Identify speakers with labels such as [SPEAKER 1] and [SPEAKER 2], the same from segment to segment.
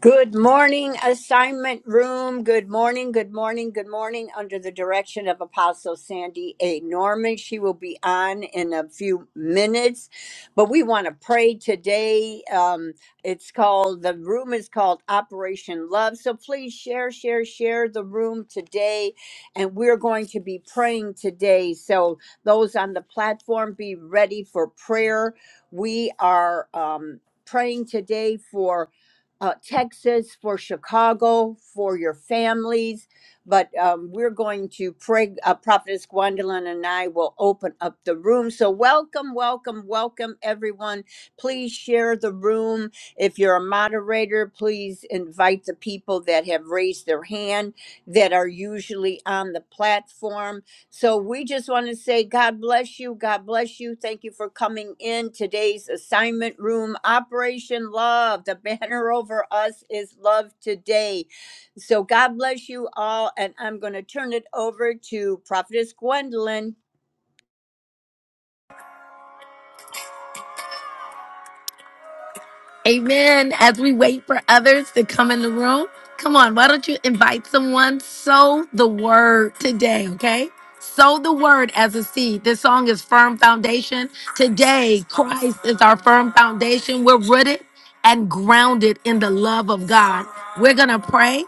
[SPEAKER 1] Good morning, assignment room. Good morning, good morning, good morning. Under the direction of Apostle Sandy A. Norman, she will be on in a few minutes. But we want to pray today. Um, it's called the room is called Operation Love. So please share, share, share the room today, and we're going to be praying today. So those on the platform, be ready for prayer. We are um, praying today for uh, Texas, for Chicago, for your families. But um, we're going to pray. Uh, Prophetess Gwendolyn and I will open up the room. So, welcome, welcome, welcome, everyone. Please share the room. If you're a moderator, please invite the people that have raised their hand that are usually on the platform. So we just want to say, God bless you. God bless you. Thank you for coming in today's assignment room, Operation Love. The banner over us is love today. So God bless you all. And I'm going to turn it over to Prophetess Gwendolyn.
[SPEAKER 2] Amen. As we wait for others to come in the room, come on, why don't you invite someone? Sow the word today, okay? Sow the word as a seed. This song is Firm Foundation. Today, Christ is our firm foundation. We're rooted and grounded in the love of God. We're going to pray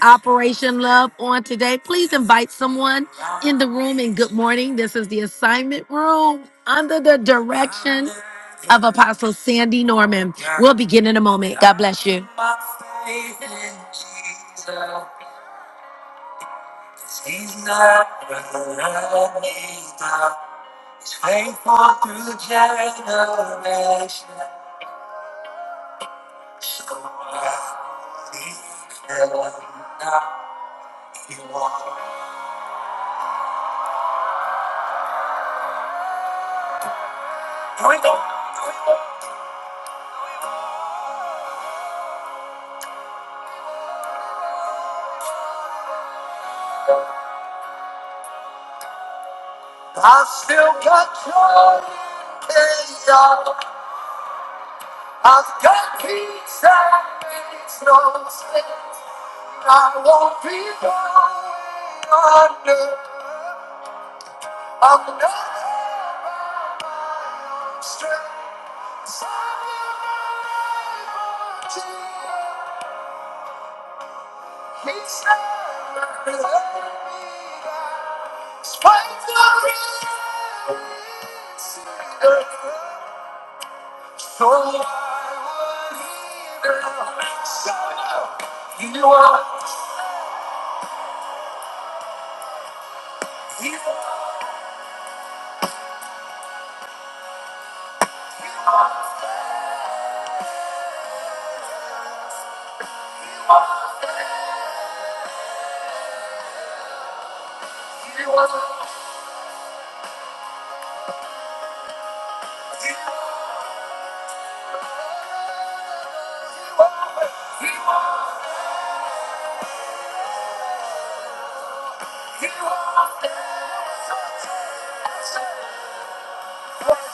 [SPEAKER 2] Operation Love on today. Please invite someone in the room and good morning. This is the assignment room under the direction of Apostle Sandy Norman. We'll begin in a moment. God bless you. Here we go. I've still got joy in chaos. I've got peace that makes no sense. I won't be going under. I'm not by my own strength. Something about you, He's never let me down. Spite the reason. So I would hear you are, you are, you are,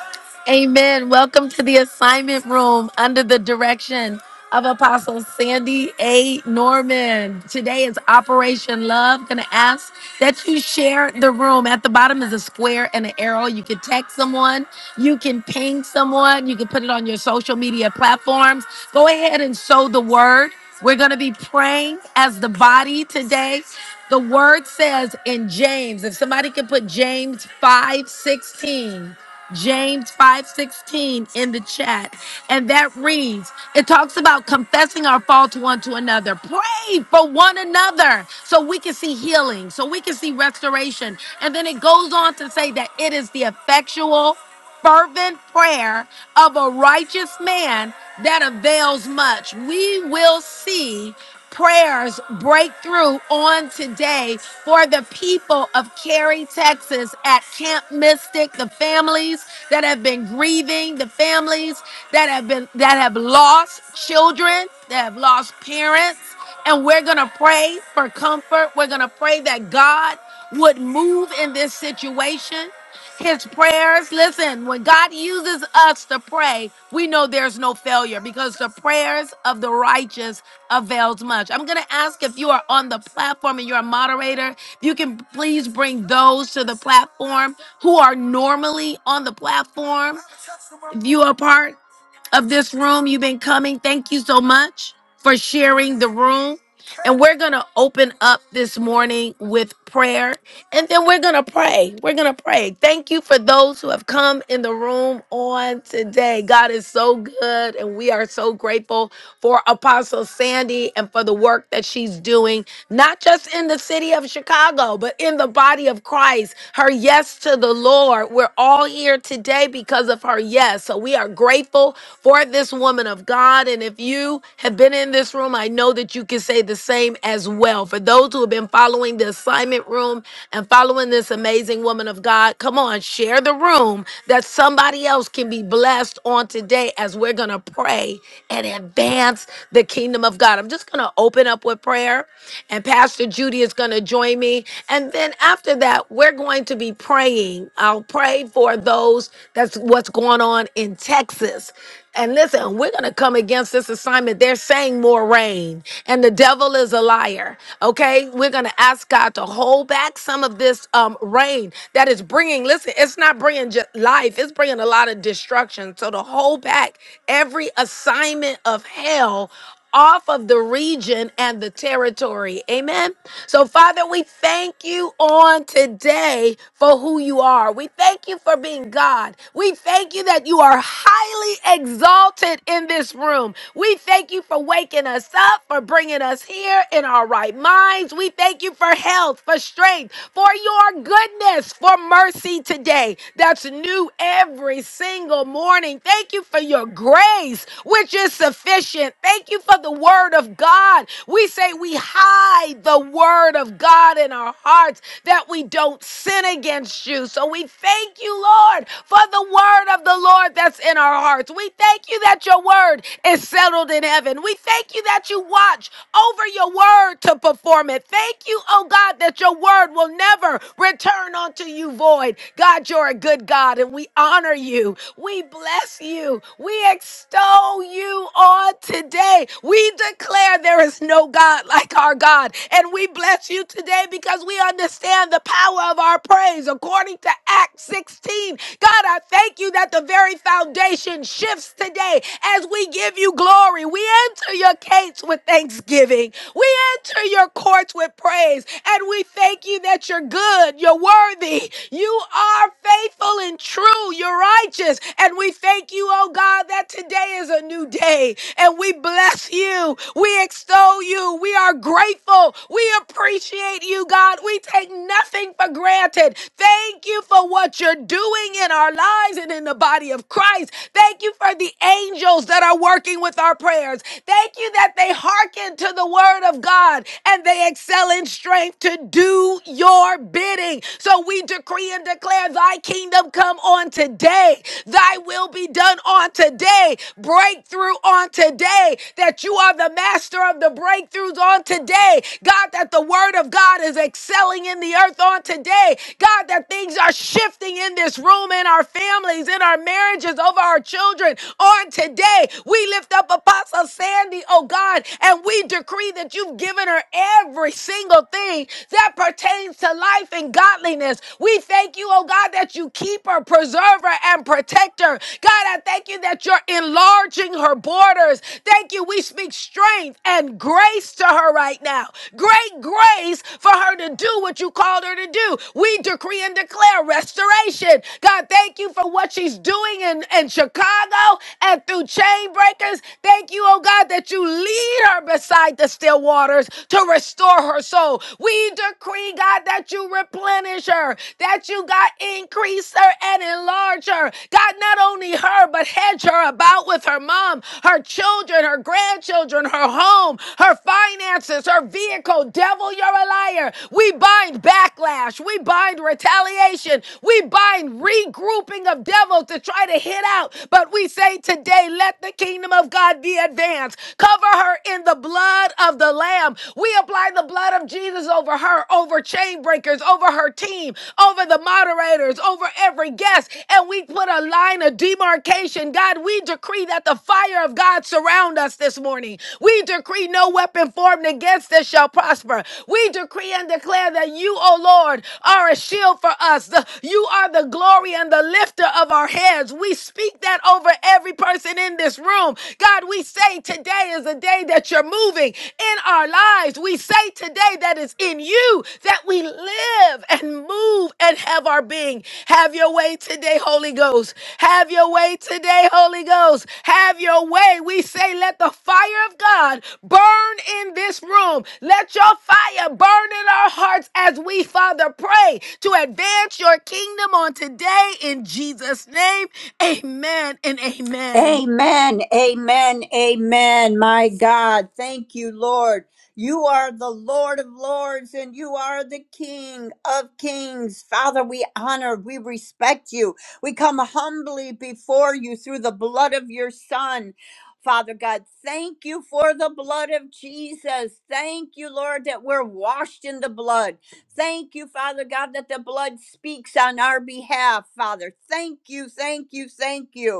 [SPEAKER 2] you are. Amen. Welcome to the assignment room under the direction of Apostle Sandy A. Norman. Today is Operation Love. Gonna ask that you share the room. At the bottom is a square and an arrow. You can text someone, you can ping someone, you can put it on your social media platforms. Go ahead and sow the word. We're going to be praying as the body today. The word says in James, if somebody could put James five sixteen. James 5:16 in the chat. And that reads, it talks about confessing our fault one to another. Pray for one another so we can see healing, so we can see restoration. And then it goes on to say that it is the effectual fervent prayer of a righteous man that avails much. We will see prayers break through on today for the people of Cary, Texas at Camp Mystic, the families that have been grieving, the families that have been that have lost children, that have lost parents, and we're going to pray for comfort. We're going to pray that God would move in this situation. His prayers, listen, when God uses us to pray, we know there's no failure because the prayers of the righteous avails much. I'm going to ask if you are on the platform and you're a moderator, if you can please bring those to the platform who are normally on the platform. If you are part of this room, you've been coming. Thank you so much for sharing the room. And we're going to open up this morning with prayer. And then we're going to pray. We're going to pray. Thank you for those who have come in the room on today. God is so good. And we are so grateful for Apostle Sandy and for the work that she's doing, not just in the city of Chicago, but in the body of Christ. Her yes to the Lord. We're all here today because of her yes. So we are grateful for this woman of God. And if you have been in this room, I know that you can say, say the same as well. For those who have been following the assignment room and following this amazing woman of God, come on, share the room that somebody else can be blessed on today as we're going to pray and advance the kingdom of God. I'm just going to open up with prayer, and Pastor Judy is going to join me. And then after that, we're going to be praying. I'll pray for those that's what's going on in Texas. And listen, we're going to come against this assignment. They're saying more rain, and the devil is a liar. Okay, we're going to ask God to hold back some of this um, rain that is bringing. Listen, it's not bringing just life; it's bringing a lot of destruction. So to hold back every assignment of hell off of the region and the territory. Amen. So, Father, we thank you on today for who you are. We thank you for being God. We thank you that you are highly exalted in this room. We thank you for waking us up, for bringing us here in our right minds. We thank you for health, for strength, for your goodness, for mercy today. That's new every single morning. Thank you for your grace which is sufficient. Thank you for the word of God. We say we hide the word of God in our hearts that we don't sin against you. So we thank you, Lord, for the word of the Lord that's in our hearts. We thank you that your word is settled in heaven. We thank you that you watch over your word to perform it. Thank you, oh God, that your word will never return unto you void. God, you're a good God and we honor you. We bless bless you. We extol you on today. We declare there is no God like our God. And we bless you today because we understand the power of our praise according to Acts 16. God, I thank you that the very foundation shifts today as we give you glory. We enter your gates with thanksgiving. We enter your courts with praise. And we thank you that you're good, you're worthy, you are faithful and true true, you're righteous. And we thank you, oh God, that today is a new day. And we bless you. We extol you. We are grateful. We appreciate you, God. We take nothing for granted. Thank you for what you're doing in our lives and in the body of Christ. Thank you for the angels that are working with our prayers. Thank you that they hearken to the word of God and they excel in strength to do your bidding. So we decree decree and declare thy kingdom come on today. Thy will be done on today. Breakthrough on today. That you are the master of the breakthroughs on today. God, that the word of God is excelling in the earth on today. God, that things are shifting in this room, in our families, in our marriages, over our children on today. We lift up Apostle Sandy, oh God, and we decree that you've given her every single thing that pertains pertains to life and godliness. We thank you, oh God, that you keep her, preserve her, and protect her. God, I thank you that you're enlarging her borders. Thank you. We speak strength and grace to her right now. Great grace for her to do what you called her to do. We decree and declare restoration. God, thank you for what she's doing in, in Chicago and through chain breakers. Thank you, oh God, that you lead her beside the still waters to restore her her soul. We decree, God, that you replenish her, that you, God, increase her and enlarge her. God, not only her, but hedge her about with her mom, her children, her grandchildren, her home, her finances, her vehicle. Devil, you're a liar. We bind backlash. We bind retaliation. We bind regrouping of devils to try to hit out. But we say today, let the kingdom of God be advanced. Cover her in the blood blood of the Lamb. We apply the blood of Jesus over her, over chain breakers, over her team, over the moderators, over every guest. And we put a line of demarcation. God, we decree that the fire of God surround us this morning. We decree no weapon formed against us shall prosper. We decree and declare that you, O Lord, are a shield for us. The- you are the glory and the lifter of our heads. We speak that over every person in this room. God, we say today is a day that you're moving in our lives. We say today that it's in you that we live and move and have our being. Have your way today, Holy Ghost. Have your way today, Holy Ghost. Have your way. We say, let the fire of God burn in this room. Let your fire burn in our hearts as we, Father, pray to advance your kingdom on today in Jesus' name. Amen and amen.
[SPEAKER 1] Amen. Amen. Amen. My God. Thank you, Lord. You are the Lord of Lords and you are the King of Kings. Father, we honor, we respect you. We come humbly before you through the blood of your Son. Father God, thank you for the blood of Jesus. Thank you, Lord, that we're washed in the blood. Thank you, Father God, that the blood speaks on our behalf, Father. Thank you, thank you, thank you.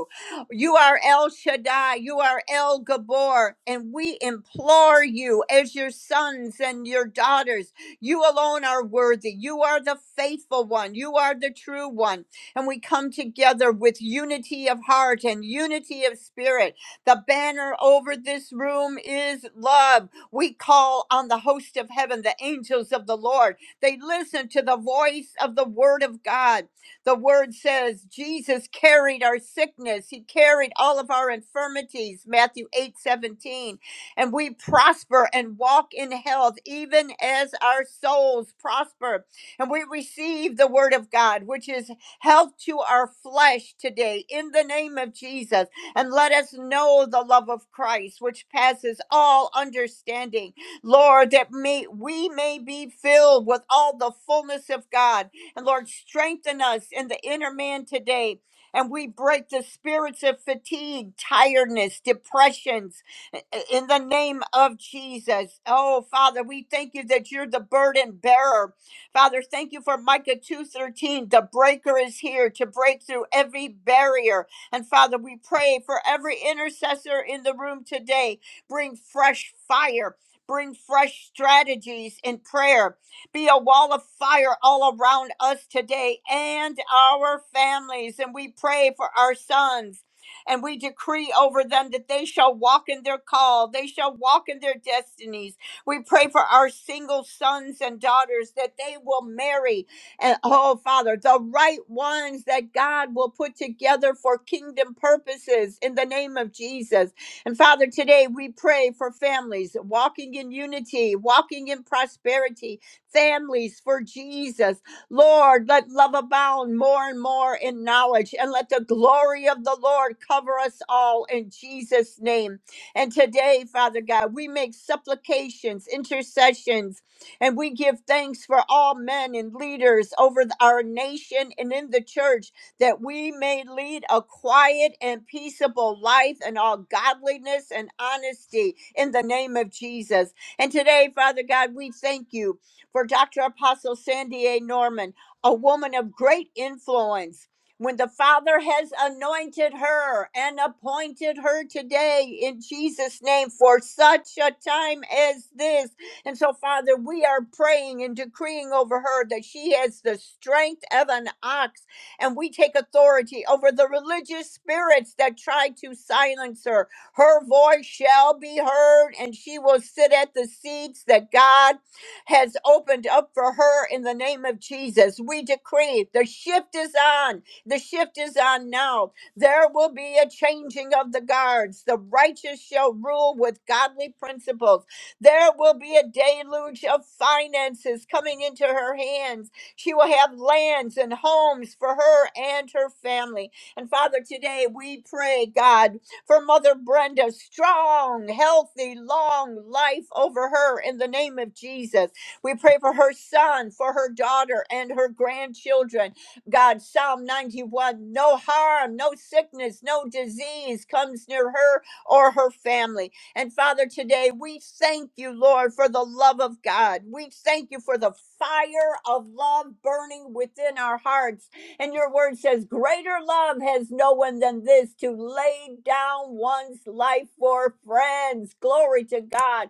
[SPEAKER 1] You are El Shaddai. You are El Gabor. And we implore you as your sons and your daughters. You alone are worthy. You are the faithful one. You are the true one. And we come together with unity of heart and unity of spirit. The banner over this room is love. We call on the host of heaven, the angels of the Lord. They listen to the voice of the word of God the word says Jesus carried our sickness. He carried all of our infirmities, Matthew 8 17, And we prosper and walk in health, even as our souls prosper. And we receive the word of God, which is health to our flesh today, in the name of Jesus. And let us know the love of Christ, which passes all understanding. Lord, that may, we may be filled with all the fullness of God. And Lord, strengthen us in the inner man today. And we break the spirits of fatigue, tiredness, depressions in the name of Jesus. Oh, Father, we thank you that you're the burden bearer. Father, thank you for Micah 2:13. The breaker is here to break through every barrier. And Father, we pray for every intercessor in the room today. Bring fresh fire. Bring fresh strategies in prayer be a wall of fire all around us today and our families. And we pray for our sons. And we decree over them that they shall walk in their call. They shall walk in their destinies. We pray for our single sons and daughters that they will marry. And oh, Father, the right ones that God will put together for kingdom purposes in the name of Jesus. And Father, today we pray for families walking in unity, walking in prosperity, families for Jesus. Lord, let love abound more and more in knowledge, and let the glory of the Lord cover us all in Jesus' name. And today, Father God, we make supplications, intercessions, and we give thanks for all men and leaders over th- our nation and in the church that we may lead a quiet and peaceable life in all godliness and honesty in the name of Jesus. And today, Father God, we thank you for Dr. Apostle Sandy A. Norman, a woman of great influence. When the Father has anointed her and appointed her today in Jesus' name for such a time as this. And so, Father, we are praying and decreeing over her that she has the strength of an ox and we take authority over the religious spirits that try to silence her. Her voice shall be heard, and she will sit at the seats that God has opened up for her in the name of Jesus. We decree the shift is on. The shift is on now. There will be a changing of the guards. The righteous shall rule with godly principles. There will be a deluge of finances coming into her hands. She will have lands and homes for her and her family. And Father, today we pray, God, for Mother Brenda, strong, healthy, long life over her in the name of Jesus. We pray for her son, for her daughter, and her grandchildren. God, Psalm 91 no harm, no sickness, no disease comes near her or her family. And Father, today we thank you, Lord, for the love of God. We thank you for the fire of love burning within our hearts. And your word says, Greater love has no one than this to lay down one's life for friends. Glory to God.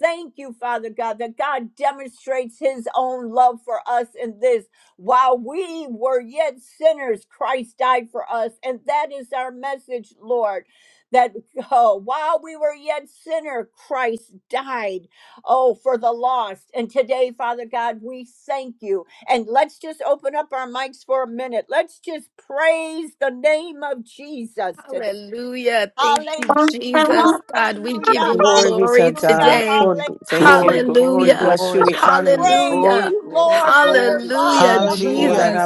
[SPEAKER 1] Thank you, Father God, that God demonstrates his own love for us in this. While we were yet sinners, Christ died for us. And that is our message, Lord. That oh, while we were yet sinner, Christ died, oh, for the lost. And today, Father God, we thank you. And let's just open up our mics for a minute. Let's just praise the name of Jesus
[SPEAKER 2] Hallelujah. Thank you,
[SPEAKER 3] Yes,
[SPEAKER 1] Hallelujah,
[SPEAKER 2] Jesus. God, we give
[SPEAKER 1] hallelujah,
[SPEAKER 2] you
[SPEAKER 4] Glory be
[SPEAKER 2] glory
[SPEAKER 4] to
[SPEAKER 1] hallelujah,
[SPEAKER 4] God.
[SPEAKER 2] today.
[SPEAKER 4] Lord, we thank
[SPEAKER 1] hallelujah.
[SPEAKER 5] Glory,
[SPEAKER 4] you. We
[SPEAKER 5] glory,
[SPEAKER 2] Hallelujah.
[SPEAKER 4] bless you.
[SPEAKER 5] glory,
[SPEAKER 4] We honor you.
[SPEAKER 1] Praise
[SPEAKER 2] Hallelujah.
[SPEAKER 5] glory,
[SPEAKER 1] you,
[SPEAKER 5] glory,
[SPEAKER 1] Lord, for your
[SPEAKER 5] glory,
[SPEAKER 1] love
[SPEAKER 2] Hallelujah,
[SPEAKER 5] glory,
[SPEAKER 1] covers us.
[SPEAKER 5] glory.
[SPEAKER 6] Hallelujah.
[SPEAKER 2] Jesus.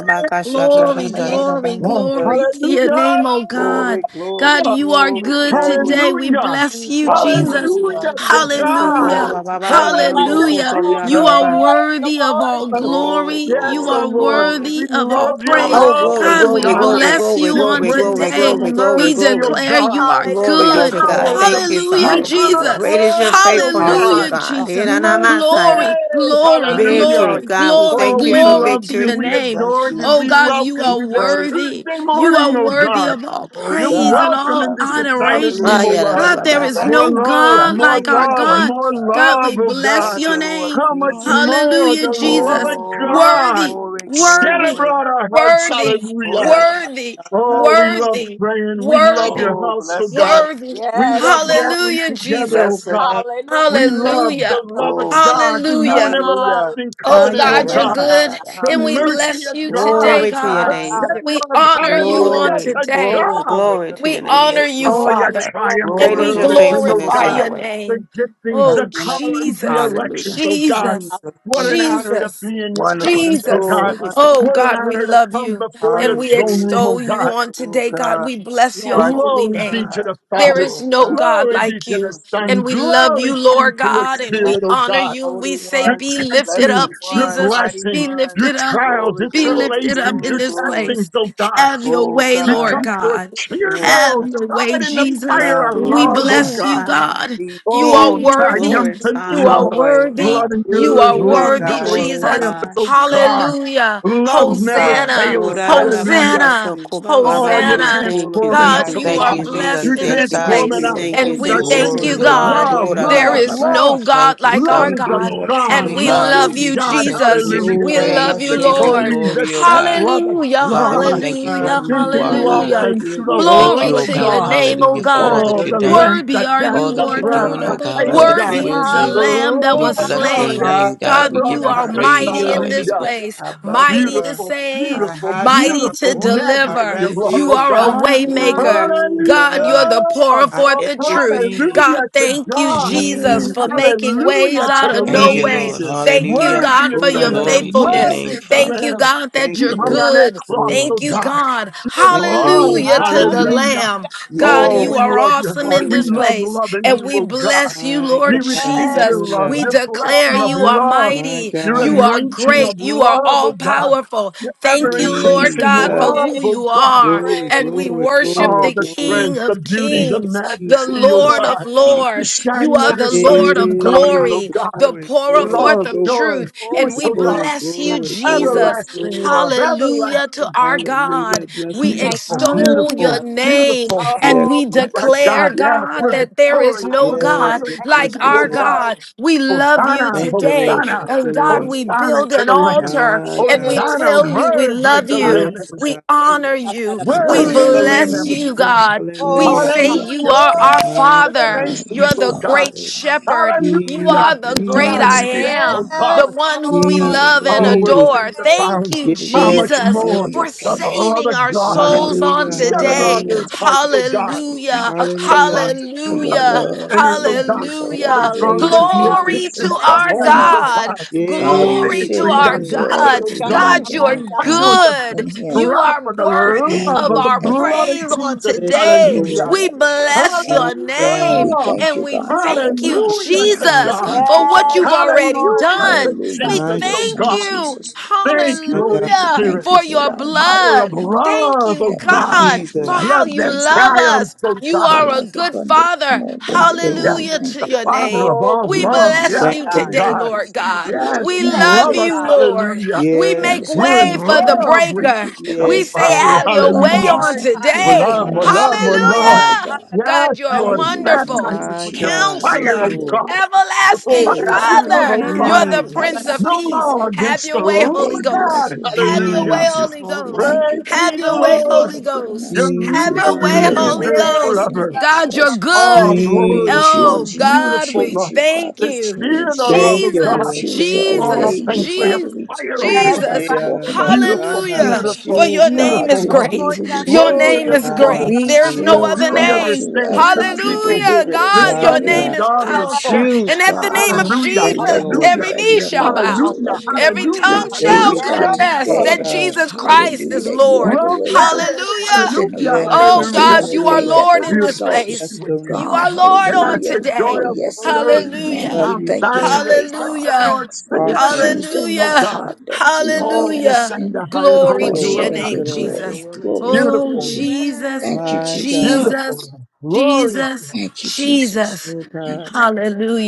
[SPEAKER 6] Thank you,
[SPEAKER 5] Bless
[SPEAKER 2] Glory,
[SPEAKER 5] the
[SPEAKER 1] Thank
[SPEAKER 5] name
[SPEAKER 1] you,
[SPEAKER 5] of
[SPEAKER 6] Jesus.
[SPEAKER 2] glory,
[SPEAKER 3] hallelujah!
[SPEAKER 2] glory
[SPEAKER 5] Jesus.
[SPEAKER 2] to your
[SPEAKER 1] Lord.
[SPEAKER 2] name, oh
[SPEAKER 5] Glory,
[SPEAKER 2] God.
[SPEAKER 5] glory,
[SPEAKER 2] God, you are
[SPEAKER 5] glory,
[SPEAKER 2] good
[SPEAKER 5] glory.
[SPEAKER 2] today. We
[SPEAKER 3] Hallelujah!
[SPEAKER 2] bless
[SPEAKER 4] Thank
[SPEAKER 2] you,
[SPEAKER 4] you.
[SPEAKER 2] Jesus.
[SPEAKER 5] Hallelujah.
[SPEAKER 3] Hallelujah to God!
[SPEAKER 2] Hallelujah.
[SPEAKER 5] Glory to your
[SPEAKER 1] We
[SPEAKER 5] name,
[SPEAKER 1] bless
[SPEAKER 3] Hallelujah,
[SPEAKER 5] Lord.
[SPEAKER 2] Hallelujah.
[SPEAKER 1] the Lord,
[SPEAKER 3] Jesus!
[SPEAKER 2] You are
[SPEAKER 5] Hallelujah.
[SPEAKER 4] Ra-ra-ra-ra-ra-ra-ra-ra-ra-ra-ra-ra-ra-ra-ra-ra-ra-ra-ra.
[SPEAKER 1] bless the
[SPEAKER 2] worthy of all
[SPEAKER 5] Glory,
[SPEAKER 2] glory.
[SPEAKER 3] Yes,
[SPEAKER 2] You
[SPEAKER 5] glory,
[SPEAKER 2] are
[SPEAKER 3] oh Lord,
[SPEAKER 5] glory,
[SPEAKER 3] we
[SPEAKER 2] worthy of
[SPEAKER 1] Lord.
[SPEAKER 2] all
[SPEAKER 1] Oh,
[SPEAKER 3] love your
[SPEAKER 2] praise.
[SPEAKER 5] glory,
[SPEAKER 4] Oh,
[SPEAKER 3] love,
[SPEAKER 1] Rabashakahaya.
[SPEAKER 4] glory,
[SPEAKER 5] glory,
[SPEAKER 2] God,
[SPEAKER 3] oh
[SPEAKER 2] we
[SPEAKER 4] glory,
[SPEAKER 3] God.
[SPEAKER 5] glory.
[SPEAKER 4] glory,
[SPEAKER 2] bless
[SPEAKER 4] glory,
[SPEAKER 2] you
[SPEAKER 3] Your
[SPEAKER 2] on
[SPEAKER 4] glory, glory,
[SPEAKER 3] grace,
[SPEAKER 5] Bless
[SPEAKER 2] today.
[SPEAKER 3] your
[SPEAKER 5] your name.
[SPEAKER 4] glory, glory,
[SPEAKER 5] Jesus.
[SPEAKER 2] We
[SPEAKER 3] mercy, oh
[SPEAKER 4] glory.
[SPEAKER 2] declare
[SPEAKER 3] God.
[SPEAKER 2] you are
[SPEAKER 4] Glory be
[SPEAKER 1] Hallelujah.
[SPEAKER 4] to
[SPEAKER 5] Bless
[SPEAKER 2] good.
[SPEAKER 5] your
[SPEAKER 4] God.
[SPEAKER 5] name.
[SPEAKER 3] power of
[SPEAKER 4] Thank
[SPEAKER 3] the
[SPEAKER 4] you,
[SPEAKER 2] Hallelujah,
[SPEAKER 4] Father.
[SPEAKER 3] sprinkling of the
[SPEAKER 5] Hallelujah.
[SPEAKER 2] Jesus.
[SPEAKER 4] Great is your
[SPEAKER 3] blood, oh
[SPEAKER 4] faithfulness,
[SPEAKER 5] Hallelujah.
[SPEAKER 4] oh
[SPEAKER 3] God.
[SPEAKER 2] Hallelujah,
[SPEAKER 4] God.
[SPEAKER 2] Jesus. Glory,
[SPEAKER 4] Ira-na-ma-sa-ya.
[SPEAKER 3] Mercy,
[SPEAKER 2] glory,
[SPEAKER 5] God, we bless
[SPEAKER 3] hallelujah.
[SPEAKER 4] Victory,
[SPEAKER 2] glory,
[SPEAKER 5] you.
[SPEAKER 4] God.
[SPEAKER 5] We
[SPEAKER 4] We
[SPEAKER 2] glory,
[SPEAKER 3] Oh,
[SPEAKER 4] thank
[SPEAKER 5] honor
[SPEAKER 4] you
[SPEAKER 3] we
[SPEAKER 5] you.
[SPEAKER 4] for
[SPEAKER 2] glory
[SPEAKER 3] love
[SPEAKER 2] to
[SPEAKER 3] you.
[SPEAKER 2] your
[SPEAKER 4] victory.
[SPEAKER 3] We
[SPEAKER 5] We
[SPEAKER 2] name.
[SPEAKER 5] thank
[SPEAKER 3] adore
[SPEAKER 5] you.
[SPEAKER 3] you.
[SPEAKER 2] Oh
[SPEAKER 3] We
[SPEAKER 2] God, you
[SPEAKER 3] welcome
[SPEAKER 5] We
[SPEAKER 2] are
[SPEAKER 3] you this
[SPEAKER 5] praise.
[SPEAKER 2] worthy.
[SPEAKER 3] Tuesday
[SPEAKER 2] You
[SPEAKER 3] morning,
[SPEAKER 2] are
[SPEAKER 3] oh
[SPEAKER 2] worthy
[SPEAKER 3] God.
[SPEAKER 2] of all
[SPEAKER 5] Oh
[SPEAKER 3] You're
[SPEAKER 2] praise
[SPEAKER 5] God,
[SPEAKER 2] and
[SPEAKER 5] we
[SPEAKER 3] welcome
[SPEAKER 2] all
[SPEAKER 3] in
[SPEAKER 5] love
[SPEAKER 3] this
[SPEAKER 5] you.
[SPEAKER 3] assignment
[SPEAKER 4] Ah,
[SPEAKER 3] room,
[SPEAKER 2] adoration.
[SPEAKER 5] Hallelujah.
[SPEAKER 3] oh God.
[SPEAKER 2] God,
[SPEAKER 5] We
[SPEAKER 2] there is
[SPEAKER 5] thank
[SPEAKER 1] Ramashasaba.
[SPEAKER 3] More
[SPEAKER 4] ya-ra-ba-ba-ba-sa-ya.
[SPEAKER 2] no
[SPEAKER 5] you.
[SPEAKER 3] love,
[SPEAKER 5] I'm
[SPEAKER 2] God
[SPEAKER 3] more
[SPEAKER 2] like our
[SPEAKER 5] thankful
[SPEAKER 3] love,
[SPEAKER 5] for you,
[SPEAKER 2] God.
[SPEAKER 3] more
[SPEAKER 5] God.
[SPEAKER 2] God,
[SPEAKER 3] love,
[SPEAKER 2] we
[SPEAKER 3] oh
[SPEAKER 2] bless
[SPEAKER 3] God.
[SPEAKER 5] Thank
[SPEAKER 2] your
[SPEAKER 5] you, Lord
[SPEAKER 2] name.
[SPEAKER 3] How much
[SPEAKER 5] Jesus.
[SPEAKER 3] more
[SPEAKER 2] Hallelujah,
[SPEAKER 3] the love
[SPEAKER 2] Jesus.
[SPEAKER 3] of
[SPEAKER 5] Oh,
[SPEAKER 3] God
[SPEAKER 2] Worthy,
[SPEAKER 5] glory,
[SPEAKER 3] shed
[SPEAKER 2] worthy,
[SPEAKER 5] glory.
[SPEAKER 3] abroad our hearts,
[SPEAKER 2] worthy,
[SPEAKER 5] Oh,
[SPEAKER 3] hallelujah.
[SPEAKER 5] da, da,
[SPEAKER 2] worthy,
[SPEAKER 5] da,
[SPEAKER 3] Oh,
[SPEAKER 5] da,
[SPEAKER 3] we
[SPEAKER 5] da.
[SPEAKER 3] love
[SPEAKER 5] da.
[SPEAKER 2] worthy
[SPEAKER 3] praying. We love your
[SPEAKER 2] worthy,
[SPEAKER 5] Oh,
[SPEAKER 3] house, oh
[SPEAKER 5] bless the name.
[SPEAKER 3] God.
[SPEAKER 5] of
[SPEAKER 2] worthy.
[SPEAKER 3] We
[SPEAKER 5] Jesus.
[SPEAKER 1] Yes,
[SPEAKER 3] love
[SPEAKER 1] Lord.
[SPEAKER 3] gathering
[SPEAKER 2] Hallelujah,
[SPEAKER 3] together, oh
[SPEAKER 5] Bless
[SPEAKER 2] Jesus.
[SPEAKER 5] the
[SPEAKER 3] God.
[SPEAKER 5] name
[SPEAKER 1] Hallelujah.
[SPEAKER 3] We
[SPEAKER 5] of Jesus.
[SPEAKER 3] love the
[SPEAKER 2] Hallelujah.
[SPEAKER 3] love of
[SPEAKER 5] Oh, God,
[SPEAKER 3] God, the new and
[SPEAKER 2] Hallelujah.
[SPEAKER 1] Hallelujah,
[SPEAKER 5] hallelujah.
[SPEAKER 3] everlasting
[SPEAKER 2] Oh
[SPEAKER 3] covenant, oh
[SPEAKER 2] God, you're
[SPEAKER 5] Yes,
[SPEAKER 3] God.
[SPEAKER 5] God.
[SPEAKER 2] good.
[SPEAKER 4] Hayarababasaya.
[SPEAKER 3] The
[SPEAKER 2] And we
[SPEAKER 5] Hallelujah.
[SPEAKER 3] mercy
[SPEAKER 2] bless
[SPEAKER 3] of
[SPEAKER 2] you
[SPEAKER 3] God,
[SPEAKER 2] today,
[SPEAKER 4] Glory to your
[SPEAKER 3] a
[SPEAKER 2] God.
[SPEAKER 5] My God,
[SPEAKER 4] name.
[SPEAKER 1] Father.
[SPEAKER 2] We
[SPEAKER 3] Lord,
[SPEAKER 2] honor
[SPEAKER 5] dear
[SPEAKER 2] you
[SPEAKER 5] Lord.
[SPEAKER 1] Glory,
[SPEAKER 2] on
[SPEAKER 3] hallelujah
[SPEAKER 4] Glory,
[SPEAKER 3] to
[SPEAKER 2] today.
[SPEAKER 5] Yes,
[SPEAKER 4] glory,
[SPEAKER 5] Lord.
[SPEAKER 3] God.
[SPEAKER 1] glory,
[SPEAKER 4] glory
[SPEAKER 5] Yes,
[SPEAKER 4] to
[SPEAKER 2] We
[SPEAKER 4] your
[SPEAKER 5] Lord.
[SPEAKER 4] name.
[SPEAKER 2] honor
[SPEAKER 1] glory,
[SPEAKER 5] Yes,
[SPEAKER 2] you,
[SPEAKER 5] Lord.
[SPEAKER 3] Oh, your
[SPEAKER 1] glory,
[SPEAKER 2] Father,
[SPEAKER 3] triumph
[SPEAKER 1] glory.
[SPEAKER 2] and
[SPEAKER 4] Great
[SPEAKER 5] Glory,
[SPEAKER 2] we
[SPEAKER 4] is
[SPEAKER 3] over
[SPEAKER 4] your
[SPEAKER 5] glory,
[SPEAKER 3] everything, oh
[SPEAKER 4] faithfulness,
[SPEAKER 2] glorify
[SPEAKER 3] God.
[SPEAKER 5] glory.
[SPEAKER 2] your
[SPEAKER 4] Yahweh.
[SPEAKER 3] The
[SPEAKER 2] name.
[SPEAKER 3] giftings,
[SPEAKER 5] Bless
[SPEAKER 2] Oh,
[SPEAKER 3] the
[SPEAKER 5] the name of
[SPEAKER 3] callings, the
[SPEAKER 2] Jesus,
[SPEAKER 4] Hallelujah.
[SPEAKER 3] elections, oh God.
[SPEAKER 5] Jesus.
[SPEAKER 2] Jesus,
[SPEAKER 3] What an
[SPEAKER 1] Hallelujah.
[SPEAKER 5] Jesus.
[SPEAKER 3] honor to be
[SPEAKER 2] Jesus,
[SPEAKER 3] in your
[SPEAKER 5] Wonderful
[SPEAKER 3] presence,
[SPEAKER 5] Savior.
[SPEAKER 3] oh
[SPEAKER 2] Jesus.
[SPEAKER 3] God.
[SPEAKER 4] Glory be to
[SPEAKER 2] Oh,
[SPEAKER 3] What
[SPEAKER 4] God.
[SPEAKER 3] an
[SPEAKER 2] God, we
[SPEAKER 3] honor to
[SPEAKER 2] love
[SPEAKER 3] come
[SPEAKER 2] you
[SPEAKER 3] before
[SPEAKER 2] and
[SPEAKER 3] your
[SPEAKER 5] Wonderful.
[SPEAKER 2] we
[SPEAKER 3] throne
[SPEAKER 5] Hallelujah.
[SPEAKER 3] room, oh
[SPEAKER 2] extol
[SPEAKER 3] God.
[SPEAKER 2] you on
[SPEAKER 5] Oh
[SPEAKER 2] today, God.
[SPEAKER 5] God,
[SPEAKER 2] We bless your
[SPEAKER 1] Yes,
[SPEAKER 2] holy
[SPEAKER 5] righteous
[SPEAKER 3] Glory be
[SPEAKER 2] name.
[SPEAKER 3] to
[SPEAKER 5] God,
[SPEAKER 3] the
[SPEAKER 1] holy,
[SPEAKER 2] There
[SPEAKER 3] Father.
[SPEAKER 2] is
[SPEAKER 5] oh
[SPEAKER 2] no
[SPEAKER 5] God,
[SPEAKER 2] God
[SPEAKER 3] Glory
[SPEAKER 1] Lord.
[SPEAKER 3] be
[SPEAKER 2] like
[SPEAKER 3] to the
[SPEAKER 2] you.
[SPEAKER 5] of Jesus,
[SPEAKER 3] Son.
[SPEAKER 2] And we love
[SPEAKER 3] Glory
[SPEAKER 2] you,
[SPEAKER 3] to,
[SPEAKER 2] Lord
[SPEAKER 3] to your
[SPEAKER 2] God, and we
[SPEAKER 3] Spirit,
[SPEAKER 5] righteous
[SPEAKER 3] oh
[SPEAKER 2] honor
[SPEAKER 5] one,
[SPEAKER 3] God.
[SPEAKER 2] you.
[SPEAKER 5] holy
[SPEAKER 2] We say,
[SPEAKER 1] Yes,
[SPEAKER 3] Your
[SPEAKER 5] one,
[SPEAKER 2] Be lifted
[SPEAKER 3] chastening,
[SPEAKER 5] blessed
[SPEAKER 2] up,
[SPEAKER 3] your
[SPEAKER 5] one,
[SPEAKER 2] Jesus.
[SPEAKER 5] mighty
[SPEAKER 3] blessing,
[SPEAKER 2] Be
[SPEAKER 5] one,
[SPEAKER 3] your
[SPEAKER 2] lifted up.
[SPEAKER 3] trials,
[SPEAKER 5] glory,
[SPEAKER 3] your
[SPEAKER 2] Be
[SPEAKER 5] glory,
[SPEAKER 2] lifted up
[SPEAKER 3] tribulations,
[SPEAKER 2] in
[SPEAKER 3] your
[SPEAKER 5] glory,
[SPEAKER 2] this
[SPEAKER 5] glory.
[SPEAKER 3] testings,
[SPEAKER 2] place.
[SPEAKER 3] oh God.
[SPEAKER 2] Have your
[SPEAKER 5] Oh
[SPEAKER 2] way,
[SPEAKER 3] We
[SPEAKER 2] Lord
[SPEAKER 5] God,
[SPEAKER 3] come forth
[SPEAKER 2] God.
[SPEAKER 3] pure
[SPEAKER 5] yes,
[SPEAKER 2] Have
[SPEAKER 5] God,
[SPEAKER 3] gold,
[SPEAKER 2] your way,
[SPEAKER 3] tried in the
[SPEAKER 2] Jesus.
[SPEAKER 3] fire of
[SPEAKER 5] love of
[SPEAKER 2] We
[SPEAKER 4] Be
[SPEAKER 5] us,
[SPEAKER 3] love, oh
[SPEAKER 5] God,
[SPEAKER 2] bless you,
[SPEAKER 3] God.
[SPEAKER 4] glorified.
[SPEAKER 2] God.
[SPEAKER 5] peace,
[SPEAKER 2] You are
[SPEAKER 3] Oh,
[SPEAKER 4] Be
[SPEAKER 2] worthy.
[SPEAKER 3] triumphant
[SPEAKER 2] You
[SPEAKER 4] glorified.
[SPEAKER 2] are
[SPEAKER 3] love.
[SPEAKER 5] joy,
[SPEAKER 2] worthy.
[SPEAKER 3] Love
[SPEAKER 5] God,
[SPEAKER 2] You
[SPEAKER 3] endures.
[SPEAKER 2] are
[SPEAKER 5] yes,
[SPEAKER 3] Love
[SPEAKER 4] Be
[SPEAKER 2] worthy,
[SPEAKER 5] God,
[SPEAKER 3] always
[SPEAKER 5] in the
[SPEAKER 2] Jesus.
[SPEAKER 5] name
[SPEAKER 3] triumphs,
[SPEAKER 5] of
[SPEAKER 4] glorified.
[SPEAKER 3] oh
[SPEAKER 5] Jesus.
[SPEAKER 3] God.
[SPEAKER 2] Hallelujah.
[SPEAKER 3] Love
[SPEAKER 5] Oh
[SPEAKER 3] never
[SPEAKER 5] God, all
[SPEAKER 2] Hosanna.
[SPEAKER 5] of
[SPEAKER 3] fails.
[SPEAKER 5] us, shine,
[SPEAKER 3] Hallelujah.
[SPEAKER 5] may us
[SPEAKER 2] Hosanna.
[SPEAKER 5] see.
[SPEAKER 3] Oh, you're
[SPEAKER 5] You
[SPEAKER 4] Orarabakasokobababaya.
[SPEAKER 5] are
[SPEAKER 2] Hosanna.
[SPEAKER 5] full
[SPEAKER 4] Thank
[SPEAKER 5] of
[SPEAKER 4] you,
[SPEAKER 3] transforming
[SPEAKER 4] thank
[SPEAKER 2] God,
[SPEAKER 3] us,
[SPEAKER 4] you,
[SPEAKER 5] compassion,
[SPEAKER 3] oh
[SPEAKER 2] you
[SPEAKER 6] Thank
[SPEAKER 4] thank
[SPEAKER 2] are
[SPEAKER 6] you,
[SPEAKER 3] God.
[SPEAKER 4] you, thank you,
[SPEAKER 2] blessed
[SPEAKER 3] You're
[SPEAKER 6] Jesus.
[SPEAKER 2] in
[SPEAKER 6] Yes,
[SPEAKER 4] thank
[SPEAKER 2] this
[SPEAKER 4] you,
[SPEAKER 5] yes,
[SPEAKER 6] God.
[SPEAKER 4] thank
[SPEAKER 3] transforming
[SPEAKER 2] place.
[SPEAKER 4] you,
[SPEAKER 3] our
[SPEAKER 5] Lord.
[SPEAKER 4] thank
[SPEAKER 2] And
[SPEAKER 4] you,
[SPEAKER 5] Yes,
[SPEAKER 3] homes,
[SPEAKER 2] we
[SPEAKER 3] our
[SPEAKER 4] thank
[SPEAKER 5] Lord.
[SPEAKER 4] you,
[SPEAKER 2] thank
[SPEAKER 3] cities
[SPEAKER 2] you,
[SPEAKER 6] Glory.
[SPEAKER 4] thank
[SPEAKER 3] with
[SPEAKER 4] you.
[SPEAKER 5] Thank
[SPEAKER 2] God.
[SPEAKER 5] you,
[SPEAKER 3] love,
[SPEAKER 5] Lord.
[SPEAKER 6] Hallelujah.
[SPEAKER 2] There
[SPEAKER 3] love,
[SPEAKER 2] is
[SPEAKER 4] Orababababa.
[SPEAKER 2] no
[SPEAKER 3] love.
[SPEAKER 2] God
[SPEAKER 6] Thank you,
[SPEAKER 2] like
[SPEAKER 3] Love
[SPEAKER 6] sir.
[SPEAKER 2] our
[SPEAKER 5] Thank
[SPEAKER 3] is
[SPEAKER 5] you,
[SPEAKER 3] of
[SPEAKER 2] God.
[SPEAKER 5] Lord
[SPEAKER 3] God.
[SPEAKER 2] And
[SPEAKER 6] We
[SPEAKER 2] we
[SPEAKER 5] Jesus.
[SPEAKER 3] Love
[SPEAKER 6] honor
[SPEAKER 3] is
[SPEAKER 2] love
[SPEAKER 6] you,
[SPEAKER 2] you,
[SPEAKER 3] God.
[SPEAKER 6] Jesus. We give
[SPEAKER 2] Jesus.
[SPEAKER 6] you
[SPEAKER 3] Hallelujah.
[SPEAKER 5] Oh,
[SPEAKER 2] We
[SPEAKER 5] da, da,
[SPEAKER 2] love
[SPEAKER 5] ba,
[SPEAKER 6] praise. We
[SPEAKER 2] you,
[SPEAKER 3] The
[SPEAKER 5] sha,
[SPEAKER 6] give you
[SPEAKER 5] da,
[SPEAKER 3] Koe,
[SPEAKER 2] Lord.
[SPEAKER 3] the
[SPEAKER 6] glory, oh
[SPEAKER 5] si.
[SPEAKER 3] sent
[SPEAKER 6] God.
[SPEAKER 3] love of
[SPEAKER 2] Hallelujah.
[SPEAKER 6] Father, we
[SPEAKER 3] God.
[SPEAKER 5] Oh,
[SPEAKER 6] thank you for
[SPEAKER 2] Hallelujah.
[SPEAKER 5] God.
[SPEAKER 6] who
[SPEAKER 3] They
[SPEAKER 6] you
[SPEAKER 3] can
[SPEAKER 6] are,
[SPEAKER 5] Oh,
[SPEAKER 3] do
[SPEAKER 5] we
[SPEAKER 3] all
[SPEAKER 6] God.
[SPEAKER 2] Hallelujah.
[SPEAKER 5] love
[SPEAKER 3] things
[SPEAKER 5] you.
[SPEAKER 3] through the
[SPEAKER 5] We love
[SPEAKER 6] Thank
[SPEAKER 3] love
[SPEAKER 2] Glory
[SPEAKER 6] you, oh
[SPEAKER 2] to
[SPEAKER 3] of
[SPEAKER 6] God.
[SPEAKER 2] your
[SPEAKER 3] God.
[SPEAKER 2] name, O
[SPEAKER 5] you.
[SPEAKER 6] Hallelujah
[SPEAKER 5] We
[SPEAKER 6] for
[SPEAKER 5] bless
[SPEAKER 6] all
[SPEAKER 2] God.
[SPEAKER 6] that
[SPEAKER 3] Oh,
[SPEAKER 5] your
[SPEAKER 6] you've
[SPEAKER 3] the
[SPEAKER 5] name.
[SPEAKER 6] done,
[SPEAKER 3] length,
[SPEAKER 2] Worthy
[SPEAKER 3] the
[SPEAKER 2] are
[SPEAKER 3] depth,
[SPEAKER 2] you,
[SPEAKER 6] all
[SPEAKER 3] the
[SPEAKER 6] that you're
[SPEAKER 2] Lord
[SPEAKER 3] breadth,
[SPEAKER 6] doing,
[SPEAKER 3] the
[SPEAKER 6] oh
[SPEAKER 2] God.
[SPEAKER 6] God,
[SPEAKER 3] height
[SPEAKER 6] all
[SPEAKER 5] Bless
[SPEAKER 3] of
[SPEAKER 5] the
[SPEAKER 6] that you
[SPEAKER 3] God.
[SPEAKER 5] name
[SPEAKER 2] Worthy
[SPEAKER 5] of
[SPEAKER 6] will
[SPEAKER 2] is the
[SPEAKER 6] do.
[SPEAKER 3] The
[SPEAKER 5] Jesus.
[SPEAKER 1] Hallelujah.
[SPEAKER 2] lamb that
[SPEAKER 6] We
[SPEAKER 3] love
[SPEAKER 2] was
[SPEAKER 3] of
[SPEAKER 6] bless your
[SPEAKER 5] Our
[SPEAKER 3] God. that
[SPEAKER 2] slain.
[SPEAKER 6] name,
[SPEAKER 5] rock,
[SPEAKER 3] shed
[SPEAKER 6] God. We
[SPEAKER 2] God,
[SPEAKER 3] abroad
[SPEAKER 6] give
[SPEAKER 2] you
[SPEAKER 6] you
[SPEAKER 3] our
[SPEAKER 2] are
[SPEAKER 5] our
[SPEAKER 3] hearts.
[SPEAKER 6] praise.
[SPEAKER 1] Father,
[SPEAKER 2] mighty in
[SPEAKER 5] shield,
[SPEAKER 2] this
[SPEAKER 3] Hallelujah.
[SPEAKER 6] Hallelujah.
[SPEAKER 2] place,
[SPEAKER 5] our
[SPEAKER 2] mighty to
[SPEAKER 5] buckler,
[SPEAKER 3] Beautiful,
[SPEAKER 2] save,
[SPEAKER 5] our
[SPEAKER 3] beautiful,
[SPEAKER 5] high
[SPEAKER 2] mighty
[SPEAKER 5] tower,
[SPEAKER 2] to
[SPEAKER 3] beautiful majesty
[SPEAKER 5] our
[SPEAKER 2] deliver.
[SPEAKER 3] of love,
[SPEAKER 2] You
[SPEAKER 3] oh
[SPEAKER 5] refuge.
[SPEAKER 2] are
[SPEAKER 3] God.
[SPEAKER 2] a
[SPEAKER 4] Hallelujah.
[SPEAKER 2] waymaker.
[SPEAKER 5] Oh,
[SPEAKER 2] God, you're
[SPEAKER 5] God.
[SPEAKER 2] the pourer
[SPEAKER 3] Hallelujah!
[SPEAKER 5] Our
[SPEAKER 2] forth the truth.
[SPEAKER 5] everything.
[SPEAKER 3] Hallelujah
[SPEAKER 2] God,
[SPEAKER 3] to
[SPEAKER 2] thank you,
[SPEAKER 3] God!
[SPEAKER 2] Jesus,
[SPEAKER 4] Hallelujah.
[SPEAKER 2] for
[SPEAKER 5] Jesus.
[SPEAKER 2] making
[SPEAKER 3] Hallelujah
[SPEAKER 2] ways
[SPEAKER 3] to
[SPEAKER 2] out of
[SPEAKER 3] the
[SPEAKER 6] Thank
[SPEAKER 2] no
[SPEAKER 6] you,
[SPEAKER 3] Lamb!
[SPEAKER 2] way.
[SPEAKER 6] Lord.
[SPEAKER 5] Jesus.
[SPEAKER 2] Thank you,
[SPEAKER 6] Hallelujah.
[SPEAKER 2] God,
[SPEAKER 3] Worthy is
[SPEAKER 2] for
[SPEAKER 5] Oh,
[SPEAKER 3] the
[SPEAKER 5] da,
[SPEAKER 2] your
[SPEAKER 5] da, da.
[SPEAKER 3] Lamb!
[SPEAKER 6] Glory to your
[SPEAKER 2] faithfulness.
[SPEAKER 3] Worthy
[SPEAKER 6] name,
[SPEAKER 3] is the
[SPEAKER 6] Father.
[SPEAKER 2] Thank you,
[SPEAKER 3] Lamb!
[SPEAKER 2] God, that
[SPEAKER 5] Thank
[SPEAKER 3] You
[SPEAKER 2] you're
[SPEAKER 5] you,
[SPEAKER 3] hung
[SPEAKER 5] Lord.
[SPEAKER 3] on that
[SPEAKER 2] good.
[SPEAKER 5] Thank you,
[SPEAKER 3] cross,
[SPEAKER 5] Lord.
[SPEAKER 3] oh
[SPEAKER 2] Thank you,
[SPEAKER 3] God!
[SPEAKER 2] God.
[SPEAKER 3] You was
[SPEAKER 5] Thank you, Lord.
[SPEAKER 3] loved!
[SPEAKER 2] Hallelujah to the
[SPEAKER 5] Hallelujah.
[SPEAKER 1] hallelujah.
[SPEAKER 3] Hallelujah!
[SPEAKER 2] Lamb. God,
[SPEAKER 3] Oh,
[SPEAKER 2] you
[SPEAKER 5] Yes,
[SPEAKER 3] we
[SPEAKER 5] God.
[SPEAKER 2] are
[SPEAKER 3] love your
[SPEAKER 2] awesome
[SPEAKER 3] heart.
[SPEAKER 2] in
[SPEAKER 3] We
[SPEAKER 2] this
[SPEAKER 5] Hallelujah.
[SPEAKER 3] love
[SPEAKER 2] place.
[SPEAKER 3] loving
[SPEAKER 2] And
[SPEAKER 3] you,
[SPEAKER 2] we
[SPEAKER 3] oh God.
[SPEAKER 2] bless you,
[SPEAKER 5] My
[SPEAKER 3] We
[SPEAKER 2] Lord
[SPEAKER 5] God.
[SPEAKER 3] receive
[SPEAKER 1] Yes,
[SPEAKER 2] Jesus.
[SPEAKER 3] your love,
[SPEAKER 5] Hallelujah.
[SPEAKER 2] We
[SPEAKER 1] bless
[SPEAKER 3] your
[SPEAKER 1] the
[SPEAKER 2] declare
[SPEAKER 3] blessing of
[SPEAKER 2] you
[SPEAKER 1] Lord.
[SPEAKER 2] are
[SPEAKER 3] love,
[SPEAKER 5] My
[SPEAKER 2] mighty.
[SPEAKER 3] your
[SPEAKER 2] You
[SPEAKER 5] God.
[SPEAKER 2] are
[SPEAKER 3] anointing
[SPEAKER 2] great.
[SPEAKER 3] of
[SPEAKER 5] Hallelujah.
[SPEAKER 2] You are
[SPEAKER 3] love, oh
[SPEAKER 2] all
[SPEAKER 3] God.
[SPEAKER 2] powerful.
[SPEAKER 3] Your
[SPEAKER 2] Thank
[SPEAKER 3] ever
[SPEAKER 2] you,
[SPEAKER 1] Give
[SPEAKER 2] Lord
[SPEAKER 3] increasing
[SPEAKER 2] God, for
[SPEAKER 5] Jesus.
[SPEAKER 3] love,
[SPEAKER 1] praise,
[SPEAKER 2] who
[SPEAKER 3] oh
[SPEAKER 2] you
[SPEAKER 3] God.
[SPEAKER 2] are.
[SPEAKER 5] Glory,
[SPEAKER 1] praise.
[SPEAKER 2] And we
[SPEAKER 5] glory,
[SPEAKER 2] worship
[SPEAKER 3] Oh,
[SPEAKER 5] glory,
[SPEAKER 2] the
[SPEAKER 3] the
[SPEAKER 5] glory.
[SPEAKER 2] King
[SPEAKER 3] strength, the
[SPEAKER 2] of
[SPEAKER 3] beauty,
[SPEAKER 5] Thank
[SPEAKER 3] the
[SPEAKER 5] you,
[SPEAKER 2] Kings,
[SPEAKER 1] Thank
[SPEAKER 2] the
[SPEAKER 5] Jesus.
[SPEAKER 3] majesty,
[SPEAKER 1] you,
[SPEAKER 3] oh
[SPEAKER 5] Lord
[SPEAKER 2] Lord
[SPEAKER 1] Lord.
[SPEAKER 2] of
[SPEAKER 3] God.
[SPEAKER 5] God.
[SPEAKER 3] The
[SPEAKER 2] Lords.
[SPEAKER 1] You're
[SPEAKER 2] You
[SPEAKER 3] shining
[SPEAKER 1] the
[SPEAKER 2] are
[SPEAKER 3] of
[SPEAKER 1] God
[SPEAKER 3] your
[SPEAKER 2] the
[SPEAKER 3] sons
[SPEAKER 2] Lord
[SPEAKER 3] and
[SPEAKER 2] of
[SPEAKER 1] who's
[SPEAKER 3] daughters,
[SPEAKER 1] like,
[SPEAKER 5] Yay.
[SPEAKER 3] oh
[SPEAKER 2] glory,
[SPEAKER 3] God.
[SPEAKER 2] the
[SPEAKER 5] Glory,
[SPEAKER 2] pourer
[SPEAKER 5] glory,
[SPEAKER 2] forth
[SPEAKER 3] Love,
[SPEAKER 2] of truth
[SPEAKER 5] glory,
[SPEAKER 3] joy,
[SPEAKER 2] truth.
[SPEAKER 1] oh,
[SPEAKER 2] And
[SPEAKER 3] peace,
[SPEAKER 1] yeah,
[SPEAKER 2] we
[SPEAKER 3] oh God.
[SPEAKER 5] glory,
[SPEAKER 2] bless
[SPEAKER 1] yeah.
[SPEAKER 2] you,
[SPEAKER 5] glory,
[SPEAKER 1] yeah.
[SPEAKER 5] glory,
[SPEAKER 2] Jesus.
[SPEAKER 3] Everlasting love,
[SPEAKER 5] glory.
[SPEAKER 2] Hallelujah to
[SPEAKER 3] everlasting
[SPEAKER 2] our God.
[SPEAKER 5] Hallelujah. Bless
[SPEAKER 3] God.
[SPEAKER 5] the
[SPEAKER 2] We
[SPEAKER 5] name of
[SPEAKER 1] Thank
[SPEAKER 3] Beautiful,
[SPEAKER 5] Jesus.
[SPEAKER 1] you,
[SPEAKER 2] extol
[SPEAKER 4] Hallelujah.
[SPEAKER 2] your
[SPEAKER 3] beautiful,
[SPEAKER 1] Jesus.
[SPEAKER 2] name
[SPEAKER 3] beautiful.
[SPEAKER 2] and
[SPEAKER 5] Yes,
[SPEAKER 2] we
[SPEAKER 1] Oh,
[SPEAKER 5] yes,
[SPEAKER 3] You are
[SPEAKER 5] yes, God.
[SPEAKER 3] God,
[SPEAKER 1] mercy,
[SPEAKER 2] declare,
[SPEAKER 3] yes.
[SPEAKER 2] God,
[SPEAKER 3] We're
[SPEAKER 1] praise
[SPEAKER 2] that there is
[SPEAKER 1] God.
[SPEAKER 3] victorious.
[SPEAKER 2] no
[SPEAKER 3] We're
[SPEAKER 5] yes,
[SPEAKER 2] God
[SPEAKER 5] yes,
[SPEAKER 3] mighty
[SPEAKER 1] Thank
[SPEAKER 3] through
[SPEAKER 5] yes,
[SPEAKER 2] like
[SPEAKER 3] you,
[SPEAKER 1] you,
[SPEAKER 5] yes,
[SPEAKER 2] our
[SPEAKER 3] oh
[SPEAKER 5] yes.
[SPEAKER 3] God.
[SPEAKER 1] Lord.
[SPEAKER 2] God. We love you
[SPEAKER 3] Hosanna,
[SPEAKER 5] Thank you,
[SPEAKER 2] today.
[SPEAKER 5] Lord.
[SPEAKER 3] Hosanna,
[SPEAKER 5] Thank
[SPEAKER 2] And
[SPEAKER 5] you,
[SPEAKER 2] God,
[SPEAKER 5] Lord.
[SPEAKER 2] we
[SPEAKER 3] Hosanna
[SPEAKER 2] build
[SPEAKER 3] to
[SPEAKER 2] an
[SPEAKER 3] the Lamb.
[SPEAKER 2] altar
[SPEAKER 5] My
[SPEAKER 1] Shade
[SPEAKER 2] and
[SPEAKER 5] God.
[SPEAKER 2] we
[SPEAKER 1] of
[SPEAKER 3] Hosanna,
[SPEAKER 2] tell you
[SPEAKER 7] Yes,
[SPEAKER 2] we
[SPEAKER 3] worthy is
[SPEAKER 7] in
[SPEAKER 2] love
[SPEAKER 3] the
[SPEAKER 7] the
[SPEAKER 1] God,
[SPEAKER 2] you.
[SPEAKER 7] name
[SPEAKER 3] Lamb
[SPEAKER 5] Yes,
[SPEAKER 7] of
[SPEAKER 3] that
[SPEAKER 7] Jesus,
[SPEAKER 3] was
[SPEAKER 2] We
[SPEAKER 5] God.
[SPEAKER 3] slain.
[SPEAKER 2] honor
[SPEAKER 1] that
[SPEAKER 2] you.
[SPEAKER 7] we
[SPEAKER 1] abide.
[SPEAKER 5] Yes,
[SPEAKER 2] We
[SPEAKER 3] Worthy
[SPEAKER 7] bless
[SPEAKER 3] is
[SPEAKER 7] your
[SPEAKER 3] the Lamb
[SPEAKER 7] holy
[SPEAKER 5] God.
[SPEAKER 3] that
[SPEAKER 2] bless
[SPEAKER 3] was
[SPEAKER 2] you,
[SPEAKER 7] name.
[SPEAKER 3] slain.
[SPEAKER 2] God.
[SPEAKER 7] We
[SPEAKER 2] We
[SPEAKER 5] Hallelujah.
[SPEAKER 1] Oh,
[SPEAKER 7] lift
[SPEAKER 2] say
[SPEAKER 3] Hallelujah
[SPEAKER 7] you up,
[SPEAKER 2] you
[SPEAKER 7] O
[SPEAKER 2] are
[SPEAKER 1] hallelujah.
[SPEAKER 2] our
[SPEAKER 7] God,
[SPEAKER 3] to
[SPEAKER 5] My
[SPEAKER 3] the
[SPEAKER 2] Father.
[SPEAKER 7] for
[SPEAKER 5] God.
[SPEAKER 7] you
[SPEAKER 3] nations,
[SPEAKER 2] You're the
[SPEAKER 3] oh
[SPEAKER 7] are the
[SPEAKER 3] God.
[SPEAKER 2] great
[SPEAKER 4] Hallelujah.
[SPEAKER 7] great I am.
[SPEAKER 2] shepherd. You you
[SPEAKER 5] Jesus.
[SPEAKER 2] are
[SPEAKER 3] Hallelujah
[SPEAKER 2] the
[SPEAKER 7] You
[SPEAKER 3] to
[SPEAKER 7] are the
[SPEAKER 2] great
[SPEAKER 3] our
[SPEAKER 2] I
[SPEAKER 7] lifted up
[SPEAKER 3] cities, oh
[SPEAKER 2] am,
[SPEAKER 7] one.
[SPEAKER 2] the
[SPEAKER 3] God.
[SPEAKER 1] Yes,
[SPEAKER 2] one who we
[SPEAKER 1] Lord.
[SPEAKER 5] Jesus.
[SPEAKER 2] love and
[SPEAKER 7] Hallelujah,
[SPEAKER 3] Oh, we're
[SPEAKER 5] Jesus.
[SPEAKER 7] glory.
[SPEAKER 2] adore.
[SPEAKER 3] cities
[SPEAKER 1] Praise,
[SPEAKER 2] Thank
[SPEAKER 3] abound.
[SPEAKER 2] you,
[SPEAKER 7] We
[SPEAKER 3] How
[SPEAKER 5] Yes.
[SPEAKER 7] thank
[SPEAKER 3] much
[SPEAKER 7] you,
[SPEAKER 2] Jesus,
[SPEAKER 7] God,
[SPEAKER 1] praise,
[SPEAKER 7] for
[SPEAKER 5] Yes.
[SPEAKER 3] more
[SPEAKER 7] your
[SPEAKER 2] for
[SPEAKER 1] praise.
[SPEAKER 3] the
[SPEAKER 7] peace.
[SPEAKER 3] love
[SPEAKER 2] saving our
[SPEAKER 3] of God
[SPEAKER 2] souls
[SPEAKER 7] Hallelujah,
[SPEAKER 2] on
[SPEAKER 5] Hallelujah.
[SPEAKER 3] shall
[SPEAKER 7] through our
[SPEAKER 3] abroad
[SPEAKER 2] today.
[SPEAKER 3] those
[SPEAKER 7] Lord
[SPEAKER 5] Hallelujah.
[SPEAKER 3] hearts,
[SPEAKER 7] Jesus
[SPEAKER 3] oh God
[SPEAKER 7] Christ. We
[SPEAKER 2] Hallelujah.
[SPEAKER 7] thank you,
[SPEAKER 3] touch the
[SPEAKER 7] God,
[SPEAKER 5] Hallelujah.
[SPEAKER 7] for
[SPEAKER 3] prostitute,
[SPEAKER 7] your
[SPEAKER 3] touch
[SPEAKER 2] Hallelujah.
[SPEAKER 3] the
[SPEAKER 7] love, for the
[SPEAKER 3] sinners, oh
[SPEAKER 7] love you
[SPEAKER 3] God,
[SPEAKER 7] so
[SPEAKER 5] Thank
[SPEAKER 7] loved the
[SPEAKER 3] the
[SPEAKER 5] you,
[SPEAKER 2] Hallelujah.
[SPEAKER 7] world that you
[SPEAKER 3] drunkards,
[SPEAKER 5] Jesus.
[SPEAKER 3] the
[SPEAKER 7] gave
[SPEAKER 5] Thank
[SPEAKER 1] Hallelujah.
[SPEAKER 7] your
[SPEAKER 5] you,
[SPEAKER 7] only
[SPEAKER 2] Glory to
[SPEAKER 5] Jesus.
[SPEAKER 3] addictions,
[SPEAKER 7] begotten
[SPEAKER 3] the
[SPEAKER 1] Thank
[SPEAKER 2] our
[SPEAKER 1] you,
[SPEAKER 3] homes,
[SPEAKER 7] Son.
[SPEAKER 3] oh
[SPEAKER 1] Lord.
[SPEAKER 2] God.
[SPEAKER 3] God,
[SPEAKER 7] God,
[SPEAKER 3] the
[SPEAKER 7] and you
[SPEAKER 2] Glory
[SPEAKER 5] Yay.
[SPEAKER 2] to
[SPEAKER 7] said
[SPEAKER 3] bigotry,
[SPEAKER 7] that
[SPEAKER 2] our
[SPEAKER 3] the
[SPEAKER 5] Glory.
[SPEAKER 3] hatred,
[SPEAKER 7] whosoever
[SPEAKER 2] God.
[SPEAKER 3] oh God.
[SPEAKER 7] believed
[SPEAKER 2] God, you are
[SPEAKER 7] in,
[SPEAKER 5] My
[SPEAKER 3] Touch
[SPEAKER 1] Shandarabasabara.
[SPEAKER 3] them
[SPEAKER 5] God. My
[SPEAKER 3] with the
[SPEAKER 7] in
[SPEAKER 2] good.
[SPEAKER 7] him
[SPEAKER 2] You
[SPEAKER 3] drop
[SPEAKER 2] are
[SPEAKER 3] of
[SPEAKER 7] would
[SPEAKER 3] the
[SPEAKER 2] worthy
[SPEAKER 3] love
[SPEAKER 7] have
[SPEAKER 2] of
[SPEAKER 3] of
[SPEAKER 5] Jesus.
[SPEAKER 3] the
[SPEAKER 2] our
[SPEAKER 3] blood of
[SPEAKER 2] praise
[SPEAKER 7] everlasting
[SPEAKER 2] on
[SPEAKER 7] life,
[SPEAKER 3] Jesus.
[SPEAKER 7] would
[SPEAKER 5] Yes,
[SPEAKER 7] not
[SPEAKER 2] today.
[SPEAKER 7] perish,
[SPEAKER 3] Hallelujah.
[SPEAKER 5] Lord.
[SPEAKER 7] but
[SPEAKER 2] We
[SPEAKER 7] have everlasting
[SPEAKER 2] bless
[SPEAKER 7] life.
[SPEAKER 5] My
[SPEAKER 2] your
[SPEAKER 7] And
[SPEAKER 5] God.
[SPEAKER 7] we
[SPEAKER 2] name
[SPEAKER 3] Hallelujah.
[SPEAKER 7] thank
[SPEAKER 2] and
[SPEAKER 7] you,
[SPEAKER 2] we
[SPEAKER 7] God, for
[SPEAKER 2] thank you,
[SPEAKER 7] everlasting
[SPEAKER 5] My
[SPEAKER 3] Hallelujah to
[SPEAKER 7] life.
[SPEAKER 5] God.
[SPEAKER 7] We
[SPEAKER 2] Jesus,
[SPEAKER 3] God.
[SPEAKER 7] thank
[SPEAKER 2] for
[SPEAKER 7] you,
[SPEAKER 2] what
[SPEAKER 7] God.
[SPEAKER 1] Yes,
[SPEAKER 2] you've already
[SPEAKER 1] Lord.
[SPEAKER 3] Hallelujah to
[SPEAKER 2] done.
[SPEAKER 7] Hallelujah,
[SPEAKER 1] Hallelujah.
[SPEAKER 2] We
[SPEAKER 7] for
[SPEAKER 3] Jesus,
[SPEAKER 5] My,
[SPEAKER 7] your
[SPEAKER 3] oh
[SPEAKER 2] thank
[SPEAKER 7] Son,
[SPEAKER 3] God.
[SPEAKER 2] you,
[SPEAKER 7] Jesus the
[SPEAKER 3] Thank
[SPEAKER 7] Christ.
[SPEAKER 3] you,
[SPEAKER 5] my
[SPEAKER 3] Holy
[SPEAKER 5] God.
[SPEAKER 7] We
[SPEAKER 2] hallelujah,
[SPEAKER 7] thank
[SPEAKER 3] Spirit.
[SPEAKER 7] you
[SPEAKER 2] for
[SPEAKER 7] for
[SPEAKER 2] your
[SPEAKER 7] allowing him to
[SPEAKER 3] Power of
[SPEAKER 2] blood.
[SPEAKER 7] come
[SPEAKER 2] Thank
[SPEAKER 3] love,
[SPEAKER 2] you,
[SPEAKER 3] oh
[SPEAKER 7] that we may
[SPEAKER 3] God.
[SPEAKER 2] God,
[SPEAKER 7] have
[SPEAKER 2] for
[SPEAKER 5] Jesus.
[SPEAKER 7] life.
[SPEAKER 2] how
[SPEAKER 7] We
[SPEAKER 3] Love
[SPEAKER 2] you
[SPEAKER 3] that
[SPEAKER 7] thank you,
[SPEAKER 2] love
[SPEAKER 7] Father,
[SPEAKER 3] triumphs,
[SPEAKER 2] us.
[SPEAKER 3] oh
[SPEAKER 2] You
[SPEAKER 3] God.
[SPEAKER 7] for
[SPEAKER 2] are a
[SPEAKER 7] life
[SPEAKER 2] good
[SPEAKER 7] abundant,
[SPEAKER 2] father.
[SPEAKER 7] more
[SPEAKER 5] Thank you,
[SPEAKER 7] abundantly. We
[SPEAKER 5] Lord.
[SPEAKER 2] Hallelujah
[SPEAKER 3] Yes,
[SPEAKER 2] to
[SPEAKER 7] thank
[SPEAKER 3] the
[SPEAKER 7] you,
[SPEAKER 2] your
[SPEAKER 7] God.
[SPEAKER 3] Father
[SPEAKER 2] name.
[SPEAKER 3] of
[SPEAKER 1] Oh,
[SPEAKER 3] all
[SPEAKER 2] We
[SPEAKER 1] glory
[SPEAKER 7] Even
[SPEAKER 3] love.
[SPEAKER 1] to
[SPEAKER 7] now,
[SPEAKER 2] bless
[SPEAKER 3] Yes,
[SPEAKER 5] Thank
[SPEAKER 2] you
[SPEAKER 7] Father,
[SPEAKER 5] you.
[SPEAKER 3] oh
[SPEAKER 7] we
[SPEAKER 1] God.
[SPEAKER 2] today,
[SPEAKER 7] thank
[SPEAKER 3] God.
[SPEAKER 7] you
[SPEAKER 2] Lord
[SPEAKER 7] for you
[SPEAKER 2] God.
[SPEAKER 3] Yes,
[SPEAKER 2] We
[SPEAKER 7] created
[SPEAKER 3] you
[SPEAKER 7] us in
[SPEAKER 1] Thank
[SPEAKER 2] love
[SPEAKER 3] love
[SPEAKER 1] you,
[SPEAKER 7] your
[SPEAKER 3] us.
[SPEAKER 2] you,
[SPEAKER 7] love.
[SPEAKER 1] Father.
[SPEAKER 2] Lord.
[SPEAKER 3] Hallelujah.
[SPEAKER 2] We
[SPEAKER 5] Yes,
[SPEAKER 7] want to
[SPEAKER 2] make
[SPEAKER 7] say
[SPEAKER 3] We're
[SPEAKER 5] Lord.
[SPEAKER 3] in
[SPEAKER 2] way
[SPEAKER 7] thank you.
[SPEAKER 2] for
[SPEAKER 7] We
[SPEAKER 2] the
[SPEAKER 3] love with
[SPEAKER 7] thank
[SPEAKER 2] breaker.
[SPEAKER 7] you for
[SPEAKER 3] the
[SPEAKER 7] the
[SPEAKER 2] We
[SPEAKER 5] Yes,
[SPEAKER 2] say,
[SPEAKER 3] Father.
[SPEAKER 5] Lord.
[SPEAKER 1] Yes,
[SPEAKER 2] have your way
[SPEAKER 3] Hallelujah.
[SPEAKER 7] abundance
[SPEAKER 2] on
[SPEAKER 1] Lord.
[SPEAKER 7] of
[SPEAKER 1] Ha-
[SPEAKER 7] who
[SPEAKER 3] More
[SPEAKER 7] you've
[SPEAKER 1] Have
[SPEAKER 2] today.
[SPEAKER 3] love,
[SPEAKER 7] called
[SPEAKER 3] more
[SPEAKER 5] My
[SPEAKER 7] us to
[SPEAKER 1] your
[SPEAKER 3] love,
[SPEAKER 1] way,
[SPEAKER 7] be.
[SPEAKER 3] more
[SPEAKER 7] We
[SPEAKER 3] love.
[SPEAKER 7] thank
[SPEAKER 5] God.
[SPEAKER 1] Lord.
[SPEAKER 7] you,
[SPEAKER 2] Hallelujah.
[SPEAKER 7] God.
[SPEAKER 1] Have your
[SPEAKER 3] Yes,
[SPEAKER 2] God, you're
[SPEAKER 1] way.
[SPEAKER 3] Lord,
[SPEAKER 7] Hallelujah. Thank
[SPEAKER 2] wonderful.
[SPEAKER 3] baptize
[SPEAKER 7] you,
[SPEAKER 3] us
[SPEAKER 5] My
[SPEAKER 3] with your
[SPEAKER 7] Jesus.
[SPEAKER 5] God,
[SPEAKER 3] fire,
[SPEAKER 5] yes,
[SPEAKER 2] Counselor,
[SPEAKER 3] oh
[SPEAKER 7] Hallelujah.
[SPEAKER 5] Lord.
[SPEAKER 3] God.
[SPEAKER 7] Glory.
[SPEAKER 3] The fire
[SPEAKER 2] Everlasting
[SPEAKER 7] Thank
[SPEAKER 4] Hey,
[SPEAKER 7] you,
[SPEAKER 3] of
[SPEAKER 7] God, that
[SPEAKER 3] love,
[SPEAKER 4] Shania
[SPEAKER 2] Father,
[SPEAKER 3] oh
[SPEAKER 7] we can
[SPEAKER 2] you're
[SPEAKER 3] God.
[SPEAKER 2] the
[SPEAKER 4] Mama.
[SPEAKER 5] Jesus,
[SPEAKER 2] Prince of
[SPEAKER 1] Kuramakelemasabaraba.
[SPEAKER 3] No
[SPEAKER 7] automatically
[SPEAKER 2] Peace.
[SPEAKER 3] law
[SPEAKER 7] love and
[SPEAKER 2] Have
[SPEAKER 3] against the
[SPEAKER 2] your way,
[SPEAKER 3] Lord
[SPEAKER 7] obey
[SPEAKER 2] Holy
[SPEAKER 7] you
[SPEAKER 2] Ghost.
[SPEAKER 7] as
[SPEAKER 3] God.
[SPEAKER 7] you have
[SPEAKER 2] Have your
[SPEAKER 7] called
[SPEAKER 3] Hallelujah.
[SPEAKER 2] way,
[SPEAKER 7] us.
[SPEAKER 5] Jesus,
[SPEAKER 2] Holy
[SPEAKER 7] We
[SPEAKER 2] Ghost.
[SPEAKER 1] Yes,
[SPEAKER 7] thank you,
[SPEAKER 3] Praise
[SPEAKER 4] Hallelujah.
[SPEAKER 7] God.
[SPEAKER 3] ye
[SPEAKER 2] Have
[SPEAKER 3] the
[SPEAKER 2] your way,
[SPEAKER 7] Hallelujah,
[SPEAKER 3] Lord.
[SPEAKER 2] Holy
[SPEAKER 7] for giving
[SPEAKER 2] Ghost.
[SPEAKER 7] us
[SPEAKER 3] Your
[SPEAKER 2] Have
[SPEAKER 5] Jesus,
[SPEAKER 7] a
[SPEAKER 2] your way,
[SPEAKER 4] You don't
[SPEAKER 7] will,
[SPEAKER 3] mercy
[SPEAKER 5] Jesus,
[SPEAKER 2] Holy
[SPEAKER 4] know
[SPEAKER 7] God, and
[SPEAKER 3] endures
[SPEAKER 7] a
[SPEAKER 4] about that,
[SPEAKER 2] Ghost.
[SPEAKER 4] but it's
[SPEAKER 3] forever.
[SPEAKER 7] freedom of
[SPEAKER 4] okay.
[SPEAKER 1] Lord.
[SPEAKER 2] God, you're
[SPEAKER 7] choice, God.
[SPEAKER 3] Oh,
[SPEAKER 2] good.
[SPEAKER 7] That we
[SPEAKER 3] glorious
[SPEAKER 5] Jesus.
[SPEAKER 3] love,
[SPEAKER 2] Oh,
[SPEAKER 7] choose you. We
[SPEAKER 2] God,
[SPEAKER 3] beautiful
[SPEAKER 2] we
[SPEAKER 7] choose
[SPEAKER 3] love.
[SPEAKER 7] you,
[SPEAKER 2] thank
[SPEAKER 7] Father. We
[SPEAKER 3] This
[SPEAKER 2] you.
[SPEAKER 3] being
[SPEAKER 7] choose
[SPEAKER 3] a
[SPEAKER 7] you.
[SPEAKER 3] love
[SPEAKER 1] Thank
[SPEAKER 5] Thank
[SPEAKER 3] of
[SPEAKER 1] you,
[SPEAKER 5] you,
[SPEAKER 7] We
[SPEAKER 3] God.
[SPEAKER 2] Jesus,
[SPEAKER 1] Lord.
[SPEAKER 5] Lord.
[SPEAKER 7] choose to
[SPEAKER 5] Thank you,
[SPEAKER 3] Oh,
[SPEAKER 2] Jesus,
[SPEAKER 7] obey
[SPEAKER 5] Lord.
[SPEAKER 7] you,
[SPEAKER 3] thanks for your
[SPEAKER 7] Father. We
[SPEAKER 1] We
[SPEAKER 3] fire, oh
[SPEAKER 7] choose,
[SPEAKER 3] God.
[SPEAKER 7] God,
[SPEAKER 2] Jesus,
[SPEAKER 7] to
[SPEAKER 1] magnify
[SPEAKER 5] Yeah, la
[SPEAKER 7] walk
[SPEAKER 1] your
[SPEAKER 5] la
[SPEAKER 7] in
[SPEAKER 1] name.
[SPEAKER 7] your
[SPEAKER 5] ba,
[SPEAKER 7] will.
[SPEAKER 5] sha,
[SPEAKER 3] Beautiful,
[SPEAKER 5] na, da,
[SPEAKER 7] We
[SPEAKER 2] hallelujah,
[SPEAKER 5] ba,
[SPEAKER 2] for
[SPEAKER 3] beautiful,
[SPEAKER 5] sha.
[SPEAKER 7] choose,
[SPEAKER 2] your name
[SPEAKER 7] God,
[SPEAKER 2] is
[SPEAKER 3] beautiful
[SPEAKER 7] to
[SPEAKER 3] love.
[SPEAKER 7] be
[SPEAKER 1] Oh,
[SPEAKER 2] great.
[SPEAKER 7] who
[SPEAKER 1] yes,
[SPEAKER 7] you
[SPEAKER 2] Your
[SPEAKER 7] say we
[SPEAKER 2] name
[SPEAKER 7] are.
[SPEAKER 3] Glorious
[SPEAKER 2] is
[SPEAKER 5] My, my,
[SPEAKER 3] love.
[SPEAKER 2] great.
[SPEAKER 5] my,
[SPEAKER 7] We
[SPEAKER 2] There is
[SPEAKER 5] yeah.
[SPEAKER 3] The
[SPEAKER 2] no
[SPEAKER 5] yeah.
[SPEAKER 7] choose,
[SPEAKER 2] other
[SPEAKER 3] beauty of
[SPEAKER 7] God,
[SPEAKER 3] your
[SPEAKER 7] to,
[SPEAKER 2] name.
[SPEAKER 7] let
[SPEAKER 3] saints, your
[SPEAKER 7] God, be
[SPEAKER 4] Hallelujah.
[SPEAKER 3] people,
[SPEAKER 2] Hallelujah,
[SPEAKER 7] delivered and
[SPEAKER 3] your
[SPEAKER 2] God,
[SPEAKER 7] set
[SPEAKER 5] My
[SPEAKER 2] your
[SPEAKER 3] sons
[SPEAKER 7] free.
[SPEAKER 2] name
[SPEAKER 3] and
[SPEAKER 5] God.
[SPEAKER 2] is
[SPEAKER 7] We
[SPEAKER 3] daughters.
[SPEAKER 2] powerful.
[SPEAKER 3] Yes.
[SPEAKER 1] Lord.
[SPEAKER 7] choose,
[SPEAKER 2] And at the
[SPEAKER 7] God,
[SPEAKER 2] name of
[SPEAKER 7] to
[SPEAKER 3] Hallelujah.
[SPEAKER 5] Thank
[SPEAKER 2] Jesus,
[SPEAKER 5] you,
[SPEAKER 7] love your
[SPEAKER 5] Lord.
[SPEAKER 3] Hallelujah.
[SPEAKER 2] every
[SPEAKER 5] Thank
[SPEAKER 7] people as
[SPEAKER 5] you,
[SPEAKER 2] knee
[SPEAKER 7] you have
[SPEAKER 5] Jesus.
[SPEAKER 2] shall
[SPEAKER 7] called us to
[SPEAKER 2] bow,
[SPEAKER 3] Hallelujah.
[SPEAKER 7] love
[SPEAKER 4] Look
[SPEAKER 7] them.
[SPEAKER 2] every
[SPEAKER 7] We
[SPEAKER 3] Hallelujah.
[SPEAKER 2] tongue
[SPEAKER 5] Thank
[SPEAKER 2] shall
[SPEAKER 7] choose,
[SPEAKER 5] you,
[SPEAKER 7] God,
[SPEAKER 3] Hallelujah.
[SPEAKER 1] Yes,
[SPEAKER 5] Jesus.
[SPEAKER 2] confess
[SPEAKER 1] Lord.
[SPEAKER 5] Yes,
[SPEAKER 7] today,
[SPEAKER 2] that
[SPEAKER 5] God.
[SPEAKER 2] Jesus Christ
[SPEAKER 7] hallelujah,
[SPEAKER 2] is
[SPEAKER 7] that you are
[SPEAKER 2] Lord.
[SPEAKER 7] the way, the
[SPEAKER 3] Glory.
[SPEAKER 2] Hallelujah.
[SPEAKER 7] truth, and the
[SPEAKER 3] Hallelujah.
[SPEAKER 7] light.
[SPEAKER 5] Yes,
[SPEAKER 7] We
[SPEAKER 2] Oh,
[SPEAKER 5] God.
[SPEAKER 1] Hallelujah.
[SPEAKER 3] Hallelujah.
[SPEAKER 7] choose
[SPEAKER 2] God, you are
[SPEAKER 7] today
[SPEAKER 5] Hallelujah.
[SPEAKER 7] that the
[SPEAKER 2] Lord in this
[SPEAKER 3] Beautiful
[SPEAKER 7] results,
[SPEAKER 5] Bless
[SPEAKER 2] place.
[SPEAKER 5] your name.
[SPEAKER 3] situation.
[SPEAKER 2] You
[SPEAKER 7] God,
[SPEAKER 2] are Lord
[SPEAKER 3] Yes.
[SPEAKER 2] on
[SPEAKER 5] name.
[SPEAKER 7] hallelujah,
[SPEAKER 3] The
[SPEAKER 5] Bless your
[SPEAKER 3] joy
[SPEAKER 2] today.
[SPEAKER 7] are
[SPEAKER 5] name.
[SPEAKER 3] of the
[SPEAKER 7] yes and amen.
[SPEAKER 5] Love
[SPEAKER 2] Hallelujah.
[SPEAKER 7] We
[SPEAKER 3] Mount
[SPEAKER 5] you,
[SPEAKER 7] thank you
[SPEAKER 5] Jesus.
[SPEAKER 3] Zion, the
[SPEAKER 7] today,
[SPEAKER 3] sides
[SPEAKER 7] God.
[SPEAKER 3] of the
[SPEAKER 2] Hallelujah.
[SPEAKER 3] north,
[SPEAKER 7] But
[SPEAKER 3] city
[SPEAKER 7] we
[SPEAKER 3] of a great
[SPEAKER 5] Awesome.
[SPEAKER 7] choose that,
[SPEAKER 3] king, oh
[SPEAKER 7] uh,
[SPEAKER 2] Hallelujah.
[SPEAKER 3] God.
[SPEAKER 7] God, that we
[SPEAKER 3] Oh,
[SPEAKER 7] all
[SPEAKER 3] we
[SPEAKER 7] have
[SPEAKER 2] Hallelujah.
[SPEAKER 3] ascend
[SPEAKER 7] sinned
[SPEAKER 3] the high and
[SPEAKER 5] Thank
[SPEAKER 2] Glory
[SPEAKER 5] you,
[SPEAKER 3] holy
[SPEAKER 7] fall
[SPEAKER 2] to
[SPEAKER 5] Lord.
[SPEAKER 3] Lord
[SPEAKER 2] your
[SPEAKER 7] short of
[SPEAKER 5] Thank
[SPEAKER 7] your
[SPEAKER 5] you,
[SPEAKER 2] name,
[SPEAKER 3] God.
[SPEAKER 5] Lord.
[SPEAKER 4] like your
[SPEAKER 7] glory.
[SPEAKER 2] Jesus.
[SPEAKER 4] woman
[SPEAKER 7] Glory,
[SPEAKER 4] Jesus,
[SPEAKER 2] Oh,
[SPEAKER 3] Beautiful,
[SPEAKER 7] hallelujah.
[SPEAKER 3] Lord.
[SPEAKER 2] Jesus,
[SPEAKER 7] Thank you,
[SPEAKER 5] My
[SPEAKER 4] amen.
[SPEAKER 7] Jesus.
[SPEAKER 5] God.
[SPEAKER 7] Hall-
[SPEAKER 2] Jesus,
[SPEAKER 3] beautiful, Lord. glorious
[SPEAKER 2] Jesus,
[SPEAKER 3] Lord.
[SPEAKER 7] Thank you, Jesus.
[SPEAKER 2] Jesus.
[SPEAKER 5] Lord God.
[SPEAKER 7] Thank you.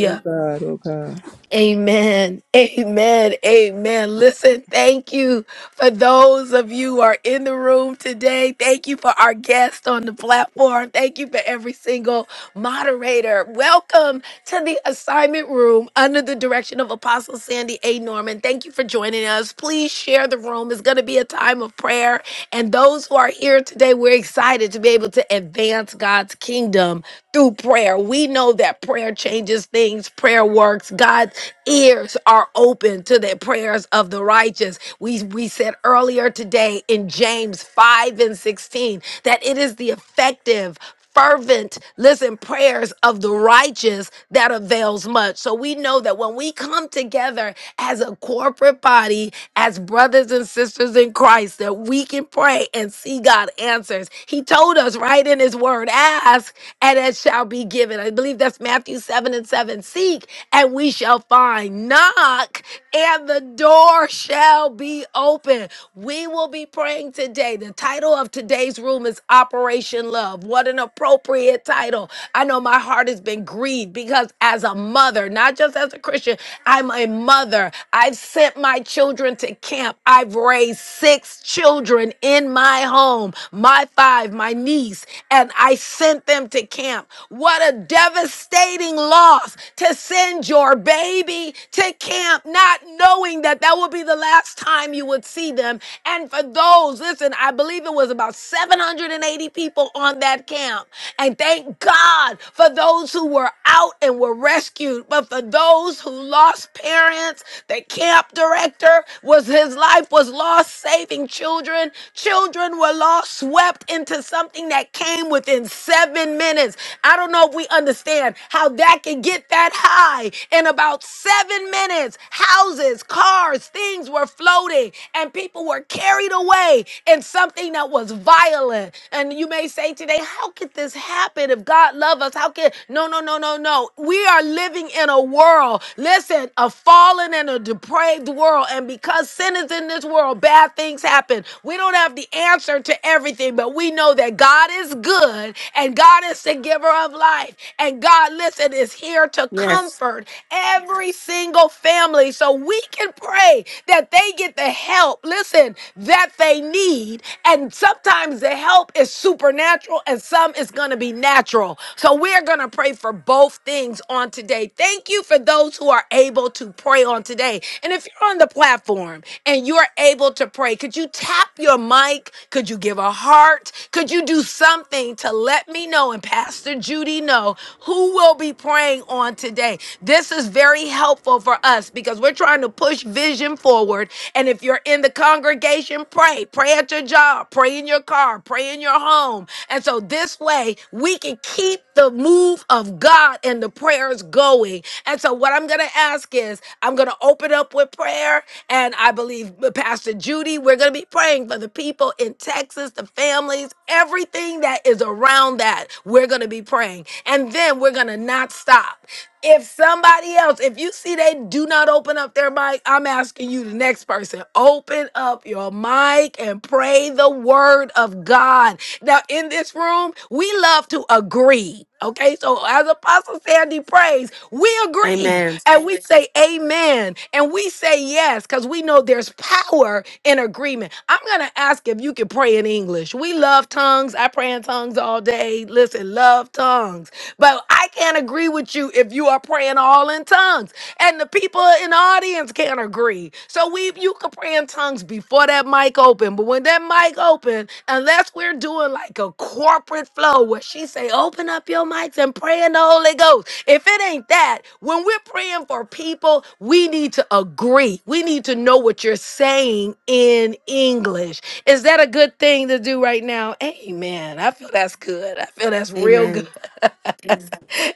[SPEAKER 5] Oh God, oh God.
[SPEAKER 2] Amen. Amen. Amen. Listen, thank you for those of you who are in the room today. Thank you for our guest on the platform. Thank you for every single moderator. Welcome to the assignment room under the direction of Apostle Sandy A. Norman. Thank you for joining us. Please share the room. It's going to be a time of prayer. And those who are here today, we're excited to be able to advance God's kingdom through prayer. We know that prayer changes things, prayer works. God's ears are open to the prayers of the righteous. We, we said earlier today in James 5 and 16 that it is the effective fervent listen prayers of the righteous that avails much so we know that when we come together as a corporate body as brothers and sisters in christ that we can pray and see god answers he told us right in his word ask and it shall be given i believe that's matthew 7 and 7 seek and we shall find knock and the door shall be open we will be praying today the title of today's room is is Operation Love. What an appropriate title. I know my heart has been grieved because as a mother, not just as a Christian, I'm a mother. I've sent my children to camp. I've raised six children in my home, my five, my niece, and I sent them to camp. What a devastating loss to send your baby to camp, not knowing that that will be the last time you would see them. And for those, listen, I believe it was about 780 people on that camp. And thank God for those who were out and were rescued. But for those who lost parents, the camp director was his life was lost saving children. Children were lost, swept into something that came within seven minutes. I don't know if we understand how that can get that high in about seven minutes. Houses, cars, things were floating, and people people were carried away in something that was violent. And you may say today, how could this happen if God love us? How can no no no no no. We are living in a world, listen, a fallen and a depraved world. And because sin is in this world, bad things happen. We don't have the answer to everything, but we know that God is good and God is the giver of life. And God, listen, is here to
[SPEAKER 4] Yes.
[SPEAKER 2] comfort every single family. So we can pray that they get the help, listen, that they need. And sometimes the help is supernatural and some is going to be natural. So we're going to pray for both things on today. Thank you for those who are able to pray on today. And if you're on the platform and you're able to pray, could you tap your mic? Could you give a heart? Could you do something to let me know and Pastor Judy know who will be praying on today? This is very helpful for us us because we're trying to push vision forward. And if you're in the congregation, pray. Pray at your job, pray in your car, pray in your home. And so this way, we can keep the move of God and the prayers going. And so what I'm going to ask is I'm going to open up with prayer. And I believe uh, Pastor Judy, we're going to be praying for the people in Texas, the families, everything that is around that. We're going to be praying. And then we're going to not stop. If somebody else, if you see they do not open up their mic, I'm asking you, the next person, open up your mic and pray the word of God. Now, in this room, we love to agree. Okay, so as Apostle Sandy prays, we agree
[SPEAKER 4] Amen.
[SPEAKER 2] and we say amen and we say yes because we know there's power in agreement. I'm going to ask if you can pray in English. We love tongues. I pray in tongues all day. Listen, love tongues. But I I can't agree with you if you are praying all in tongues. And the people in the audience can't agree. So we you can pray in tongues before that mic open. But when that mic open, unless we're doing like a corporate flow where she say, open up your mics and pray in the Holy Ghost. If it ain't that, when we're praying for people, we need to agree. We need to know what you're saying in English. Is that a good thing to do right now? Amen. I feel that's good. I feel that's real good.
[SPEAKER 4] Amen.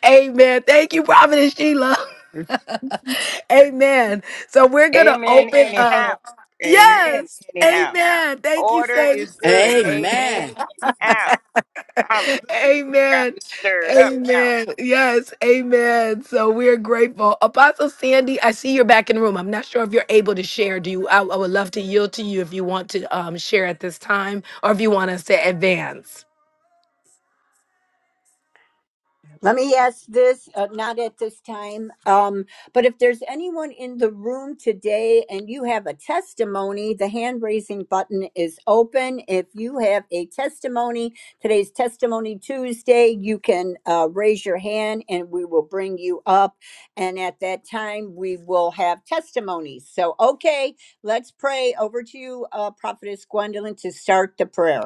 [SPEAKER 2] Amen. Thank you, Prophetess Sheila. Amen. So we're gonna
[SPEAKER 8] Amen.
[SPEAKER 2] open Amen.
[SPEAKER 8] Anyhow.
[SPEAKER 2] up.
[SPEAKER 8] Amen.
[SPEAKER 2] Yes.
[SPEAKER 8] Anyhow.
[SPEAKER 2] Amen. Thank you,
[SPEAKER 8] Order is
[SPEAKER 2] Saints.
[SPEAKER 8] good. Amen.
[SPEAKER 9] Amen.
[SPEAKER 8] Anyhow. Hallelujah. You done got
[SPEAKER 2] Amen.
[SPEAKER 8] me stirred up
[SPEAKER 2] Amen. Yes. Amen. So we're grateful. Apostle Sandy, I see you're back in the room. I'm not sure if you're able to share. Do you? I, I would love to yield to you if you want to um, share at this time, or if you want us to advance.
[SPEAKER 1] Let me ask this, uh, not at this time, um, but if there's anyone in the room today and you have a testimony, the hand raising button is open. If you have a testimony, today's Testimony Tuesday, you can uh, raise your hand and we will bring you up. And at that time, we will have testimonies. So, okay, let's pray. Over to you, uh, Prophetess Gwendolyn, to start the prayer.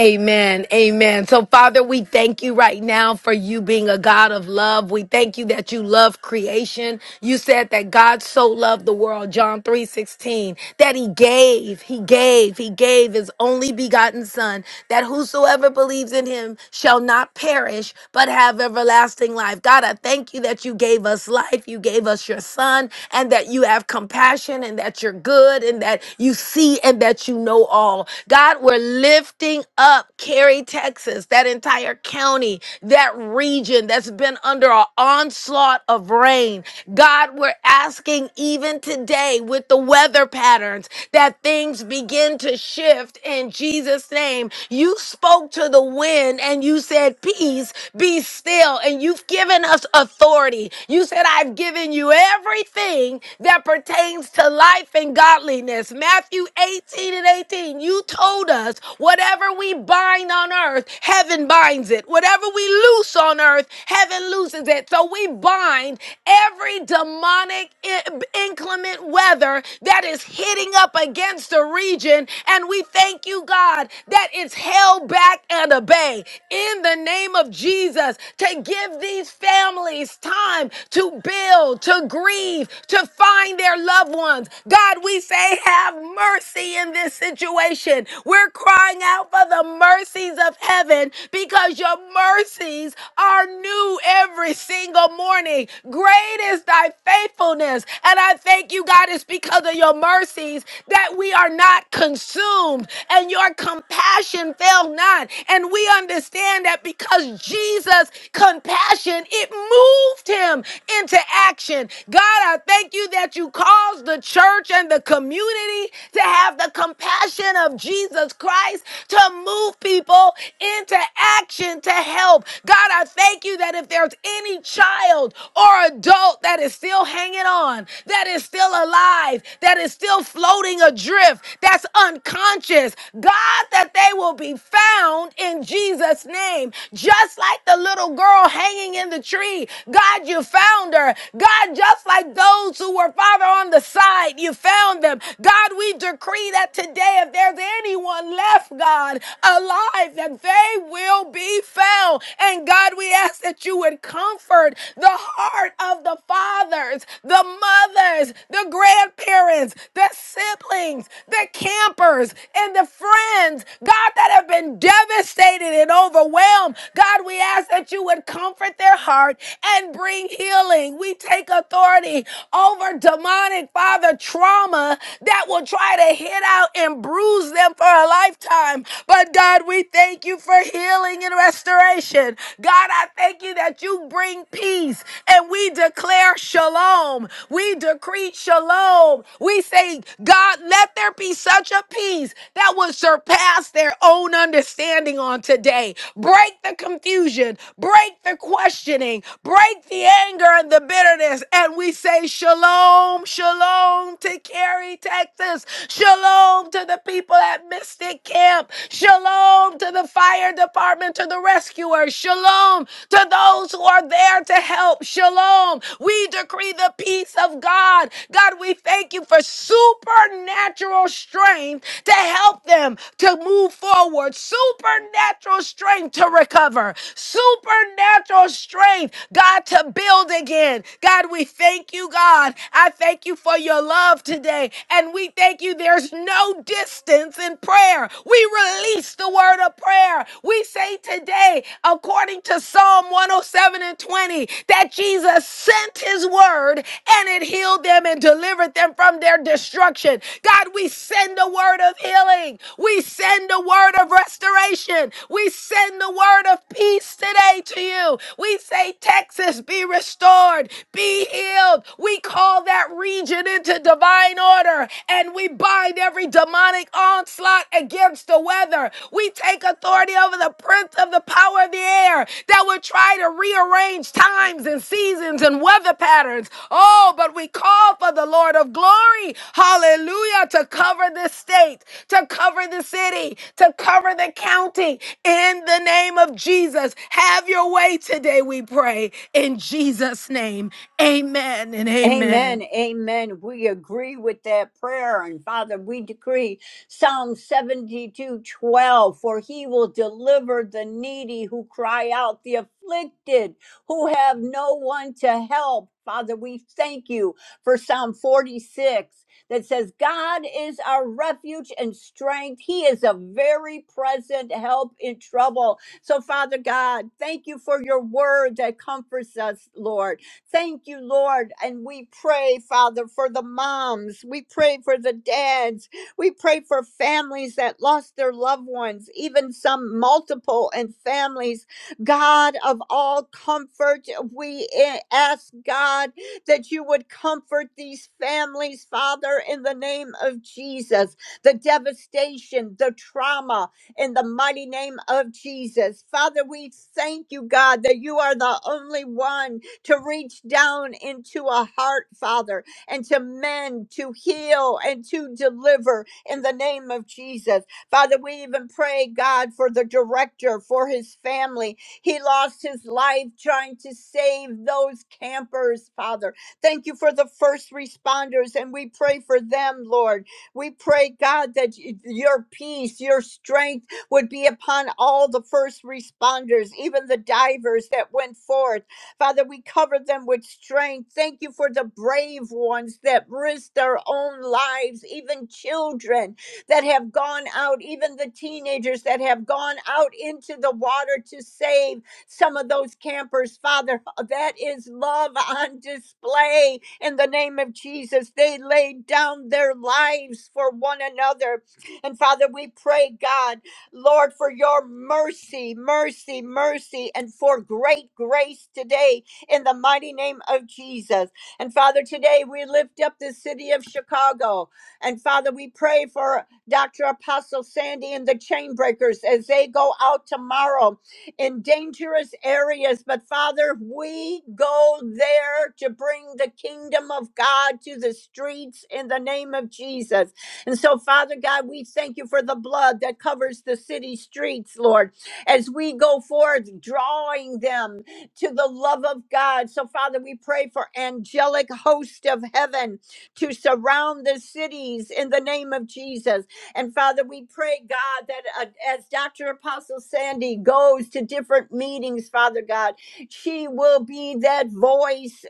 [SPEAKER 2] Amen. Amen. So, Father, we thank you right now for you being a God of love. We thank you that you love creation. You said that God so loved the world, John three sixteen, that he gave, he gave, he gave his only begotten Son, that whosoever believes in him shall not perish, but have everlasting life. God, I thank you that you gave us life, you gave us your Son, and that you have compassion, and that you're good, and that you see, and that you know all. God, we're living lifting up Cary, Texas, that entire county, that region that's been under an onslaught of rain. God, we're asking even today with the weather patterns that things begin to shift in Jesus' name. You spoke to the wind and you said, Peace, be still. And you've given us authority. You said, I've given you everything that pertains to life and godliness. Matthew 18 and 18, you told us told us whatever we bind on earth, heaven binds it. Whatever we loose on earth, heaven looses it. So we bind every demonic i- inclement weather that is hitting up against the region. And we thank you, God, that it's held back and obey in the name of Jesus to give these families time to build, to grieve, to find their loved ones. God, we say, have mercy in this situation situation. We're crying out for the mercies of heaven because your mercies are new every single morning. Great is thy faithfulness. And I thank you, God, it's because of your mercies that we are not consumed and your compassion fail not. And we understand that because Jesus' compassion, it moved him into action. God, I thank you that you caused the church and the community to have the compassion passion of Jesus Christ to move people into action to help. God, I thank you that if there's any child or adult that is still hanging on, that is still alive, that is still floating adrift, that's unconscious, God, that they will be found in Jesus' name. Just like the little girl hanging in the tree, God, you found her. God, just like those who were, Father, on the side, you found them. God, we decree decree that today, if there's anyone left, God, alive, that they will be found. And God, we ask that you would comfort the heart of the fathers, the mothers, the grandparents, the siblings, the campers, and the friends, God, that have been devastated and overwhelmed. God, we ask that you would comfort their heart and bring healing. We take authority over demonic, Father, trauma that will try to hit out and bruise them for a lifetime. But God, we thank you for healing and restoration. God, I thank you that you bring peace and we declare shalom. We decree shalom. We say, God, let there be such a peace that will surpass their own understanding on today. Break the confusion, break the questioning, break the anger and the bitterness. And we say, Shalom, shalom to Carrie. Terry, Texas. Shalom to the people at Mystic Camp. Shalom to the fire department, to the rescuers. Shalom to those who are there to help. Shalom. We decree the peace of God. God, we thank you for supernatural strength to help them to move forward, supernatural strength to recover, supernatural strength, God, to build again. God, we thank you, God. I thank you for your love love today. And we thank you. There's no distance in prayer. We release the word of prayer. We say today, according to Psalm 107 and 20, that Jesus sent his word and it healed them and delivered them from their destruction. God, we send a word of healing. We send a word of restoration. We send the word of peace today to you. We say, Texas, be restored, be healed. We call that region it into divine order and we bind every demonic onslaught against the weather. We take authority over the prince of the power of the air that would try to rearrange times and seasons and weather patterns. Oh, but we call for the Lord of glory, hallelujah, to cover the state, to cover the city, to cover the county in the name of Jesus. Have your way today, we pray. In Jesus' name, amen and amen.
[SPEAKER 1] Amen. Amen. We agree with that prayer. And Father, we decree Psalm 72, 12: for he will deliver the needy who cry out, the afflicted who have no one to help. Father, we thank you for Psalm 46 that says, God is our refuge and strength. He is a very present help in trouble. So, Father God, thank you for your word that comforts us, Lord. Thank you, Lord. And we pray, Father, for the moms. We pray for the dads. We pray for families that lost their loved ones, even some multiple and families. God of all comfort, we eh, ask God that you would comfort these families, Father, in the name of Jesus. The devastation, the trauma, in the mighty name of Jesus. Father, we thank you, God, that you are the only one to reach down into a heart, Father, and to mend, to heal, and to deliver in the name of Jesus. Father, we even pray, God, for the director, for his family. He lost his life trying to save those campers, Father. Thank you for the first responders, and we pray for them, Lord. We pray, God, that y- your peace, your strength would be upon all the first responders, even the divers that went forth Father, we cover them with strength. Thank you for the brave ones that risk their own lives, even children that have gone out, even the teenagers that have gone out into the water to save some of those campers. Father, that is love on display in the name of Jesus. They laid down their lives for one another. And Father, we pray, God. Lord, for your mercy, mercy, mercy, and for great grace today in the mighty name of Jesus. And Father, today we lift up the city of Chicago. And Father, we pray for Dr. Apostle Sandy and the Chainbreakers as they go out tomorrow in dangerous areas. But Father, we go there to bring the kingdom of God to the streets in the name of Jesus. And so, Father God, we thank you for the blood that covers the city streets, Lord, as we go forth, drawing them to the love of God. So, Father, we pray for angelic host of heaven to surround the cities in the name of Jesus. And Father, we pray, God, that uh, as Dr. Apostle Sandy goes to different meetings, Father God, she will be that voice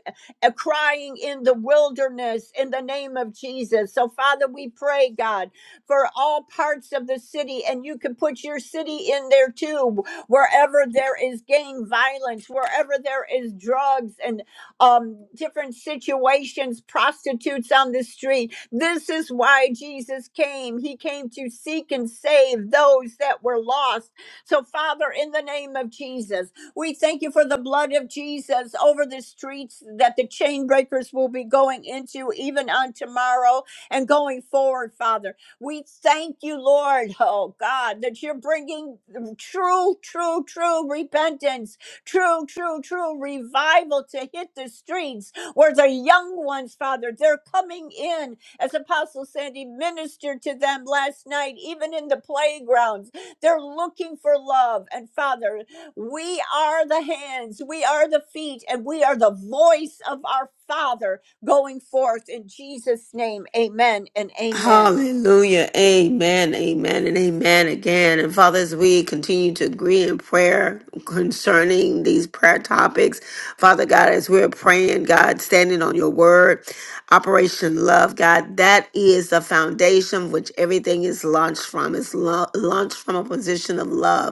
[SPEAKER 1] uh, crying in the wilderness in the name of Jesus. So, Father, we pray, God, for all parts of the city, and you can put your city in there too, wherever there is gang violence, wherever there is drugs and um, different situations, prostitutes on the street. This is why Jesus came. He came to seek and save those that were lost. So, Father, in the name of Jesus, we thank you for the blood of Jesus over the streets that the chain breakers will be going into even on tomorrow and going forward, Father. We thank you, Lord, oh God, that you're bringing true, true, true repentance, true, true, true revival to hit the streets where the young ones, Father, they're coming in, as Apostle Sandy ministered to them last night, even in the playgrounds. They're looking for love. And Father, we are the hands, we are the feet, and we are the voice of our Father going forth in Jesus' name. Amen and amen.
[SPEAKER 4] Hallelujah. Amen. Amen. And amen again. And Father, as we continue to agree in prayer concerning these prayer topics, Father God, as we're praying, God, standing on your word, Operation Love, God, that is the foundation which everything is launched from. It's lo- launched from a position of love.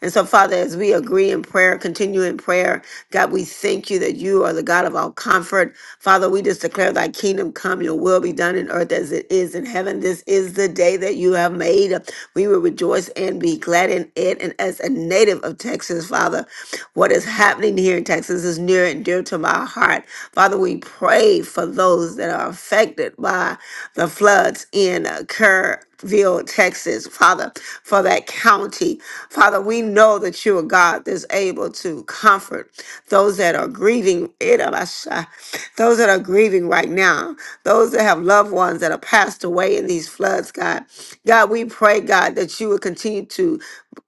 [SPEAKER 4] And so, Father, as we agree in prayer, continue in prayer, God, we thank you that you are the God of all comfort. Father, we just declare thy kingdom come, your will be done in earth as it is in heaven. This is the day that you have made. We will rejoice and be glad in it. And as a native of Texas, Father, what is happening here in Texas is near and dear to my heart. Father, we pray for those that are affected by the floods in uh, Kerrville, Texas, Father, for that county. Father, we know that you are God that's able to comfort those that are grieving, Irabasha, those that are grieving right now, those that have loved ones that have passed away in these floods, God. God, we pray, God, that you would continue to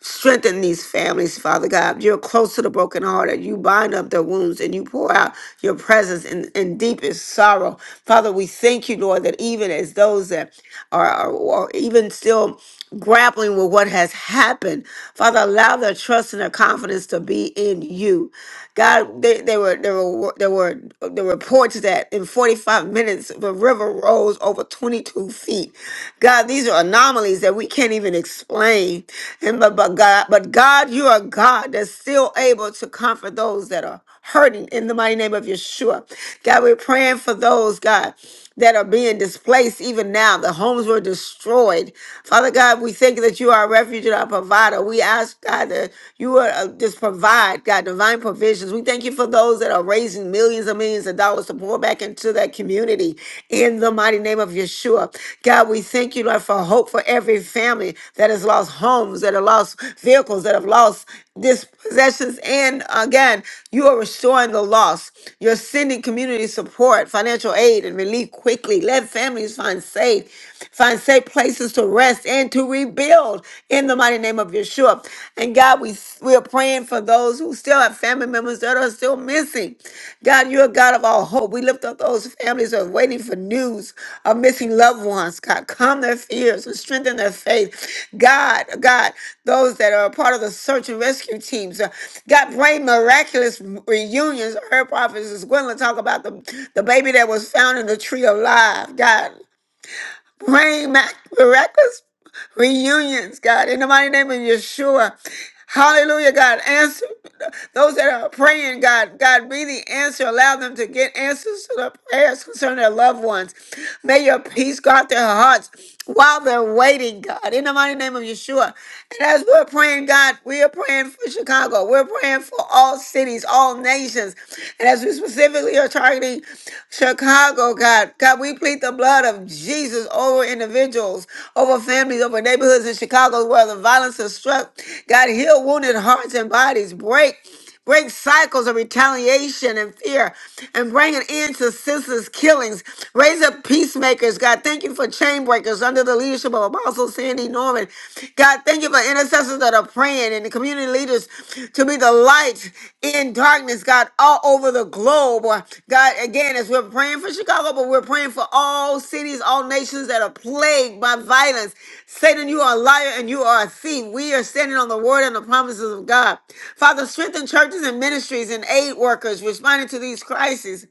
[SPEAKER 4] strengthen these families, Father God. You're close to the brokenhearted. You bind up their wounds and you pour out your presence in, in deepest sorrow. Father, we thank you, Lord, that even as those that are, are, are even still grappling with what has happened. Father, allow their trust and their confidence to be in you. God, they, they were there were there were there were reports that in 45 minutes the river rose over 22 feet. God, these are anomalies that we can't even explain. And but, but God, but God, you are God that's still able to comfort those that are hurting in the mighty name of Yeshua. God, we're praying for those, God, that are being displaced even now. The homes were destroyed. Father God, we thank you that you are our refuge and our provider. We ask, God, that you would uh, just provide, God, divine provisions. We thank you for those that are raising millions and millions of dollars to pour back into that community community in the mighty name of Yeshua. God, we thank you, Lord, for hope for every family that has lost homes, that have lost vehicles, that have lost dispossessions. And again, you are restoring the loss. You're sending community support, financial aid, and relief quickly. Let families find safe, find safe places to rest and to rebuild in the mighty name of Yeshua. And God, we we are praying for those who still have family members that are still missing. God, you're a God of all hope. We lift up those families who are waiting for news of missing loved ones. God, calm their fears and strengthen their faith. God, God, those that are a part of the search and rescue teams. uh, God, bring miraculous reunions. Her prophets is going to talk about the, the baby that was found in the tree alive. God, Bring back miraculous reunions, God, in the mighty name of Yeshua. Hallelujah, God. Answer those that are praying, God. God, be the answer. Allow them to get answers to their prayers concerning their loved ones. May your peace go out their hearts while they're waiting, God, in the mighty name of Yeshua. And as we're praying, God, we are praying for Chicago. We're praying for all cities, all nations. And as we specifically are targeting Chicago, God, God, we plead plead the blood of Jesus over individuals, over families, over neighborhoods in Chicago where the violence has struck. God, heal wounded hearts and bodies. Break. Break cycles of retaliation and fear and bring an end to senseless killings. Raise up peacemakers, God. Thank you for chain breakers under the leadership of Apostle Sandy Norman. God, thank you for intercessors that are are praying and the community leaders to be the light in darkness, God, all over the globe. God, again, as we're praying for Chicago, but we're praying for all cities, all nations that are plagued by violence. Satan, you are a liar and you are a thief. We are standing on the word and the promises of God. Father, strengthen churches and ministries and aid workers responding to these crises.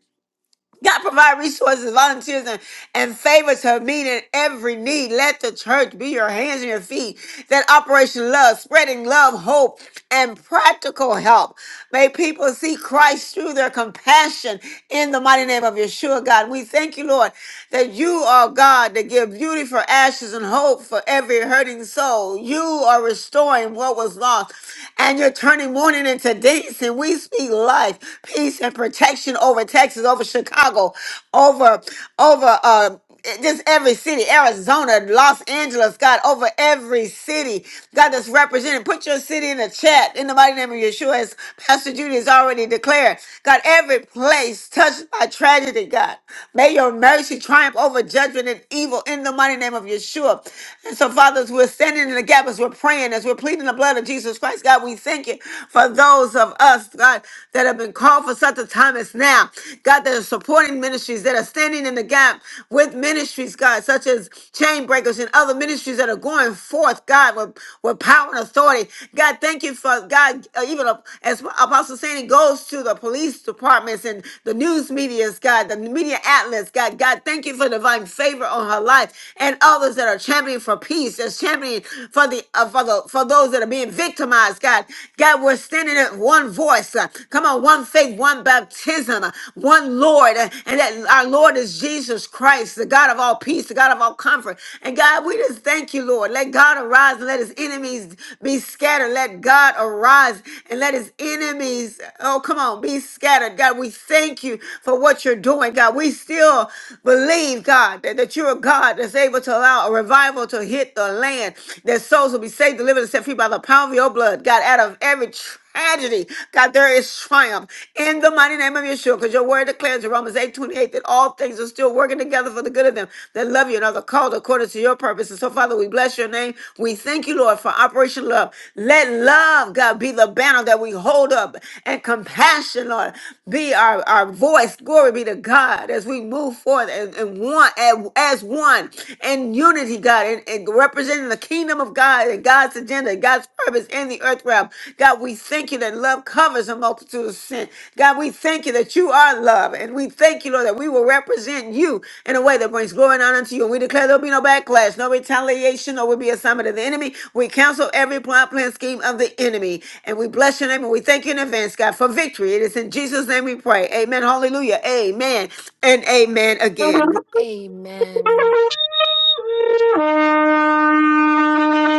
[SPEAKER 4] God provide resources, volunteers, and, and favors her meeting every need. Let the church be your hands and your feet. That Operation Love, spreading love, hope, and practical help. May people see Christ through their compassion in the mighty name of Yeshua, God. We thank you, Lord, that you are God that give beauty for ashes and hope for every hurting soul. You are restoring what was lost and you're turning mourning into dancing. We speak life, peace, and protection over Texas, over Chicago, over over uh just every city, Arizona, Los Angeles, God, over every city, God, that's represented. Put your city in the chat in the mighty name of Yeshua, as Pastor Judy has already declared. God, every place touched by tragedy, God, may your mercy triumph over judgment and evil in the mighty name of Yeshua. And so, fathers, we're standing in the gap as we're praying, as we're pleading the blood of Jesus Christ, God, we thank you for those of us, God, that have been called for such a time as now. God, that are supporting ministries, that are standing in the gap with ministries, God, such as chain breakers and other ministries that are going forth, God, with, with power and authority. God, thank you for, God, uh, even uh, as Apostle Sandy goes to the police departments and the news medias, God, the media outlets, God, God, thank you for divine favor on her life and others that are championing for peace, that's championing for the, uh, for the, for those that are being victimized, God. God, we're standing spirit, one voice. uh, Come on, one faith, one baptism, uh, one Lord. uh, And that our Lord is Jesus Christ, the God of all peace, the God of all comfort. And God, we just thank you, Lord. Let God arise and let his enemies be scattered. Let God arise and let his enemies, oh, come on, be scattered. God, we thank you for what you're doing, God. We still believe, God, that, that you're a God that's able to allow a revival to hit the land, that souls will be saved, delivered, and set free by the power of your blood. God, out of every tragedy. God, there is triumph in the mighty name of Yeshua, because your word declares in Romans eight twenty eight that all things are still working together for the good of them that love you and are the called according to your purpose. And so, Father, we bless your name. We thank you, Lord, for Operation Love. Let love, God, be the banner that we hold up, and compassion, Lord, be our, our voice. Glory be to God as we move forth and, and one as, as one in unity, God, representing the kingdom of God and God's agenda, and God's purpose in the earth realm. God, we thank you that love covers a multitude of sin. God, we thank you that you are love. And we thank you, Lord, that we will represent you in a way that brings glory and honor to you. And we declare there'll be no backlash, no retaliation, or will be assignment of the enemy. We counsel every plot, plan, scheme of the enemy. And we bless your name and we thank you in advance, God, for victory. It is in Jesus' name we pray. Amen. Hallelujah. Amen. And amen again.
[SPEAKER 2] Amen.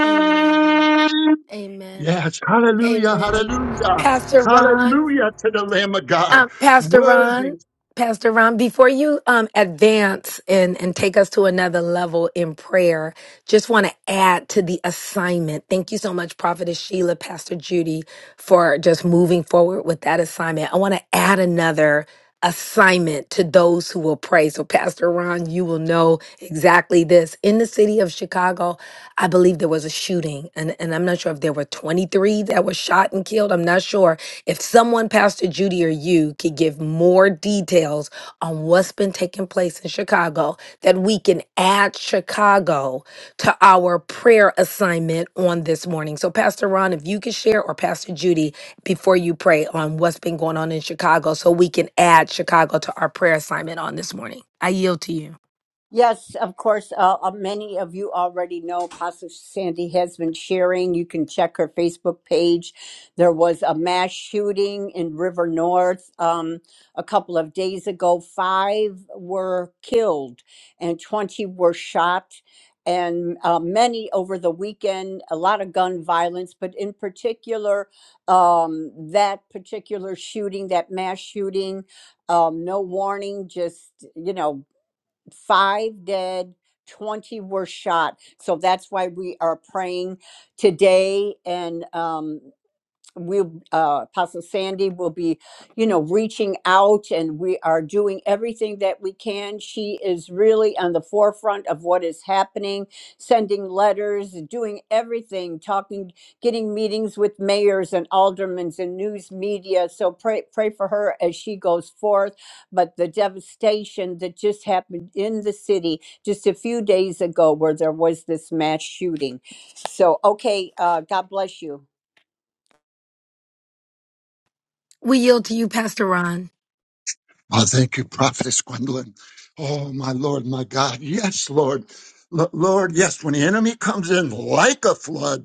[SPEAKER 2] Amen. Amen.
[SPEAKER 3] Yes, hallelujah,
[SPEAKER 2] Amen.
[SPEAKER 3] hallelujah,
[SPEAKER 2] Pastor Ron,
[SPEAKER 3] hallelujah to the Lamb of God.
[SPEAKER 2] Um, Pastor
[SPEAKER 3] Worthy,
[SPEAKER 2] Ron, Pastor Ron, before you um, advance and, and take us to another level in prayer, just want to add to the assignment. Thank you so much, Prophetess Sheila, Pastor Judy, for just moving forward with that assignment. I want to add another assignment to those who will pray. So, Pastor Ron, you will know exactly this. In the city of Chicago, I believe there was a shooting, an, an I'm not sure if there were 23 that were shot and killed. I'm not sure if someone, Pastor Judy or you, could give more details on what's been taking place in Chicago that we can add Chicago to our prayer assignment on this morning. So, Pastor Ron, if you could share, or Pastor Judy, before you pray on what's been going on in Chicago, so we can add Chicago to our prayer assignment on this morning. I yield to you.
[SPEAKER 1] Yes, of course. Uh, uh, many of you already know Apostle Sandy has been sharing. You can check her Facebook page. There was a mass shooting in River North um, a couple of days ago. Five were killed and 20 were shot, and uh, many over the weekend, a lot of gun violence, but in particular, um, that particular shooting, that mass shooting, um, no warning, just, you know, five dead, 20 were shot. So that's why we are praying today and um, we'll uh, apostle sandy will be you know reaching out and we are doing everything that we can she is really on the forefront of what is happening sending letters doing everything talking getting meetings with mayors and aldermen and news media so pray pray for her as she goes forth but the devastation that just happened in the city just a few days ago where there was this mass shooting so okay uh, god bless you
[SPEAKER 2] We yield to you, Pastor Ron.
[SPEAKER 3] Oh, thank you, Prophetess Gwendolyn. Oh, my Lord, my God. Yes, Lord. L- Lord, yes, when the enemy comes in like a flood,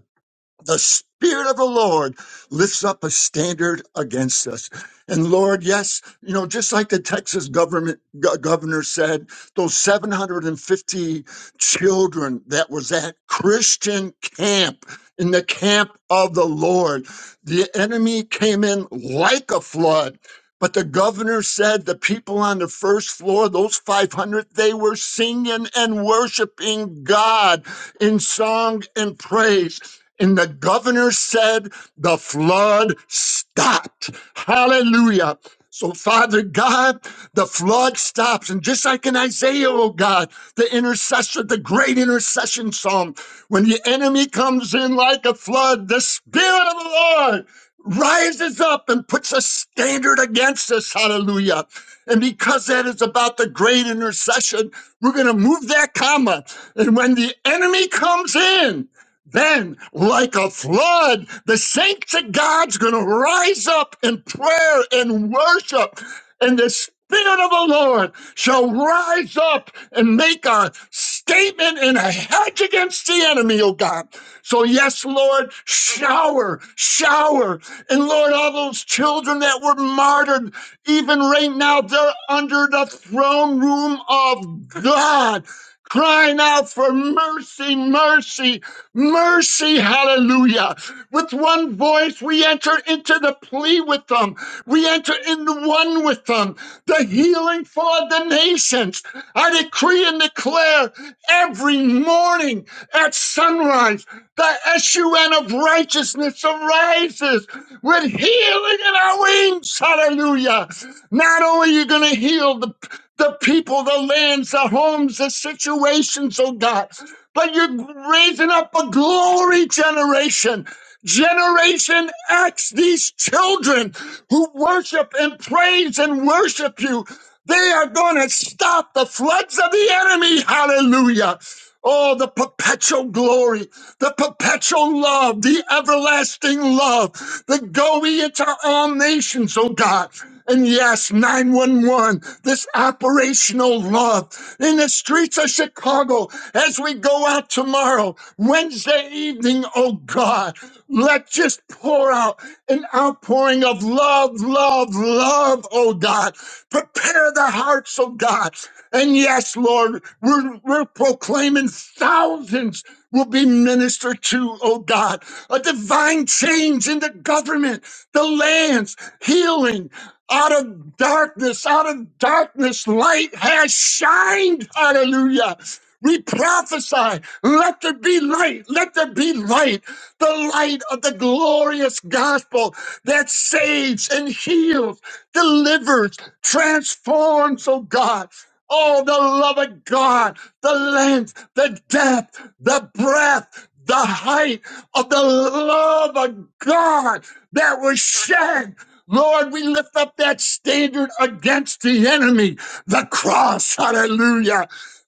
[SPEAKER 3] the spirit of the lord lifts up a standard against us and lord yes you know just like the texas government go- governor said those 750 children that was at christian camp in the camp of the lord the enemy came in like a flood but the governor said the people on the first floor, those 500, they were singing and worshiping God in song and praise. And the governor said, The flood stopped. Hallelujah. So, Father God, the flood stops. And just like in Isaiah, oh God, the intercessor, the great intercession psalm, when the enemy comes in like a flood, the Spirit of the Lord rises up and puts a standard against us. Hallelujah. And because that is about the great intercession, we're going to move that comma. And when the enemy comes in, then, like a flood, the saints of God's going to rise up in prayer and worship, and the Spirit of the Lord shall rise up and make a statement and a hedge against the enemy, oh God. So, yes, Lord, shower, shower. And Lord, all those children that were martyred, even right now, they're under the throne room of God, crying out for mercy, mercy Mercy, hallelujah. With one voice, we enter into the plea with them. We enter into one with them. The healing for the nations. I decree and declare every morning at sunrise, the SUN of righteousness arises with healing in our wings. Hallelujah. Not only are you going to heal the the people, the lands, the homes, the situations, oh God but you're raising up a glory generation. Generation X, these children who worship and praise and worship you, they are going to stop the floods of the enemy. Hallelujah. Oh, the perpetual glory, the perpetual love, the everlasting love, the going into all nations, oh God. And yes, 911, this operational love in the streets of Chicago as we go out tomorrow, Wednesday evening, oh God. Let just pour out an outpouring of love, love, love, oh God. Prepare the hearts, oh God. And yes, Lord, we're, we're proclaiming thousands will be ministered to, oh God. A divine change in the government, the lands, healing out of darkness, out of darkness, light has shined. Hallelujah. We prophesy, let there be light, let there be light the light of the glorious gospel that saves and heals, delivers, transforms, oh God. Oh, the love of God, the length, the depth, the breadth, the height of the love of God that was shed. Lord, we lift up that standard against the enemy, the cross. Hallelujah.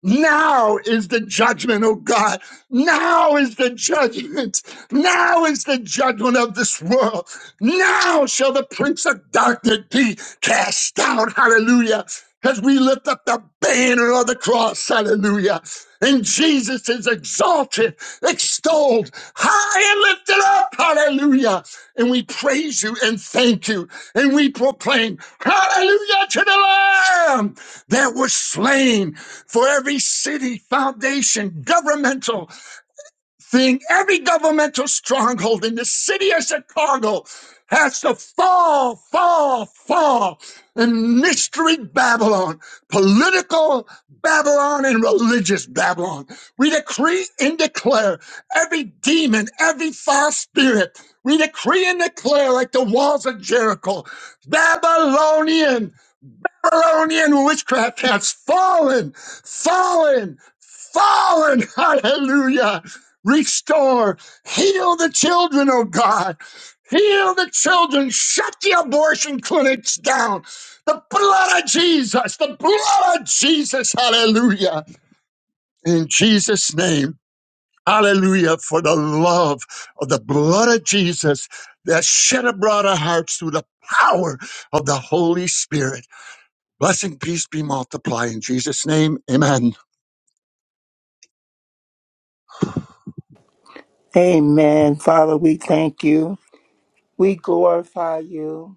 [SPEAKER 3] Now is the judgment, oh God. Now is the judgment. Now is the judgment of this world. Now shall the prince of darkness be cast out. Hallelujah. As we lift up the banner of the cross, hallelujah. And Jesus is exalted, extolled, high and lifted up, hallelujah. And we praise you and thank you. And we proclaim, hallelujah to the Lamb that was slain for every city, foundation, governmental thing, every governmental stronghold in the city of Chicago has to fall, fall, fall in mystery Babylon, political Babylon, and religious Babylon. We decree and declare every demon, every false spirit. We decree and declare, like the walls of Jericho, Babylonian Babylonian witchcraft has fallen, fallen, fallen. Hallelujah. Restore, heal the children, oh God. Heal the children. Shut the abortion clinics down. The blood of Jesus, the blood of Jesus. Hallelujah. In Jesus' name. Hallelujah for the love of the blood of Jesus that shed abroad our hearts through the power of the Holy Spirit. Blessing, peace be multiplied in Jesus' name. Amen.
[SPEAKER 5] Amen. Father, we thank you. We glorify you.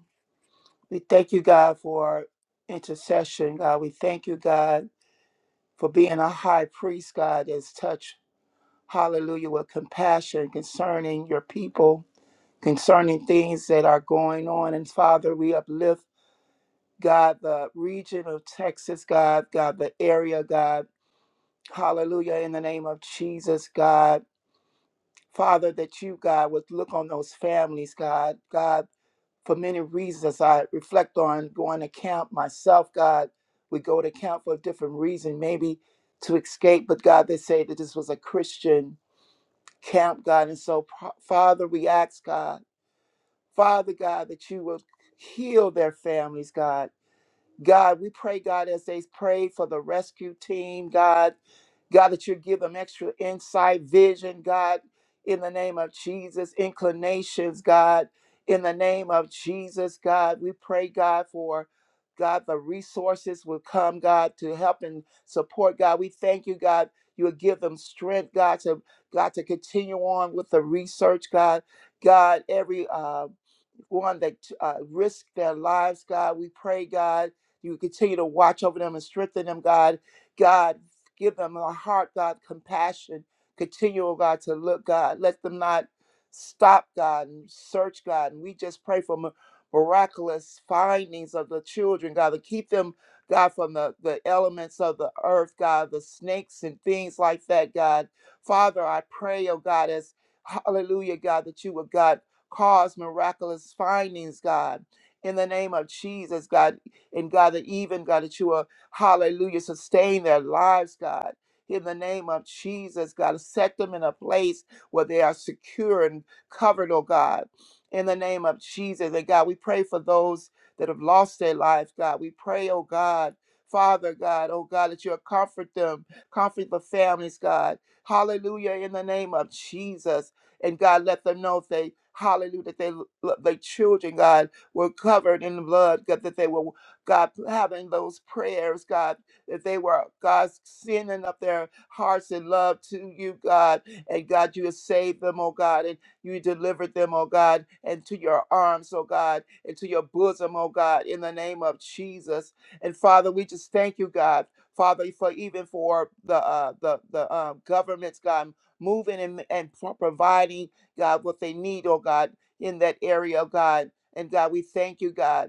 [SPEAKER 5] We thank you, God, for intercession, God. We thank you, God, for being a high priest, God, that's touched, hallelujah, with compassion concerning your people, concerning things that are going on. And Father, we uplift, God, the region of Texas, God, God, the area, God. Hallelujah, in the name of Jesus, God. Father, that you, God, would look on those families, God. God, for many reasons, I reflect on going to camp myself, God. We go to camp for a different reason, maybe to escape, but God, they say that this was a Christian camp, God. And so, Pa- Father, we ask, God, Father, God, that you would heal their families, God. God, we pray, God, as they prayed for the rescue team, God, God, that you give them extra insight, vision, God, in the name of Jesus, inclinations, God, in the name of Jesus, God, we pray, God, for God, the resources will come, God, to help and support, God. We thank you, God. You will give them strength, God, to God to continue on with the research, God. God, every uh, one that uh, risk their lives, God. We pray, God, you continue to watch over them and strengthen them, God. God, give them a heart, God, compassion. Continue, oh God, to look, God. Let them not stop, God, and search, God. And we just pray for mi- miraculous findings of the children, God, to keep them, God, from the, the elements of the earth, God, the snakes and things like that, God. Father, I pray, oh God, as Hallelujah, God, that you would, God cause miraculous findings, God. In the name of Jesus, God, and God, that even, God, that you will, hallelujah, sustain their lives, God. In the name of Jesus, God, set them in a place where they are secure and covered, oh God. In the name of Jesus, and God, we pray for those that have lost their lives, God. We pray, oh God, Father God, oh God, that you'll comfort them, comfort the families, God. Hallelujah, in the name of Jesus. And God, let them know if they, hallelujah, that they, the children, God, were covered in the blood, God, that they were, God, having those prayers, God, that they were, God, sending up their hearts in love to you, God. And God, you have saved them, oh God, and you delivered them, oh God, into your arms, oh God, into your bosom, oh God, in the name of Jesus. And Father, we just thank you, God. Father, for even for the uh, the the um, governments, God, moving and, and pro- providing, God, what they need, oh God, in that area, oh God. And God, we thank you, God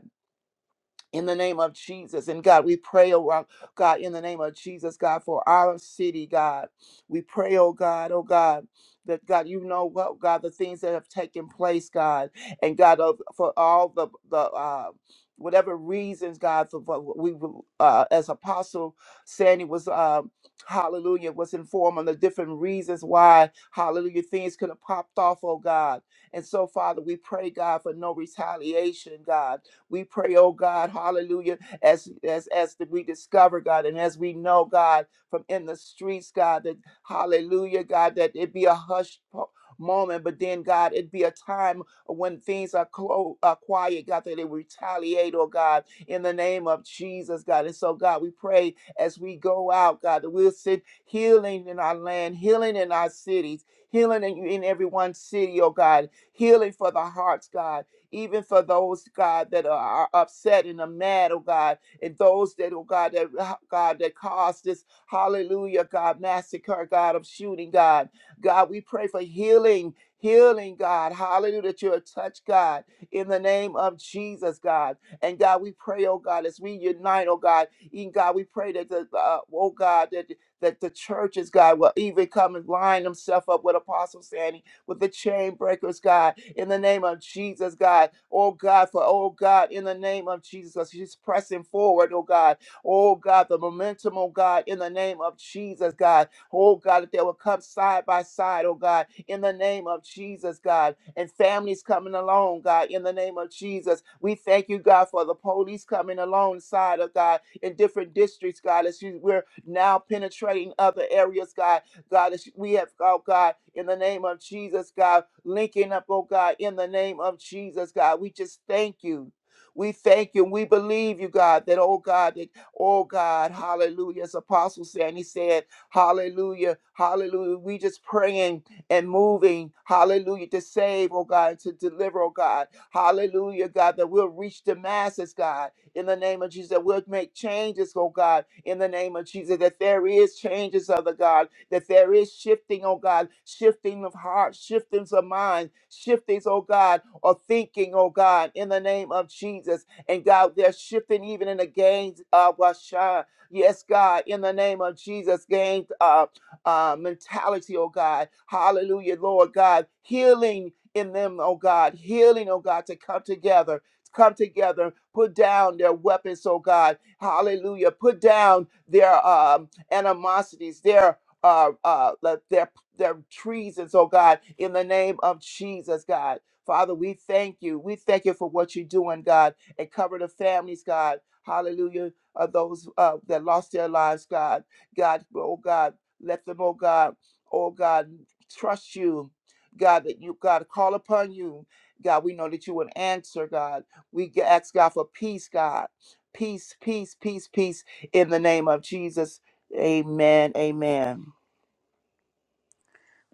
[SPEAKER 5] in the name of Jesus. And God, we pray, oh uh, God, in the name of Jesus, God, for our city, God. We pray, oh God, oh God. That God, you know what, God, the things that have taken place, God, and God, of for all the the uh, whatever reasons, God, for what we uh, as Apostle Sandy was, uh, Hallelujah, was informed on the different reasons why, Hallelujah, things could have popped off, oh God. And so, Father, we pray, God, for no retaliation, God. We pray, oh God, hallelujah, as as as we discover, God, and as we know, God, from in the streets, God, that hallelujah, God, that it be a hushed po- moment, but then, God, it be a time when things are, clo- are quiet, God, that they retaliate, oh God, in the name of Jesus, God. And so, God, we pray as we go out, God, that we'll send healing in our land, healing in our cities, healing in, in every one city, oh God, healing for the hearts, God even for those, God, that are upset and are mad, oh God, and those that, oh God, that uh, God that caused this hallelujah, God, massacre, God, of shooting, God. God, we pray for healing. Healing, God, hallelujah, that you're a touch, God, in the name of Jesus, God. And God, we pray, oh God, as we unite, oh God, even God, we pray that the, uh, oh God, that that the churches, God, will even come and line themselves up with Apostle Sandy with the chain breakers, God, in the name of Jesus, God. Oh, God, for, oh, God, in the name of Jesus, as she's pressing forward, oh, God. Oh, God, the momentum, oh, God, in the name of Jesus, God. Oh, God, that they will come side by side, oh, God, in the name of Jesus, God. And families coming along, God, in the name of Jesus. We thank you, God, for the police coming alongside of God in different districts, God, as you, we're now penetrating other areas, God God, as we have, oh God, in the name of Jesus, God, linking up, oh God, in the name of Jesus, God. We just thank you. We thank you. We believe you, God, that, oh God, that, oh God, hallelujah. As Apostle said, and he said, hallelujah, hallelujah. We just praying and moving, hallelujah, to save, oh God, to deliver, oh God, hallelujah, God, that we'll reach the masses, God in the name of Jesus, that we'll make changes, oh God, in the name of Jesus, that there is changes, other God, that there is shifting, oh God, shifting of heart, shiftings of mind, shiftings, oh God, of thinking, oh God, in the name of Jesus. And God, they're shifting even in the gains of Washa. Yes, God, in the name of Jesus, gain uh, uh, mentality, oh God. Hallelujah, Lord God. Healing in them, oh God. Healing, oh God, to come together come together, put down their weapons, oh God. Hallelujah. Put down their um, animosities, their uh, uh, le- their their treasons, oh God, in the name of Jesus, God. Father, we thank you. We thank you for what you're doing, God, and cover the families, God. Hallelujah. Of those uh, that lost their lives, God. God, oh God, let them, oh God, oh God, trust you. God, that you, God, call upon you. God, we know that you would answer, God. We ask God for peace, God. Peace, peace, peace, peace in the name of Jesus. Amen. Amen.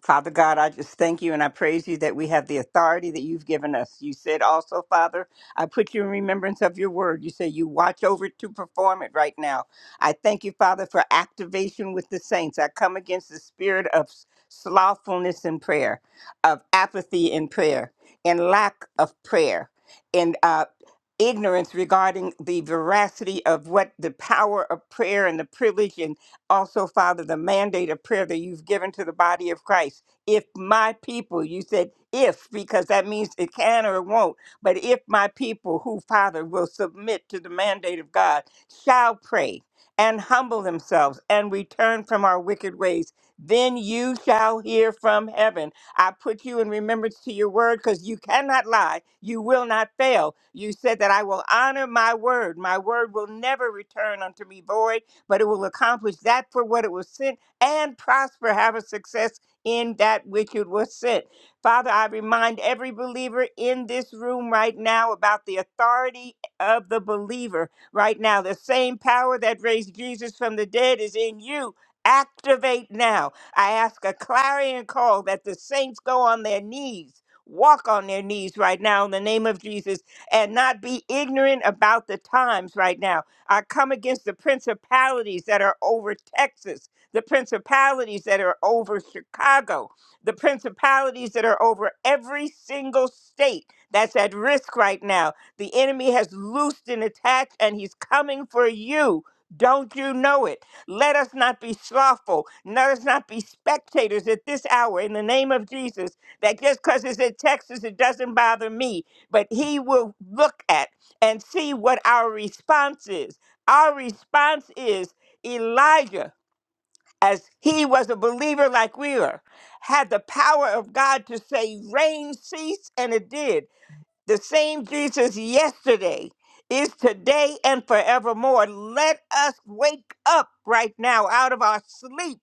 [SPEAKER 8] Father God, I just thank you and I praise you that we have the authority that you've given us. You said also, Father, I put you in remembrance of your word. You say you watch over it to perform it right now. I thank you, Father, for activation with the saints. I come against the spirit of slothfulness in prayer, of apathy in prayer, and lack of prayer, and uh, ignorance regarding the veracity of what the power of prayer and the privilege and also, Father, the mandate of prayer that you've given to the body of Christ. If my people, you said if, because that means it can or it won't, but if my people, who, Father, will submit to the mandate of God, shall pray and humble themselves and return from our wicked ways, then you shall hear from heaven. I put you in remembrance to your word because you cannot lie. You will not fail. You said that I will honor my word. My word will never return unto me void but it will accomplish that for what it was sent and prosper, have a success in that which it was sent. Father, I remind every believer in this room right now about the authority of the believer right now. The same power that raised Jesus from the dead is in you. Activate now. I ask a clarion call that the saints go on their knees. Walk on their knees right now in the name of Jesus and not be ignorant about the times right now I come against the principalities that are over Texas, the principalities that are over Chicago, the principalities that are over every single state that's at risk right now. The enemy has loosed and attached, and he's coming for you. Don't you know it? Let us not be slothful. Let us not be spectators at this hour in the name of Jesus. That just because it's in Texas, it doesn't bother me. But he will look at and see what our response is. Our response is Elijah, as he was a believer like we were, had the power of God to say, Rain cease, and it did. The same Jesus yesterday is today and forevermore. Let us wake up right now out of our sleep.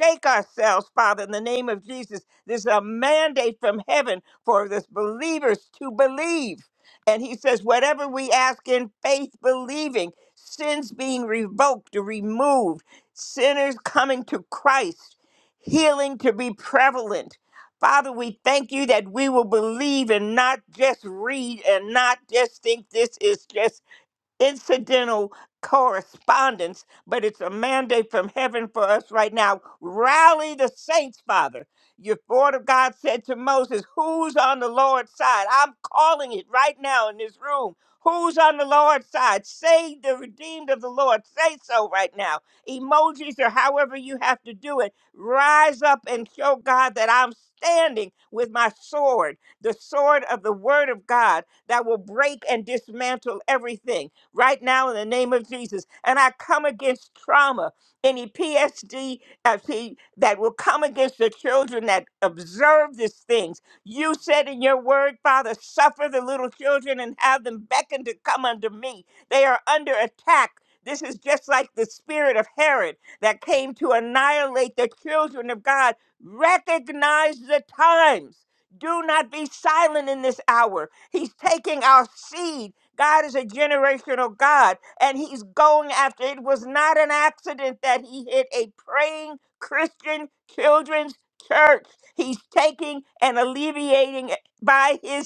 [SPEAKER 8] Shake ourselves, Father, in the name of Jesus. There's a mandate from heaven for the believers to believe. And he says, whatever we ask in faith, believing, sins being revoked or removed, sinners coming to Christ, healing to be prevalent, Father, we thank you that we will believe and not just read and not just think this is just incidental correspondence, but it's a mandate from heaven for us right now. Rally the saints, Father. Your word of God said to Moses, Who's on the Lord's side? I'm calling it right now in this room. Who's on the Lord's side? Say the redeemed of the Lord. Say so right now. Emojis or however you have to do it. Rise up and show God that I'm standing with my sword, the sword of the word of God that will break and dismantle everything right now in the name of Jesus. And I come against trauma, any PSD uh, see, that will come against the children that observe these things. You said in your word, Father, suffer the little children and have them beckon to come unto me. They are under attack. This is just like the spirit of Herod that came to annihilate the children of God. Recognize the times. Do not be silent in this hour. He's taking our seed God is a generational God, and He's going after it. Was not an accident that He hit a praying Christian children's church. He's taking and alleviating by His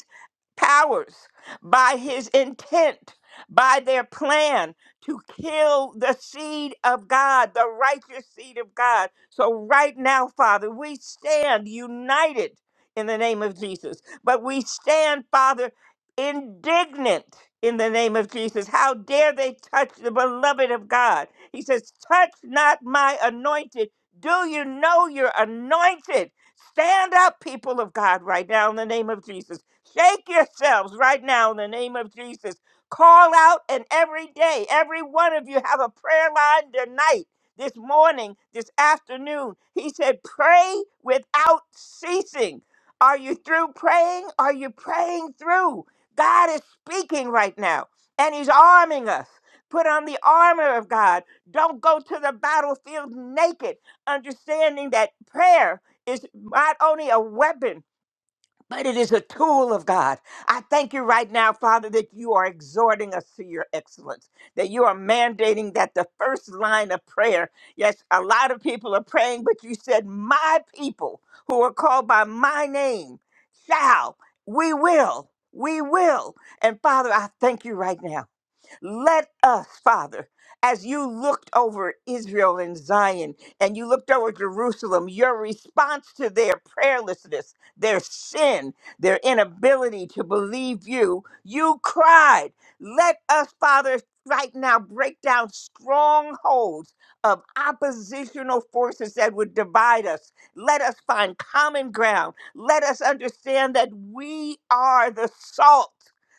[SPEAKER 8] powers, by his intent, by their plan to kill the seed of God, the righteous seed of God. So, right now, Father, we stand united in the name of Jesus, but we stand, Father, indignant in the name of Jesus. How dare they touch the beloved of God? He says, Touch not my anointed. Do you know you're anointed? Stand up, people of God, right now in the name of Jesus. Shake yourselves right now in the name of Jesus. Call out, and every day, every one of you have a prayer line tonight, this morning, this afternoon. He said, Pray without ceasing. Are you through praying? Are you praying through? God is speaking right now, and He's arming us. Put on the armor of God. Don't go to the battlefield naked, understanding that prayer is not only a weapon but it is a tool of God. I thank you right now, Father, that you are exhorting us to your excellence, that you are mandating that the first line of prayer, yes, a lot of people are praying, but you said, My people who are called by my name shall, we will, we will. And Father, I thank you right now. Let us, Father, as you looked over Israel and Zion and you looked over Jerusalem, your response to their prayerlessness, their sin, their inability to believe you, you cried, Let us, Father, right now break down strongholds of oppositional forces that would divide us. Let us find common ground. Let us understand that we are the salt.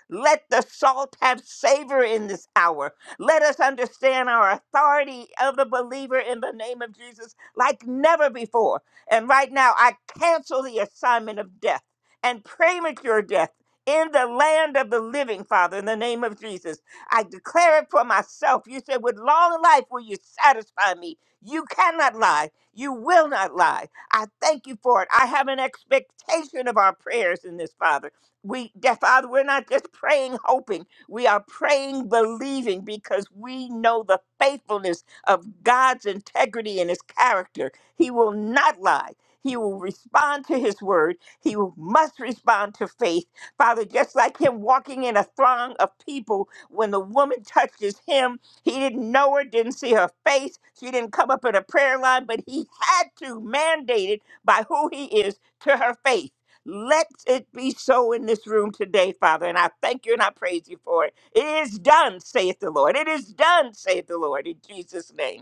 [SPEAKER 8] Let the salt have savor in this hour. Let us understand our authority of the believer in the name of Jesus like never before. And right now, I cancel the assignment of death and premature death in the land of the living, Father, in the name of Jesus. I declare it for myself. You said, With long life will you satisfy me. You cannot lie. You will not lie. I thank you for it. I have an expectation of our prayers in this, Father. We, that Father, we're not just praying, hoping. We are praying, believing because we know the faithfulness of God's integrity and his character. He will not lie. He will respond to his word. He will- must respond to faith. Father, just like him walking in a throng of people, when the woman touched his hem, he didn't know her, didn't see her face. She didn't come up in a prayer line, but he had to mandate it by who he is to her faith. Let it be so in this room today, Father. And I thank you and I praise you for it. It is done, saith the Lord. It is done, saith the Lord, in Jesus' name.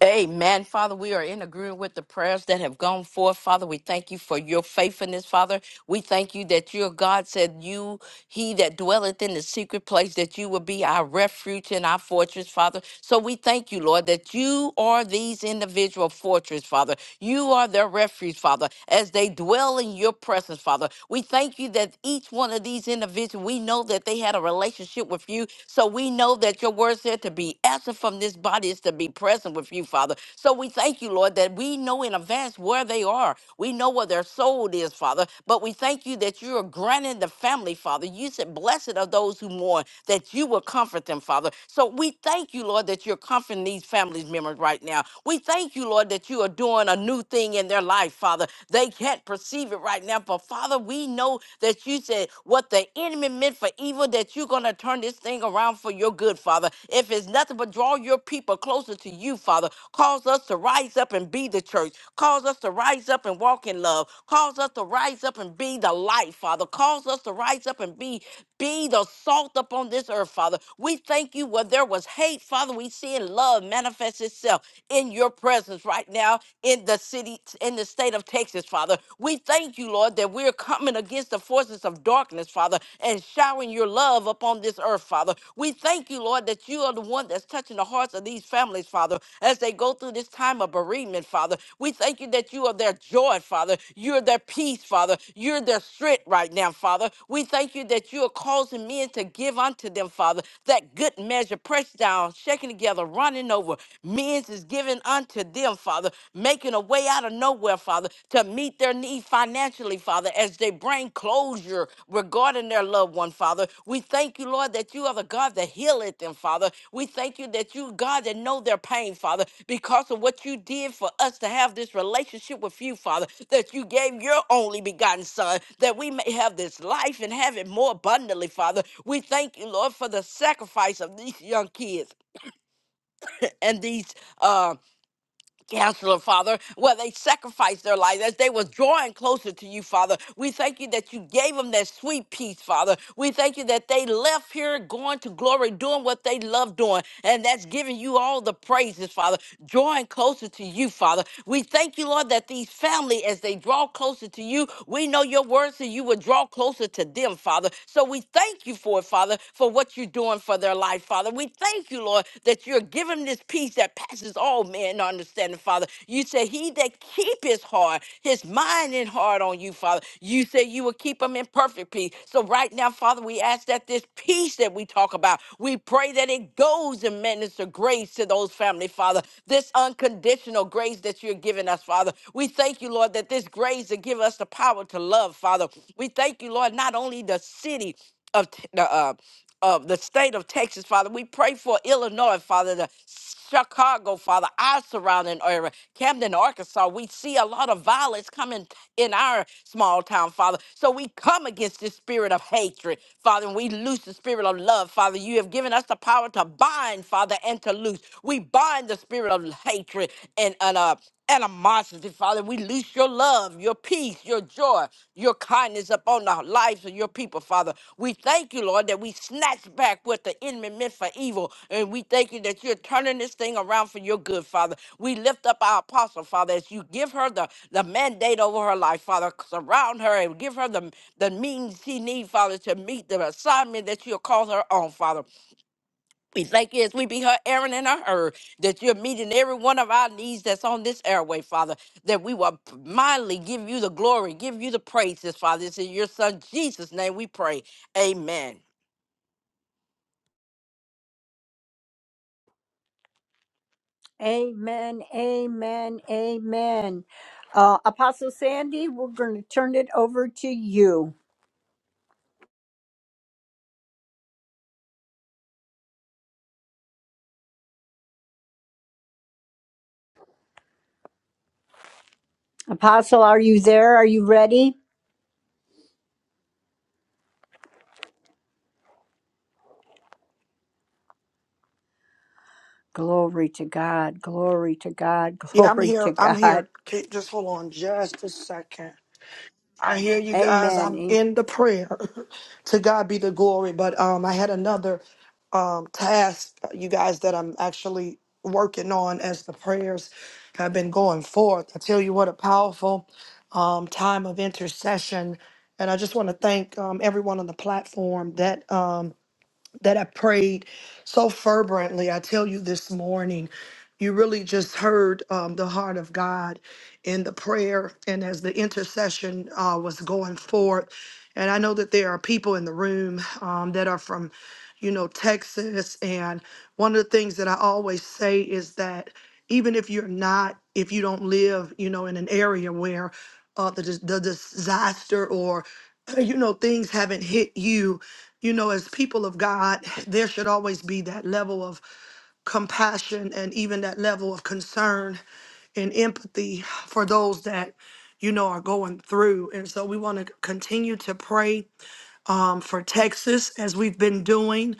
[SPEAKER 9] Amen. Father, we are in agreement with the prayers that have gone forth. Father, we thank you for your faithfulness, Father. We thank you that your God said you, he that dwelleth in the secret place, that you will be our refuge and our fortress, Father. So we thank you, Lord, that you are these individual fortress, Father. You are their refuge, Father, as they dwell in your presence, Father. We thank you that each one of these individuals, we know that they had a relationship with you. So we know that your word said to be absent from this body is to be present with you, Father. So we thank you, Lord, that we know in advance where they are. We know where their soul is, Father. But we thank you that you are granting the family, Father. You said, Blessed are those who mourn, that you will comfort them, Father. So we thank you, Lord, that you're comforting these families members right now. We thank you, Lord, that you are doing a new thing in their life, Father. They can't perceive it right now, but Father, we know that you said what they the enemy meant for evil, that you're going to turn this thing around for your good, Father. If it's nothing but draw your people closer to you, Father, cause us to rise up and be the church. Cause us to rise up and walk in love. Cause us to rise up and be the light, Father. Cause us to rise up and be be the salt upon this earth, Father. We thank you where there was hate, Father. We see love manifest itself in your presence right now in the city, in the state of Texas, Father. We. We thank you, Lord, that we're coming against the forces of darkness, Father, and showering your love upon this earth, Father. We thank you, Lord, that you are the one that's touching the hearts of these families, Father, as they go through this time of bereavement, Father. We thank you that you are their joy, Father. You're their peace, Father. You're their strength right now, Father. We thank you that you are causing men to give unto them, Father, that good measure, pressed down, shaken together, running over. Men's is given unto them, Father, making a way out of nowhere, Father, to meet their need financially, Father, as they bring closure regarding their loved one, Father. We thank you, Lord, that you are the God that healeth them, Father. We thank you that you, God, that know their pain, Father, because of what you did for us to have this relationship with you, Father, that you gave your only begotten Son, that we may have this life and have it more abundantly, Father. We thank you, Lord, for the sacrifice of these young kids and these. uh Counselor, Father, where they sacrificed their lives as they was drawing closer to you, Father. We thank you that you gave them that sweet peace, Father. We thank you that they left here going to glory, doing what they love doing, and that's giving you all the praises, Father. Drawing closer to you, Father. We thank you, Lord, that these family, as they draw closer to you, we know your words, and you would draw closer to them, Father. So we thank you for it, Father, for what you're doing for for their life, Father. We thank you, Lord, that you're giving this peace that passes all men understanding, Father. You say, He that keep his heart, his mind and heart on you, Father. You say you will keep him in perfect peace. So right now, Father, we ask that this peace that we talk about, we pray that it goes and minister grace to those family, Father. This unconditional grace that you're giving us, Father. We thank you, Lord, that this grace to give us the power to love, Father. We thank you, Lord, not only the city of T- the, uh, of the state of Texas, Father. We pray for Illinois, Father, the Chicago, Father, our surrounding area, Camden, Arkansas. We see a lot of violence coming in our small town, Father. So we come against this spirit of hatred, Father, and we loose the spirit of love, Father. You have given us the power to bind, Father, and to loose. We bind the spirit of hatred and, and uh, animosity, Father. Father, we loose your love, your peace, your joy, your kindness upon the lives of your people, Father. We thank you, Lord, that we snatch back what the enemy meant for evil. And we thank you that you're turning this thing around for your good, Father. We lift up our apostle, Father, as you give her the, the mandate over her life, Father. Surround her and give her the, the means she needs, Father, to meet the assignment that you're calling her on, Father. We thank you as we be her Aaron and her Hur, that you're meeting every one of our needs that's on this airway, Father, that we will mildly give you the glory, give you the praises, Father. It's in your son Jesus' name we pray. Amen.
[SPEAKER 1] Amen. Amen. Amen. Uh, Apostle Sandy, we're going to turn it over to you. Apostle, are you there? Are you ready? Glory to God. Glory to God.
[SPEAKER 10] Yeah, I'm
[SPEAKER 1] Glory
[SPEAKER 10] here.
[SPEAKER 1] to
[SPEAKER 10] I'm
[SPEAKER 1] God.
[SPEAKER 10] here. Okay, Just hold on just a second. I hear you guys.
[SPEAKER 1] Amen.
[SPEAKER 10] I'm
[SPEAKER 1] Amen.
[SPEAKER 10] in the prayer. to God be the glory. But um I had another um task, uh, you guys, that I'm actually working on as the prayers have been going forth. I tell you what a powerful um time of intercession. And I just want to thank um, everyone on the platform that Um, that I prayed so fervently. I tell you this morning, you really just heard um, the heart of God in the prayer and as the intercession uh, was going forth. And I know that there are people in the room um, that are from, you know, Texas. And one of the things that I always say is that even if you're not, if you don't live, you know, in an area where uh, the, dis- the disaster or, you know, things haven't hit you, you know, as people of God, there should always be that level of compassion and even that level of concern and empathy for those that, you know, are going through. And so we want to continue to pray um, for Texas, as we've been doing.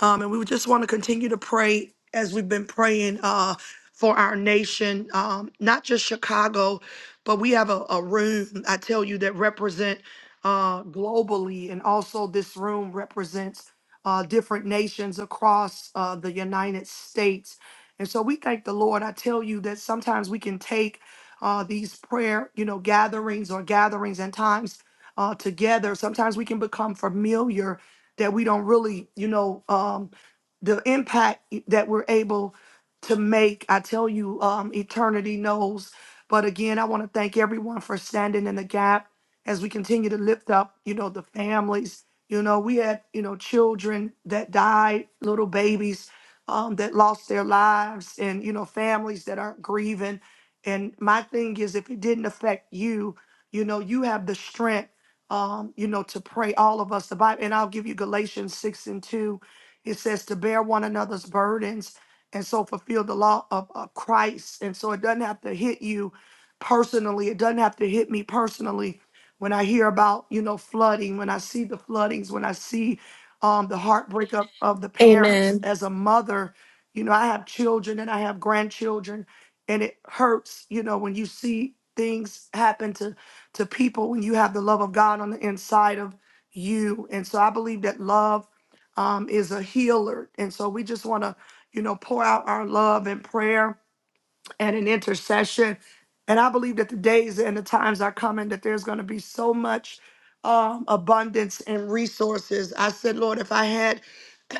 [SPEAKER 10] Um, and we would just want to continue to pray as we've been praying uh, for our nation, um, not just Chicago, but we have a, a room, I tell you, that represent uh, globally. And also this room represents uh, different nations across uh, the United States. And so we thank the Lord. I tell you that sometimes we can take uh, these prayer, you know, gatherings or gatherings and times uh, together. Sometimes we can become familiar that we don't really, you know, um, the impact e, that we're able to make. I tell you, um, eternity knows. But again, I want to thank everyone for standing in the gap as we continue to lift up, you know, the families. You know, we had, you know, children that died, little babies um, that lost their lives, and, you know, families that are grieving. And my thing is, if it didn't affect you, you know, you have the strength um, you know, to pray all of us. The Bible, and I'll give you Galatians 6 and 2. It says to bear one another's burdens and so fulfill the law of, of Christ. And so it doesn't have to hit you personally. It doesn't have to hit me personally. When I hear about, you know, flooding, when I see the floodings, when I see um, the heartbreak of, of the parents
[SPEAKER 2] Amen.
[SPEAKER 10] as a mother, you know, I have children and I have grandchildren, and it hurts, you know, when you see things happen to to people when you have the love of God on the inside of you. And so I believe that love um, is a healer. And so we just want to, you know, pour out our love and prayer and an intercession. And I believe that the days and the times are coming that there's going to be so much um, abundance and resources. I said, Lord, if I had,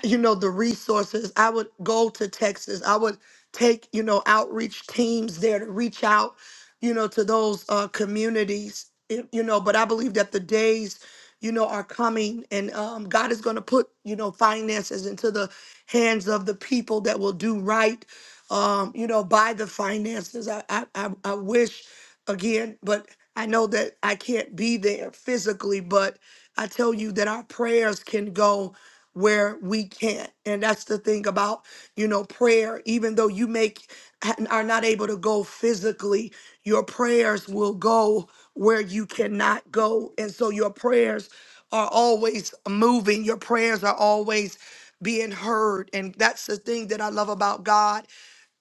[SPEAKER 10] you know, the resources, I would go to Texas. I would take, you know, outreach teams there to reach out, you know, to those uh, communities, y- you know. But I believe that the days, you know, are coming and um, God is going to put, you know, finances into the hands of the people that will do right um, you know, by the finances. I, I, I, I wish again, but I know that I can't be there physically, but I tell you that our prayers can go where we can't. And that's the thing about, you know, prayer, even though you make are not able to go physically, your prayers will go where you cannot go. And so your prayers are always moving. Your prayers are always being heard. And that's the thing that I love about God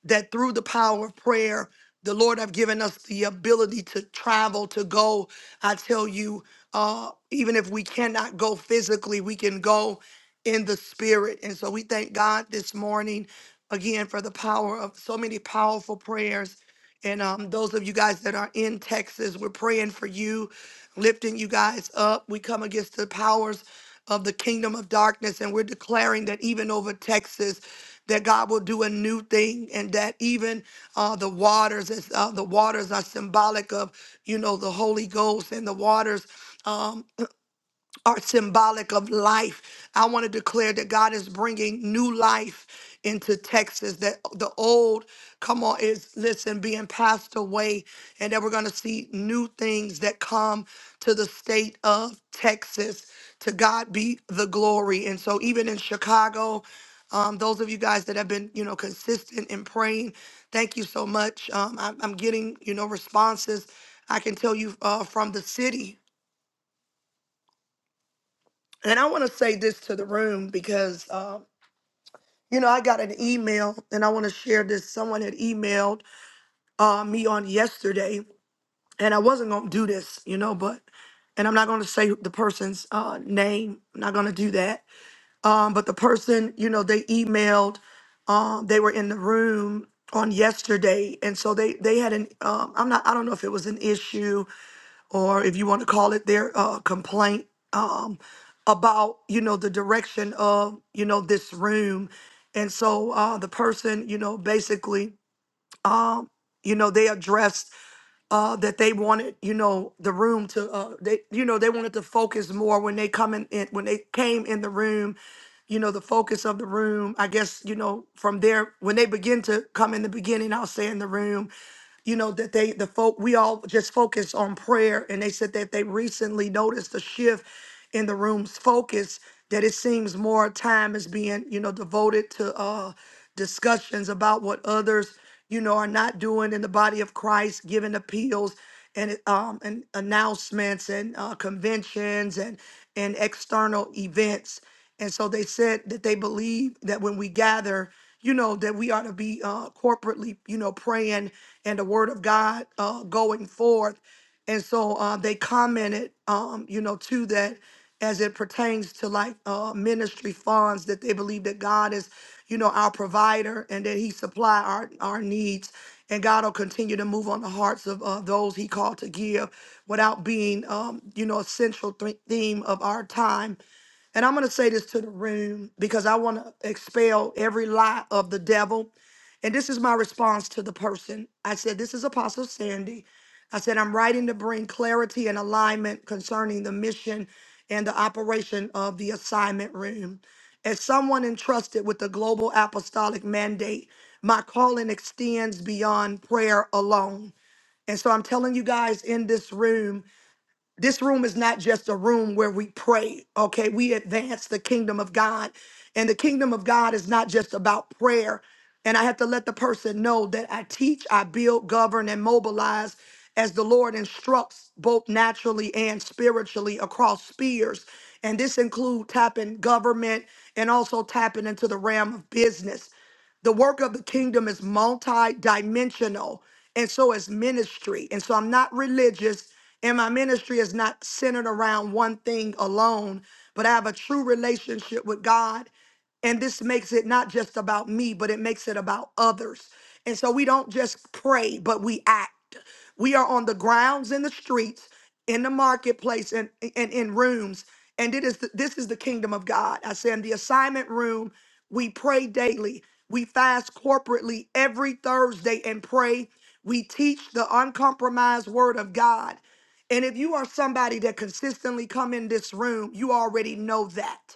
[SPEAKER 10] that through the power of prayer, the Lord have given us the ability to travel, to go. I tell you, uh, even if we cannot go physically, we can go in the spirit. And so we thank God this morning again for the power of so many powerful prayers and um, those of you guys that are in Texas, we're praying for you, lifting you guys up. We come against the powers of the kingdom of darkness, and we're declaring that even over Texas, that God will do a new thing, and that even uh, the waters, as uh, the waters are symbolic of, you know, the Holy Ghost, and the waters. um, are symbolic of life. I want to declare that God is bringing new life into Texas, that the old, come on, is, listen, being passed away, and that we're going to see new things that come to the state of Texas. To God be the glory. And so, even in Chicago, um, those of you guys that have been, you know, consistent in praying, thank you so much. Um, I, I'm getting, you know, responses. I can tell you uh, from the city. And I want to say this to the room because, um, you know, I got an email and I want to share this. Someone had emailed uh, me on yesterday and I wasn't going to do this, you know, but, and I'm not going to say the person's uh, name. I'm not going to do that. Um, but the person, you know, they emailed, um, they were in the room on yesterday. And so they, they had an, um, I'm not, I don't know if it was an issue or if you want to call it their uh, complaint um, about you know the direction of you know this room and so uh, the person you know basically um, you know they addressed uh, that they wanted you know the room to uh, they you know they wanted to focus more when they come in, in when they came in the room you know the focus of the room i guess you know from there when they begin to come in the beginning i'll say in the room you know that they the folk we all just focus on prayer and they said that they recently noticed a shift in the room's focus that it seems more time is being you know devoted to uh discussions about what others you know are not doing in the body of christ giving appeals and um and announcements and uh, conventions and and external events and so they said that they believe that when we gather, you know, that we ought to be uh, corporately, you know, praying and the word of God uh, going forth. And so uh, they commented, um, you know, to that as it pertains to like uh, ministry funds that they believe that God is, you know, our provider and that he supply our, our needs. And God will continue to move on the hearts of uh, those he called to give without being, um, you know, a central th- theme of our time and I'm going to say this to the room because I want to expel every lie of the devil. And this is my response to the person. I said, This is Apostle Sandy. I said, I'm writing to bring clarity and alignment concerning the mission and the operation of the assignment room. As someone entrusted with the global apostolic mandate, my calling extends beyond prayer alone. And so I'm telling you guys in this room, this room is not just a room where we pray, okay? We advance the kingdom of God. And the kingdom of God is not just about prayer. And I have to let the person know that I teach, I build, govern, and mobilize as the Lord instructs, both naturally and spiritually across spheres. And this includes tapping government and also tapping into the realm of business the work of the kingdom is multi-dimensional and so is ministry and so i'm not religious and my ministry is not centered around one thing alone but i have a true relationship with god and this makes it not just about me, but it makes it about others. And so we don't just pray, but we act. We are on the grounds in the streets, in the marketplace, and, and in rooms. And it is the, this is the kingdom of God. I say in the assignment room, we pray daily. We fast corporately every Thursday and pray. We teach the uncompromised word of God. And if you are somebody that consistently come in this room, you already know that.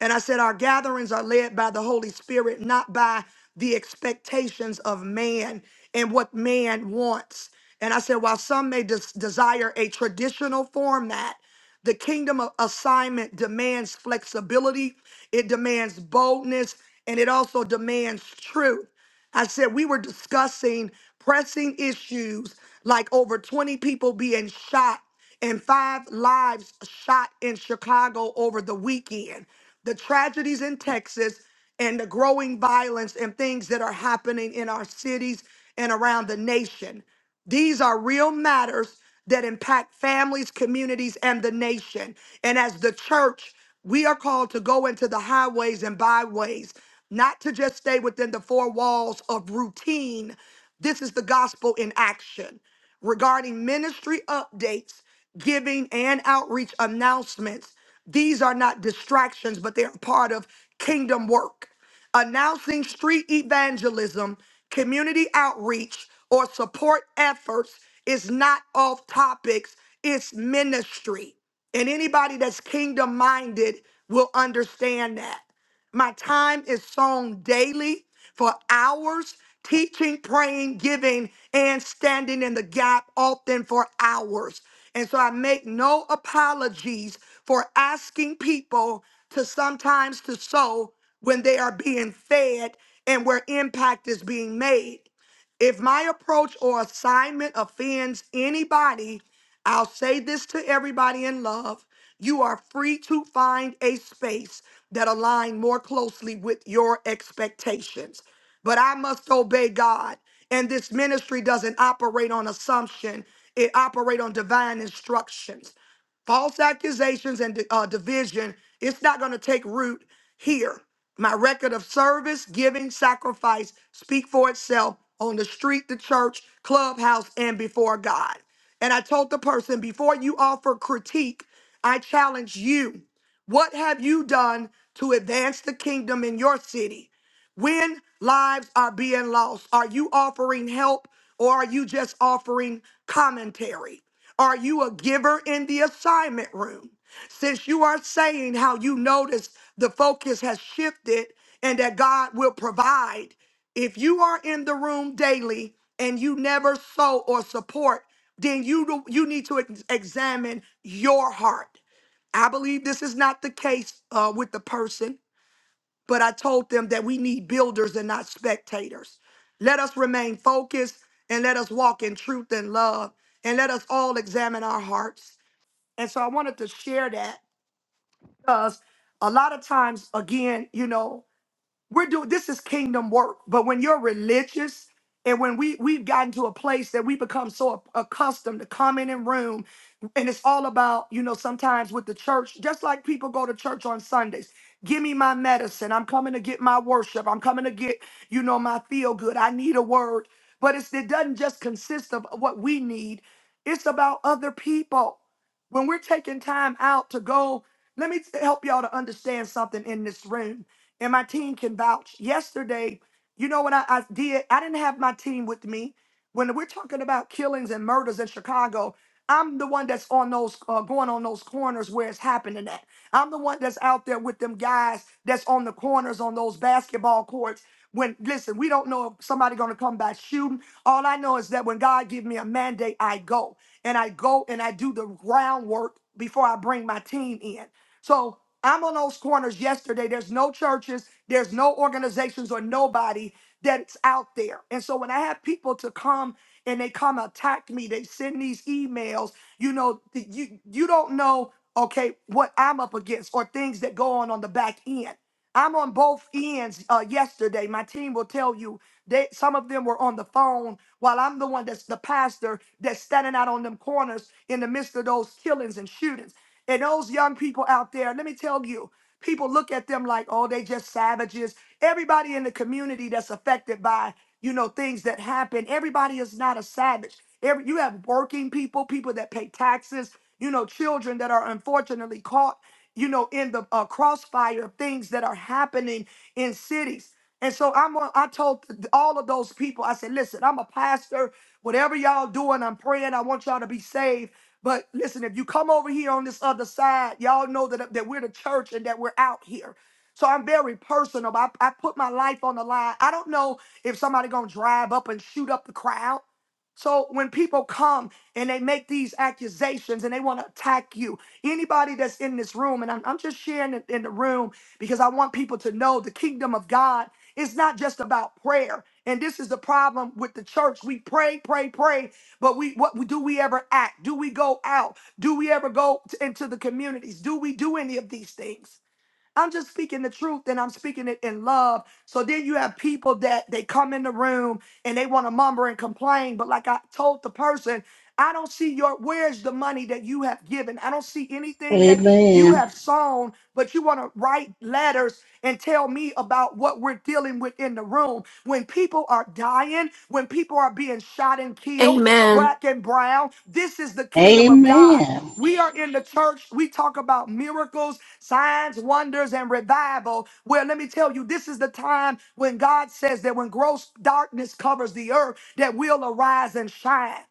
[SPEAKER 10] And I said, Our gatherings are led by the Holy Spirit, not by the expectations of man and what man wants. And I said, While some may des- desire a traditional format, the kingdom of assignment demands flexibility, it demands boldness, and it also demands truth. I said we were discussing pressing issues like over 20 people being shot and five lives shot in Chicago over the weekend, the tragedies in Texas, and the growing violence and things that are happening in our cities and around the nation. These are real matters that impact families, communities, and the nation. And as the church, we are called to go into the highways and byways, not to just stay within the four walls of routine. This is the gospel in action. Regarding ministry updates, giving, and outreach announcements, these are not distractions, but they are part of kingdom work announcing street evangelism, community outreach, or support efforts is not off topics, it's ministry. And anybody that's kingdom minded will understand that. My time is sown daily for hours, teaching, praying, giving, and standing in the gap, often for hours. And so I make no apologies for asking people to sometimes to sow when they are being fed and where impact is being made. If my approach or assignment offends anybody, I'll say this to everybody in love. You are free to find a space that aligns more closely with your expectations. But I must obey God. And this ministry doesn't operate on assumption. It operates on divine instructions false accusations and uh, division, it's not going to take root here. My record of service, giving, sacrifice speak for itself on the street, the church, clubhouse, and before God. And I told the person before you offer critique, I challenge you. What have you done to advance the kingdom in your city? When lives are being lost, are you offering help or are you just offering commentary? Are you a giver in the assignment room? Since you are saying how you notice the focus has shifted and that God will provide, if you are in the room daily and you never sow or support, then you do, you need to ex- examine your heart. I believe this is not the case uh, with the person but I told them that we need builders and not spectators. Let us remain focused and let us walk in truth and love and let us all examine our hearts. And so I wanted to share that because a lot of times, again, you know, we're doing this is kingdom work. But when you're religious and when we we've gotten to a place that we become so accustomed to coming in room and it's all about, you know, sometimes with the church, just like people go to church on Sundays. Give me my medicine. I'm coming to get my worship. I'm coming to get, you know, my feel good. I need a word. But it's, it doesn't just consist of what we need. It's about other people. When we're taking time out to go, let me help y'all to understand something in this room and my team can vouch. Yesterday, you know what I, I did? I didn't have my team with me. When we're talking about killings and murders in Chicago, I'm the one that's on those uh, going on those corners where it's happening at. I'm the one that's out there with them guys that's on the corners on those basketball courts. When listen, we don't know if somebody gonna come back shooting. All I know is that when God give me a mandate, I go and I go and I do the groundwork before I bring my team in. So I'm on those corners yesterday. There's no churches, there's no organizations or nobody that's out there. And so when I have people to come and they come attack me, they send these emails, you know, th- you you don't know, okay, what I'm up against or things that go on on the back end. I'm on both ends uh, yesterday. My team will tell you that some of them were on the phone while I'm the one that's the pastor that's standing out on them corners in the midst of those killings and shootings. And those young people out there, let me tell you, people look at them like, oh, they just savages. Everybody in the community that's affected by, you know, things that happen, everybody is not a savage. Every, you have working people, people that pay taxes, you know, children that are unfortunately caught, you know, in the uh, crossfire of things that are happening in cities. And so I'm a, I told all of those people, I said, listen, I'm a pastor. Whatever y'all doing, I'm praying. I want y'all to be saved. But listen, if you come over here on this other side, y'all know that, that we're the church and that we're out here. So I'm very personal. I, I put my life on the line. I don't know if somebody gonna drive up and shoot up the crowd. So when people come and they make these accusations and they want to attack you, anybody that's in this room, and I'm, I'm just sharing it in the room because I want people to know the kingdom of God. It's not just about prayer. And this is the problem with the church. We pray, pray, pray, but we what do we ever act? Do we go out? Do we ever go t- into the communities? Do we do any of these things? I'm just speaking the truth and I'm speaking it in love. So then you have people that they come in the room and they want to mumber and complain. But like I told the person, I don't see your where's the money that you have given. I don't see anything that you
[SPEAKER 11] Amen.
[SPEAKER 10] have sown, but you want to write letters and tell me about what we're dealing with in the room. When people are dying, when people are being shot and killed,
[SPEAKER 2] Amen.
[SPEAKER 10] black and brown, this is the kingdom of God.
[SPEAKER 11] Amen.
[SPEAKER 10] We are in the church. We talk about miracles, signs, wonders, and revival. Well, let me tell you, this is the time when God says that when gross darkness covers the earth, that we'll arise and shine.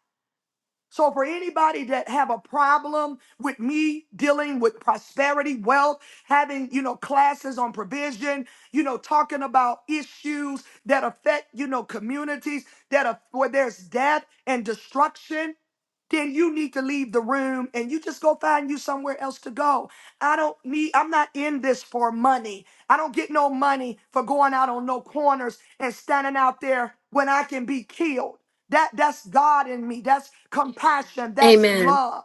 [SPEAKER 10] So for anybody that have a problem with me dealing with prosperity, wealth, having, you know, classes on provision, you know, talking about issues that affect, you know, communities that are where there's death and destruction, then you need to leave the room and you just go find you somewhere else to go. I don't need I'm not in this for money. I don't get no money for going out on no corners and standing out there when I can be killed. That that's God in me. That's compassion. That's
[SPEAKER 2] Amen.
[SPEAKER 10] love.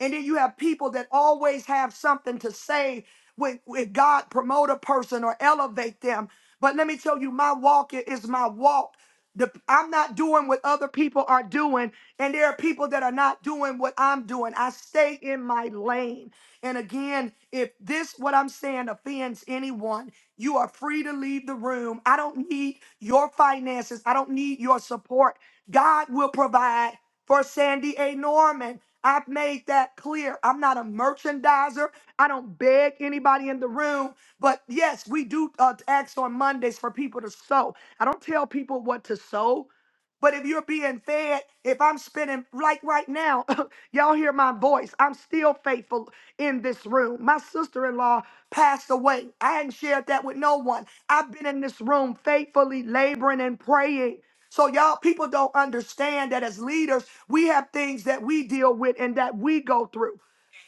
[SPEAKER 10] And then you have people that always have something to say when, when God promote a person or elevate them. But let me tell you, my walk i- is my walk. The, I'm not doing what other people are doing, and there are people that are not doing what I'm doing. I stay in my lane. And again, if this, what I'm saying, offends anyone, you are free to leave the room. I don't need your finances, I don't need your support. God will provide for Sandy A. Norman. I've made that clear. I'm not a merchandiser. I don't beg anybody in the room. But yes, we do uh, ask on Mondays for people to sow. I don't tell people what to sow. But if you're being fed, if I'm spending like right now, y'all hear my voice. I'm still faithful in this room. My sister-in-law passed away. I hadn't shared that with no one. I've been in this room faithfully laboring and praying. So y'all people don't understand that as leaders, we have things that we deal with and that we go through.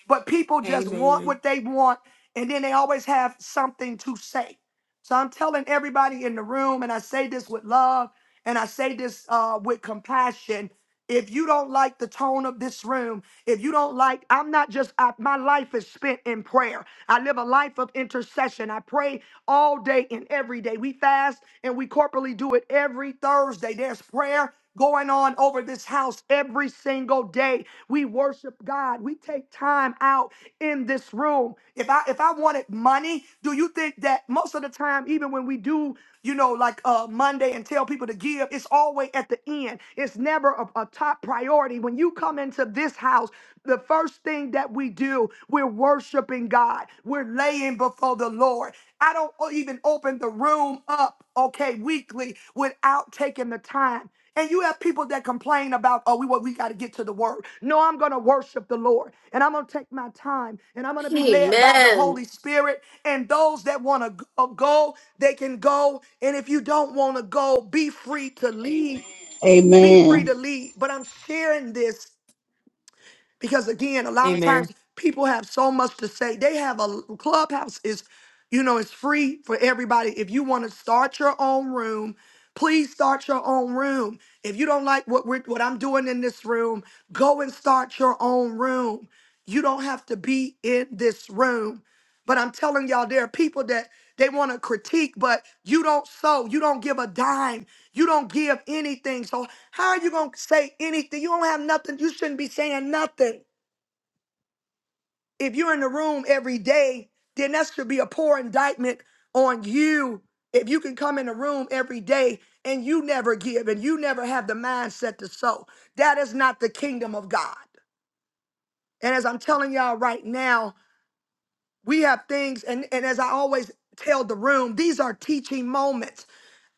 [SPEAKER 10] But people just want
[SPEAKER 4] Amen.
[SPEAKER 10] what they want, and then they always have something to say. So I'm telling everybody in the room, and I say this with love, and I say this uh, with compassion. If you don't like the tone of this room, if you don't like, I'm not just, I, my life is spent in prayer. I live a life of intercession. I pray all day and every day. We fast and we corporately do it every Thursday. There's prayer going on over this house every single day. We worship God. We take time out in this room. If I if I wanted money, do you think that most of the time even when we do, you know, like uh Monday and tell people to give, it's always at the end. It's it's never a, a top priority. When you come into this house, the first thing that we do, we're worshiping God. We're laying before the Lord. I don't o- even open the room up, okay, weekly without taking the time. And you have people that complain about, oh, we what we got to get to the word. No, I'm gonna worship the Lord, and I'm gonna take my time, and I'm gonna be led by the
[SPEAKER 2] Amen.
[SPEAKER 10] Holy Spirit. And those that wanna go, go, they can go. And if you don't wanna go, be free to leave be free
[SPEAKER 11] Amen.
[SPEAKER 10] to lead. But I'm sharing this because again, a lot of Amen.
[SPEAKER 4] Amen.
[SPEAKER 10] times people have so much to say. They have a clubhouse is, you know, it's free for everybody. If you want to start your own room, please start your own room. If you don't like what we're what I'm doing in this room, go and start your own room. You don't have to be in this room. But I'm telling y'all, there are people that they want to critique, but you don't sow, you don't give a dime, you don't give anything. So how are you gonna say anything? You don't have nothing. You shouldn't be saying nothing. If you're in the room every day, then that should be a poor indictment on you. If you can come in the room every day and you never give and you never have the mindset to sow, that is not the kingdom of God. And as I'm telling y'all right now. we have things and and as i always tell the room these are teaching moments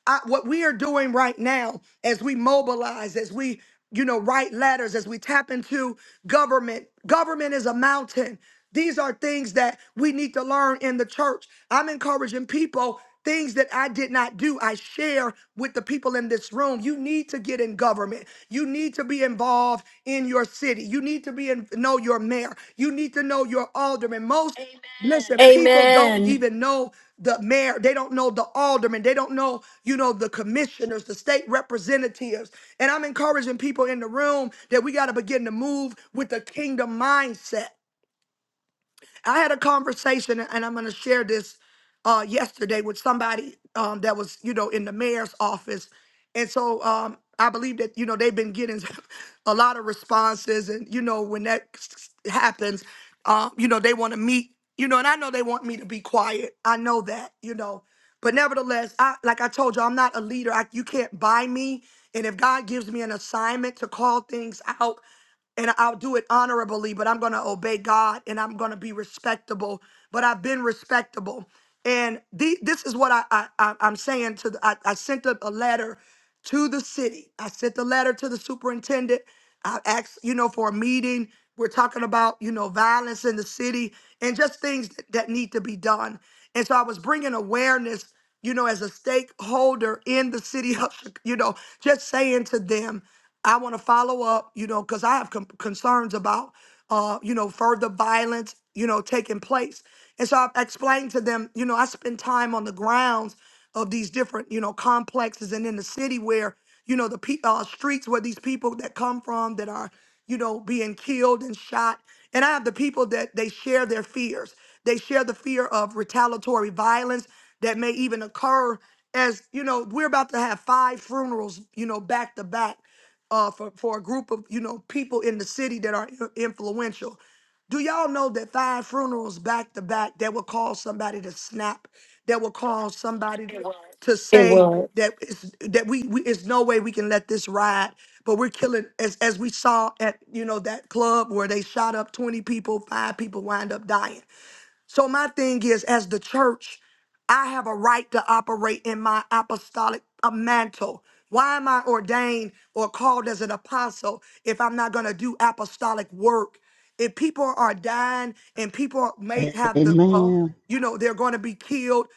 [SPEAKER 10] I, what we are doing right now as we mobilize, as we, you know, write letters, as we tap into government, government is a mountain. These are things that we need to learn in the church. I'm encouraging people things that I did not do, I share with the people in this room. You need to get in government. You need to be involved in your city. You need to be in, know your mayor. You need to know your alderman. Most Amen. listen, people don't
[SPEAKER 2] Amen.
[SPEAKER 10] even know the mayor, they don't know the aldermen, they don't know, you know, the commissioners, the state representatives. And I'm encouraging people in the room that we got to begin to move with the kingdom mindset. I had a conversation, and I'm going to share this uh, yesterday with somebody um, that was, you know, in the mayor's office, and so um, I believe that you know they've been getting a lot of responses, and you know when that s- s- happens, um, you know they want to meet, you know, and I know they want me to be quiet. I know that, you know, but nevertheless, I like I told you, I'm not a leader. I, you can't buy me, and if God gives me an assignment to call things out and I'll do it honorably, but I'm going to obey God and I'm going to be respectable. But I've been respectable. And the, this is what I, I, I- I'm saying to the, I, I sent a, a letter to the city. I sent the letter to the superintendent. I asked, you know, for a meeting. We're talking about, you know, violence in the city and just things that, that need to be done. And so I was bringing awareness you know, as a stakeholder in the city of, Chi- you know, just saying to them, I want to follow up, you know, because I have com- concerns about, uh, you know, further violence, you know, taking place. And so I explained to them, you know, I spend time on the grounds of these different, you know, complexes and in the city where you know the pe- uh, streets where these people that come from that are you know being killed and shot and i have the people that they share their fears they share the fear of retaliatory violence that may even occur as you know we're about to have five funerals you know back to back uh, for, for a group of you know people in the city that are i- influential. Do y'all know that five funerals back to back that will cause somebody to snap, that will cause somebody to, Right. to
[SPEAKER 2] It
[SPEAKER 10] say
[SPEAKER 2] was,
[SPEAKER 10] that it's, that we, we it's no way we can let this ride, but we're killing as as we saw at you know that club where they shot up twenty people, five people wind up dying so my thing is, as the church, I have a right to operate in my apostolic uh, mantle. Why am I ordained or called as an apostle if I'm not going to do apostolic work? If people are dying and people are- may have the, uh,
[SPEAKER 11] Amen.
[SPEAKER 10] you know, they're going to be killed.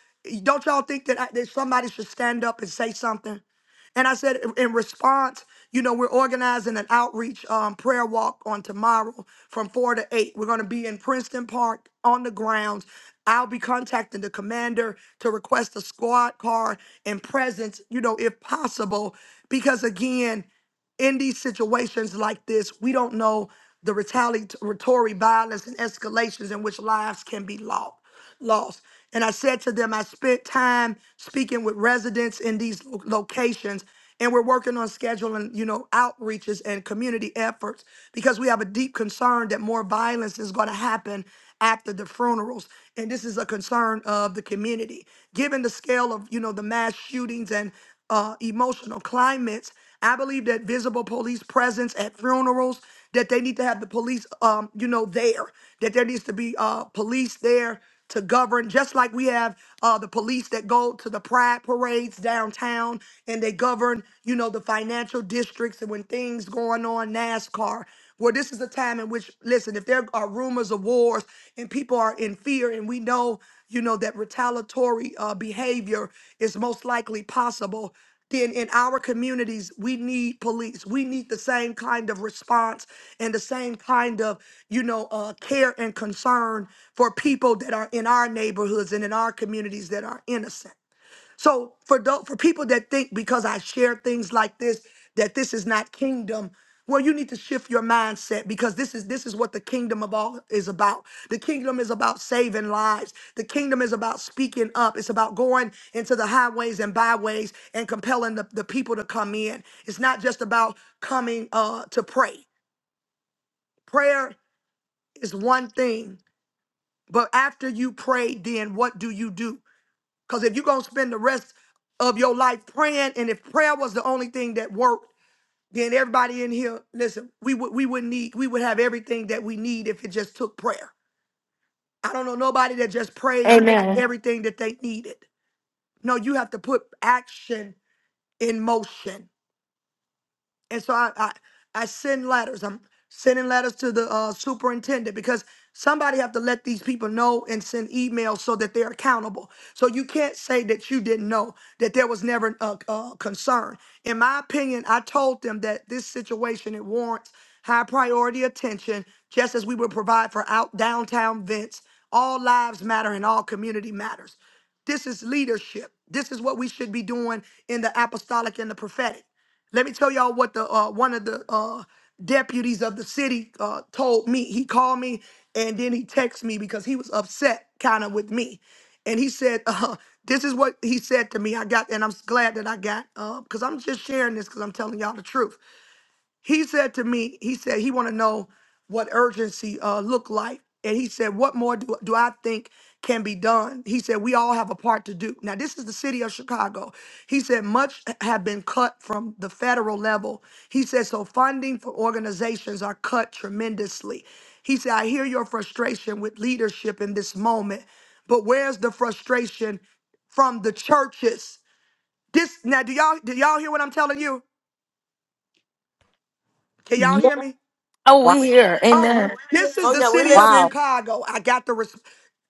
[SPEAKER 10] Don't y'all think that, I, that somebody should stand up and say something? And I said, in in response, you know, we're organizing an outreach um, prayer walk on tomorrow from four to eight. We're going to be in Princeton Park on the grounds. I'll be contacting the commander to request a squad car and presence, you know, if possible, because again in these situations like this, we don't know the retaliatory violence and escalations in which lives can be lost. Lost. And I said to them, I spent time speaking with residents in these lo- locations, and we're working on scheduling, you know, outreaches and community efforts because we have a deep concern that more violence is going to happen after the funerals, and this is a concern of the community, given the scale of, you know, the mass shootings and uh, emotional climates. I believe that visible police presence at funerals, that they need to have the police, um, you know, there, that there needs to be uh, police there to govern, just like we have uh, the police that go to the pride parades downtown and they govern, you know, the financial districts and when things going on, NASCAR. Where this is a time in which, listen, if there are rumors of wars and people are in fear, and we know you know, that retaliatory uh, behavior is most likely possible, then in our communities, we need police. We need the same kind of response and the same kind of, you know, uh, care and concern for people that are in our neighborhoods and in our communities that are innocent. So for tho- for people that think because I share things like this that this is not kingdom, well, you need to shift your mindset because this is this is what the kingdom of all is about. The kingdom is about saving lives. The kingdom is about speaking up. It's about going into the highways and byways and compelling the, the people to come in. It's not just about coming uh to pray. Prayer is one thing, but after you pray, then what do you do? Because if you're going to spend the rest of your life praying, and if prayer was the only thing that worked, then everybody in here, listen, we would we would need we would have everything that we need if it just took prayer. I don't know nobody that just prayed and got Amen.
[SPEAKER 2] Amen.
[SPEAKER 10] everything that they needed. No, you have to put action in motion. and so I, I I send letters. I'm sending letters to the uh, superintendent because somebody have to let these people know and send emails so that they're accountable. So you can't say that you didn't know that there was never a, a concern. In my opinion, I told them that this situation it warrants high priority attention, just as we would provide for out downtown events. All lives matter and all community matters. This is leadership. This is what we should be doing in the apostolic and the prophetic. Let me tell y'all what the uh, one of the uh, deputies of the city uh, told me. He called me and then he texted me because he was upset kind of with me, and he said, uh, "This is what he said to me." I got, and I'm glad that I got because I'm just sharing this because I'm telling y'all the truth he said to me he said he want to know what urgency uh look like and he said what more do, do i think can be done he said we all have a part to do now this is the city of chicago he said much have been cut from the federal level he said so funding for organizations are cut tremendously he said i hear your frustration with leadership in this moment but where's the frustration from the churches this now do y'all do y'all hear what i'm telling you can y'all
[SPEAKER 1] Yeah.
[SPEAKER 10] hear me
[SPEAKER 2] Oh,
[SPEAKER 1] Wow.
[SPEAKER 2] we here.
[SPEAKER 10] Oh,
[SPEAKER 2] Amen.
[SPEAKER 10] this is
[SPEAKER 4] Oh,
[SPEAKER 10] the
[SPEAKER 4] yeah, we're
[SPEAKER 10] city of
[SPEAKER 4] listening.
[SPEAKER 1] Wow.
[SPEAKER 10] Chicago. I got the. Res-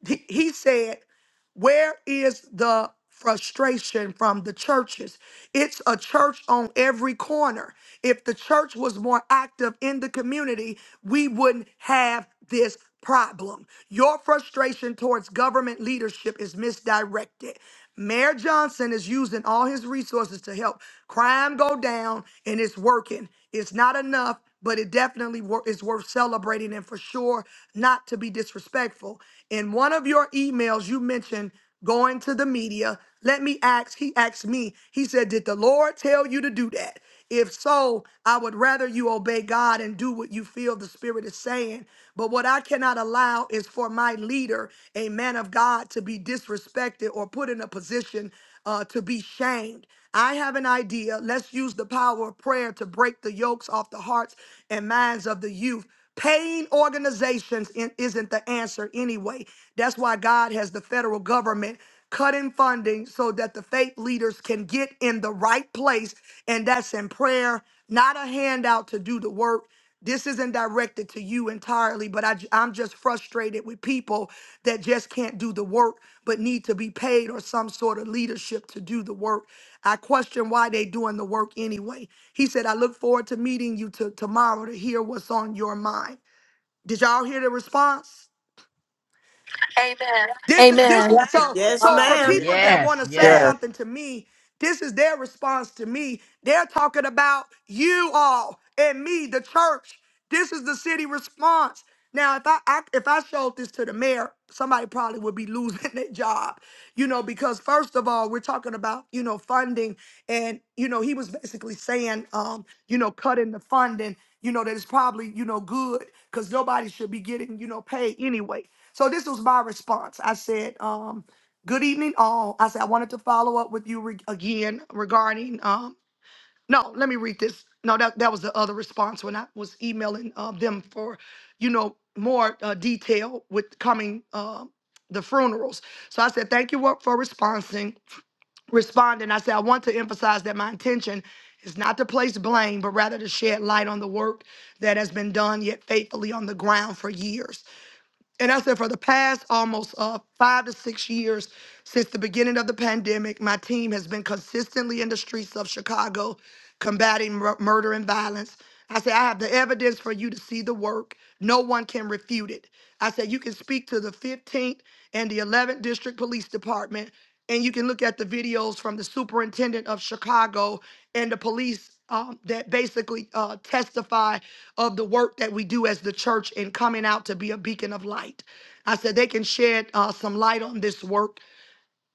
[SPEAKER 10] he he said, "Where is the frustration from the churches? It's a church on every corner. If the church was more active in the community, we wouldn't have this." Problem. Your frustration towards government leadership is misdirected. Mayor Johnson is using all his resources to help crime go down and it's working. It's not enough but it definitely wor- is worth celebrating and for sure not to be disrespectful. In one of your emails, you mentioned going to the media. Let me ask, he asked me, he said, Did the Lord tell you to do that? If so, I would rather you obey God and do what you feel the Spirit is saying. But what I cannot allow is for my leader, a man of God, to be disrespected or put in a position uh, to be shamed. I have an idea. Let's use the power of prayer to break the yokes off the hearts and minds of the youth. Paying organizations in- isn't the answer anyway. That's why God has the federal government cutting funding so that the faith leaders can get in the right place. And that's in prayer, not a handout to do the work this isn't directed to you entirely, but I, am just frustrated with people that just can't do the work but need to be paid or some sort of leadership to do the work. I question why they doing the work anyway. He said, I look forward to meeting you to, tomorrow to hear what's on your mind. Did y'all hear the response? Amen. This is this is
[SPEAKER 1] Yeah.
[SPEAKER 2] Amen.
[SPEAKER 10] so
[SPEAKER 4] Yes,
[SPEAKER 10] so for
[SPEAKER 1] Wow.
[SPEAKER 4] ma'am.
[SPEAKER 10] people Yeah. that want
[SPEAKER 9] Yes,
[SPEAKER 10] to say
[SPEAKER 9] yes,
[SPEAKER 5] Yes,
[SPEAKER 10] something to me, this is their response to me. They're talking about you all and me, the church. This is the city response. Now, if I, I if I showed this to the mayor, somebody probably would be losing their job, you know, because first of all, we're talking about you know funding, and you know he was basically saying, um, you know, cutting the funding, you know, that is probably you know good because nobody should be getting you know paid anyway. So this was my response. I said, um, "Good evening, all." I said I wanted to follow up with you re- again regarding. Um, no, let me read this. No, that that was the other response when I was emailing uh, them for, you know, more uh, detail with coming. Uh, the funerals. So I said, thank you wo- for responding. Responding, I said, I want to emphasize that my intention is not to place blame, but rather to shed light on the work that has been done yet faithfully on the ground for years. And I said, for the past almost uh, five to six years since the beginning of the pandemic, my team has been consistently in the streets of Chicago combating mur- murder and violence. I said, I have the evidence for you to see the work. No one can refute it. I said, you can speak to the 15th and the 11th District Police Department, and you can look at the videos from the superintendent of Chicago and the police um, that basically uh, testify of the work that we do as the church in coming out to be a beacon of light. I said they can shed uh, some light on this work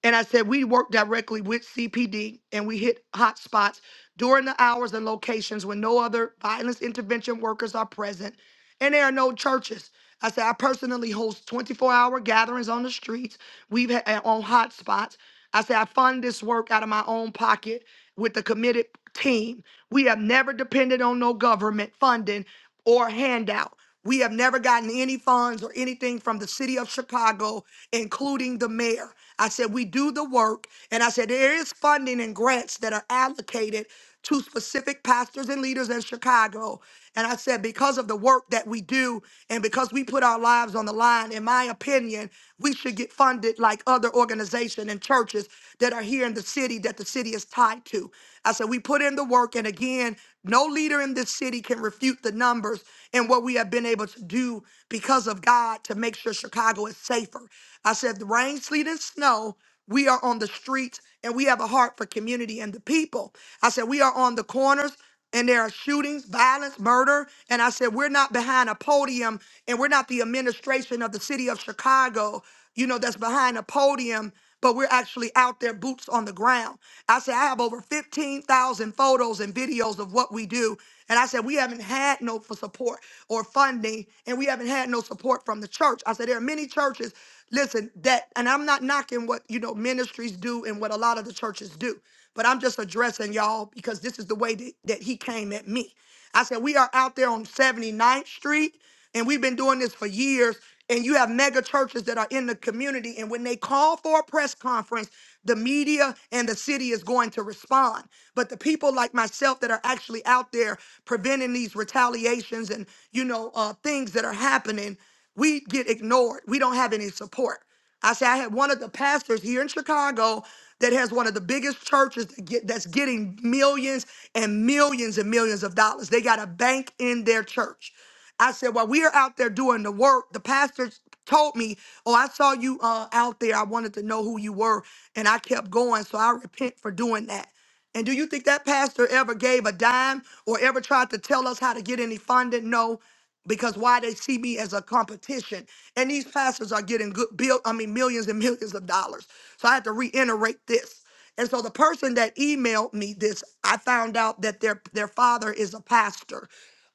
[SPEAKER 10] and I said, we work directly with CPD and we hit hot spots during the hours and locations when no other violence intervention workers are present and there are no churches. I said, I personally host 24 hour gatherings on the streets. We've had on hot spots. I said, I fund this work out of my own pocket with a committed team. We have never depended on no government funding or handout. We have never gotten any funds or anything from the city of Chicago, including the mayor. I said, we do the work. And I said, there is funding and grants that are allocated to specific pastors and leaders in Chicago. And I said, because of the work that we do and because we put our lives on the line, in my opinion, we should get funded like other organizations and churches that are here in the city that the city is tied to. I said, we put in the work. And again, no leader in this city can refute the numbers and what we have been able to do because of God to make sure Chicago is safer. I said, the rain, sleet, and snow. We are on the streets and we have a heart for community and the people. I said, we are on the corners and there are shootings, violence, murder. And I said, we're not behind a podium and we're not the administration of the city of Chicago, you know, that's behind a podium, but we're actually out there, boots on the ground. I said, I have over 15,000 photos and videos of what we do. And I said, we haven't had no for support or funding, and we haven't had had no support from the church. I said, there are many churches, listen, that, and I'm not knocking what, you know, ministries do and what a lot of the churches do, but I'm just addressing y'all because this is the way that, that he came at me. I said, we are out there on 79th Street and we've been doing this for years. And you have mega churches that are in the community. And when they call for a press conference, the media and the city is going to respond. But the people like myself that are are actually out there preventing these retaliations and you know uh, things that are happening we get ignored we don't have any support i say i had one of the pastors here in chicago that has one of the biggest churches that get, that's getting millions and millions and millions of dollars they got a bank in their church I said, while we are out there doing the work, the pastor told me, Oh, I saw you uh, out there. I wanted to know who you were. And I kept going. So I repent for doing that. And do you think that pastor ever gave a dime or ever tried to tell us how to get any funding? No, because why they see me as a competition. And these pastors are getting good bill, I mean millions and millions of dollars. So I had to reiterate this. And so the person that emailed me this, I found out that their their father is a pastor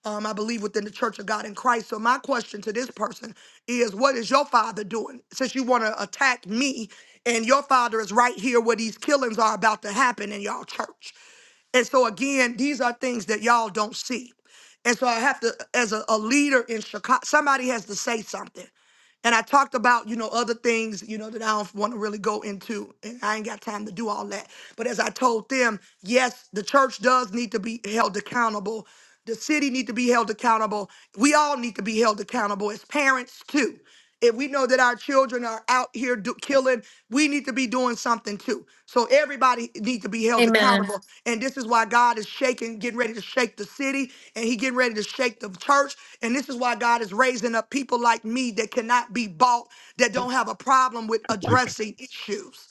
[SPEAKER 10] um, I believe, within the Church of God in Christ. So my question to this person is, what is your father doing? Since you want to attack me, and your father is right here where these killings are about to happen in y'all church. And so again, these are things that y'all don't see. And so I have to, as a, a leader in Chicago, somebody has to say something. And I talked about, you know, other things, you know, that I don't want to really go into. And I ain't got time to do all that. But as I told them, yes, the church does need to be held accountable. The city need to be held accountable. We all need to be held accountable as parents too. If we know that our children are out here do, killing, we need to be doing something too. So everybody needs to be held
[SPEAKER 2] Amen.
[SPEAKER 10] accountable. And this is why God is shaking, getting ready to shake the city, and He getting ready to shake the church. And this is why God is raising up people like me that cannot be bought, that don't have a problem with addressing issues.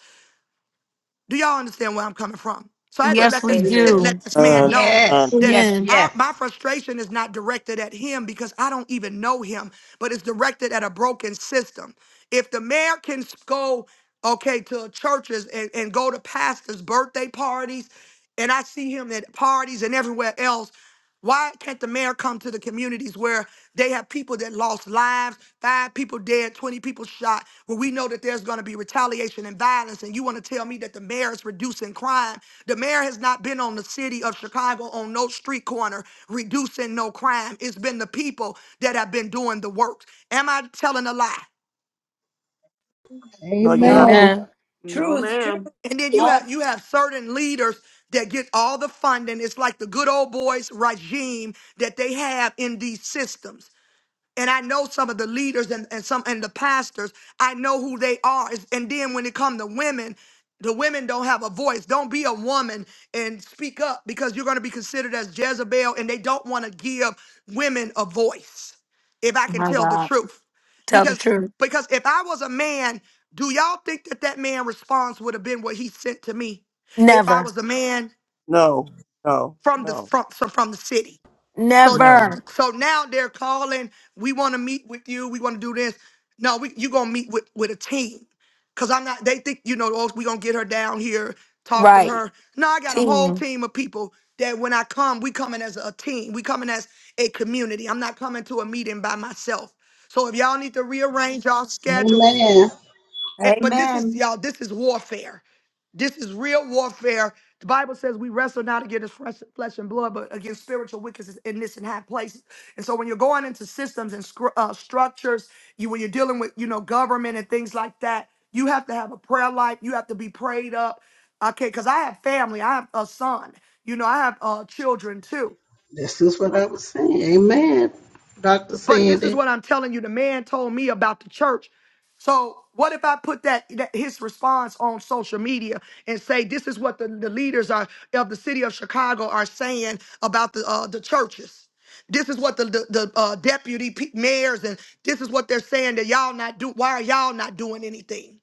[SPEAKER 10] Do y'all understand where I'm coming from? So I had to
[SPEAKER 2] Yes,
[SPEAKER 10] let
[SPEAKER 2] we
[SPEAKER 10] this
[SPEAKER 4] Amen.
[SPEAKER 10] let
[SPEAKER 2] do.
[SPEAKER 10] this man
[SPEAKER 5] man.
[SPEAKER 10] know
[SPEAKER 5] man.
[SPEAKER 9] yes,
[SPEAKER 10] that
[SPEAKER 9] yes,
[SPEAKER 2] Amen.
[SPEAKER 10] our, my
[SPEAKER 9] yes.
[SPEAKER 10] frustration is not directed at him because I don't even know him, but it's directed at a broken system. If the mayor can s- go okay to churches and, and go to pastors' birthday parties, and I see him at parties and everywhere else. Why can't the mayor come to the communities where they have people that lost lives, five people dead, 20 people shot, where we know that there's going to be retaliation and violence? And you want to tell me that the mayor is reducing crime? The mayor has not been on the city of Chicago on no street corner reducing no crime. It's been the people that have been doing the work. Am I telling a lie?
[SPEAKER 5] No, you're not.
[SPEAKER 1] No.
[SPEAKER 11] Amen.
[SPEAKER 2] Amen.
[SPEAKER 4] No,
[SPEAKER 1] Truth, truth.
[SPEAKER 4] ma'am.
[SPEAKER 10] And then you
[SPEAKER 12] Good.
[SPEAKER 1] All
[SPEAKER 10] have you have certain leaders that get all the funding. It's like the good old boys regime that they have in these systems. and I know some of the leaders and, and some and the pastors. I know who they are. It's- And then when it comes to women, the women don't have a voice. Don't be a woman and speak up because you're going to be considered as Jezebel, and they don't want to give women a voice. If I
[SPEAKER 2] Oh
[SPEAKER 10] can
[SPEAKER 2] my
[SPEAKER 10] tell the
[SPEAKER 2] God.
[SPEAKER 10] truth,
[SPEAKER 2] Tell the
[SPEAKER 10] because
[SPEAKER 2] truth.
[SPEAKER 10] because if I was a man, do y'all think that that man response would have been what he sent to me? If I
[SPEAKER 2] Never.
[SPEAKER 10] was a man
[SPEAKER 5] No, no,
[SPEAKER 10] from the
[SPEAKER 5] no.
[SPEAKER 10] from from the city. So
[SPEAKER 2] Never.
[SPEAKER 10] so now they're calling, we want to meet with you, we want to do this. No, we you gonna meet with with a team. Cause I'm not they think, you know, oh, we gonna get her down here, talk to
[SPEAKER 2] Right.
[SPEAKER 10] her. No, I got a whole
[SPEAKER 2] Team.
[SPEAKER 10] team of people that when I come, we coming as a team. We coming as a community. I'm not coming to a meeting by myself. So if y'all need to rearrange y'all schedules,
[SPEAKER 11] Amen.
[SPEAKER 10] eh, but this is
[SPEAKER 1] amen.
[SPEAKER 10] y'all, this is warfare. This is real warfare. The Bible says we wrestle not against flesh flesh and blood, but against spiritual wickedness in this and high places. And so, when you're going into systems and scr- uh, structures, you when you're dealing with you know government and things like that, you have to have a prayer life. You have to be prayed up. Okay, because I have family. I have a son. You know, I have uh, children too.
[SPEAKER 11] This is what I was saying. Amen. Dr.
[SPEAKER 10] But this is
[SPEAKER 11] Sandy.
[SPEAKER 10] what I'm telling you. The man told me about the church. So what if I put that, that his response on social media and say this is what the, the leaders are of the city of Chicago are saying about the uh, the churches. This is what the the, the uh, deputy pe- mayors and this is what they're saying that y'all not do. Why are y'all not doing anything?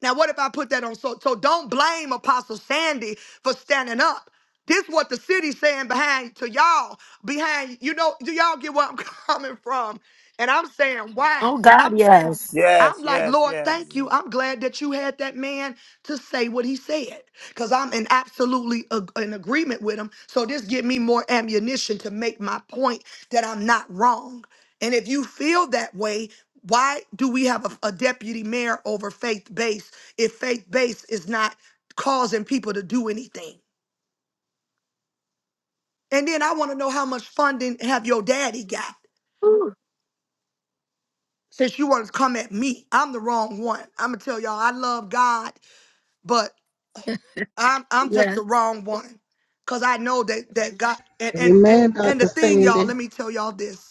[SPEAKER 10] Now, what if I put that on? So, so don't blame Apostle Sandy for standing up. This what the city's saying behind to y'all, behind you know, do y'all get where I'm coming from? And I'm saying, wow.
[SPEAKER 2] Oh God, yes.
[SPEAKER 10] I'm
[SPEAKER 5] Yes,
[SPEAKER 10] like,
[SPEAKER 5] yes,
[SPEAKER 10] Lord,
[SPEAKER 5] yes.
[SPEAKER 10] thank you. I'm glad that you had that man to say what he said because I'm in absolutely ag- in agreement with him. So this give me more ammunition to make my point that I'm not wrong. And if you feel that way, why do we have a, a deputy mayor over faith based if faith based is not causing people to do anything? And then I want to know how much funding have your daddy got?
[SPEAKER 2] Ooh,
[SPEAKER 10] Since you want to come at me, I'm the wrong one. I'm gonna tell y'all I love God, I'm I'm just the
[SPEAKER 2] yes.
[SPEAKER 10] wrong one. Cause I know that that God and and and,
[SPEAKER 11] Amen,
[SPEAKER 10] and the
[SPEAKER 11] Dr.
[SPEAKER 10] thing, y'all,
[SPEAKER 11] Sandy.
[SPEAKER 10] let me tell y'all this.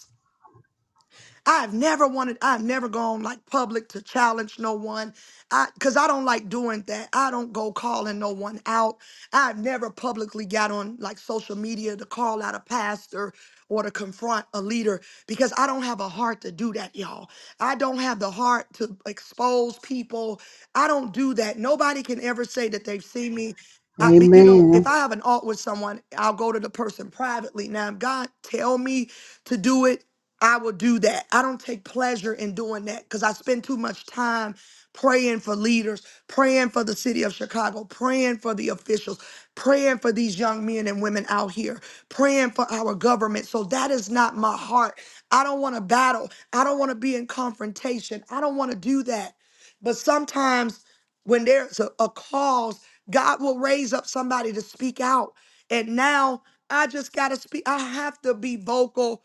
[SPEAKER 10] I've never wanted, I've never gone like public to challenge no one. I because I don't like doing that. I don't go calling no one out. I've never publicly got on like social media to call out a pastor or to confront a leader because I don't have a heart to do that, y'all. I don't have the heart to expose people. I don't do that. Nobody can ever say that they've seen me. I, but, you know, if
[SPEAKER 11] Amen.
[SPEAKER 10] I have an alt with someone, I'll go to the person privately. Now, if God tell me to do it, I will do that. I don't take pleasure in doing that because I spend too much time praying for leaders, praying for the city of Chicago, praying for the officials, praying for these young men and women out here, praying for our government. So that is not my heart. I don't want to battle. I don't want to be in confrontation. I don't want to do that. But sometimes when there's a, a cause, God will raise up somebody to speak out. And now I just got to speak. I have to be vocal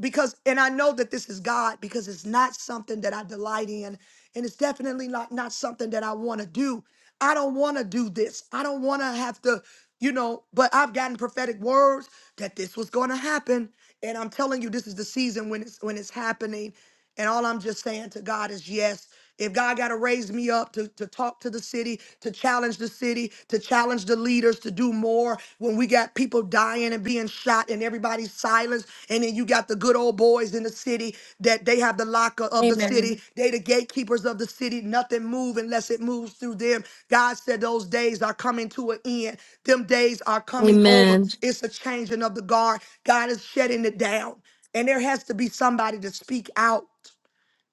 [SPEAKER 10] because and i know that this is god because it's not something that i delight in and it's definitely not not something that i want to do i don't want to do this i don't want to have to you know but i've gotten prophetic words that this was going to happen and i'm telling you this is the season when it's when it's happening and all I'm just saying to God is yes. If God got to raise me up to, to talk to the city, to challenge the city, to challenge the leaders to do more when we got people dying and being shot and everybody's silenced, and then you got the good old boys in the city that they have the locker of the city,
[SPEAKER 2] Amen.
[SPEAKER 10] they the gatekeepers of the city, nothing move unless it moves through them. God said those days are coming to an end. Them days are coming over.
[SPEAKER 2] Amen.
[SPEAKER 10] It's a changing of the guard. God is shutting it down and there has to be somebody to speak out.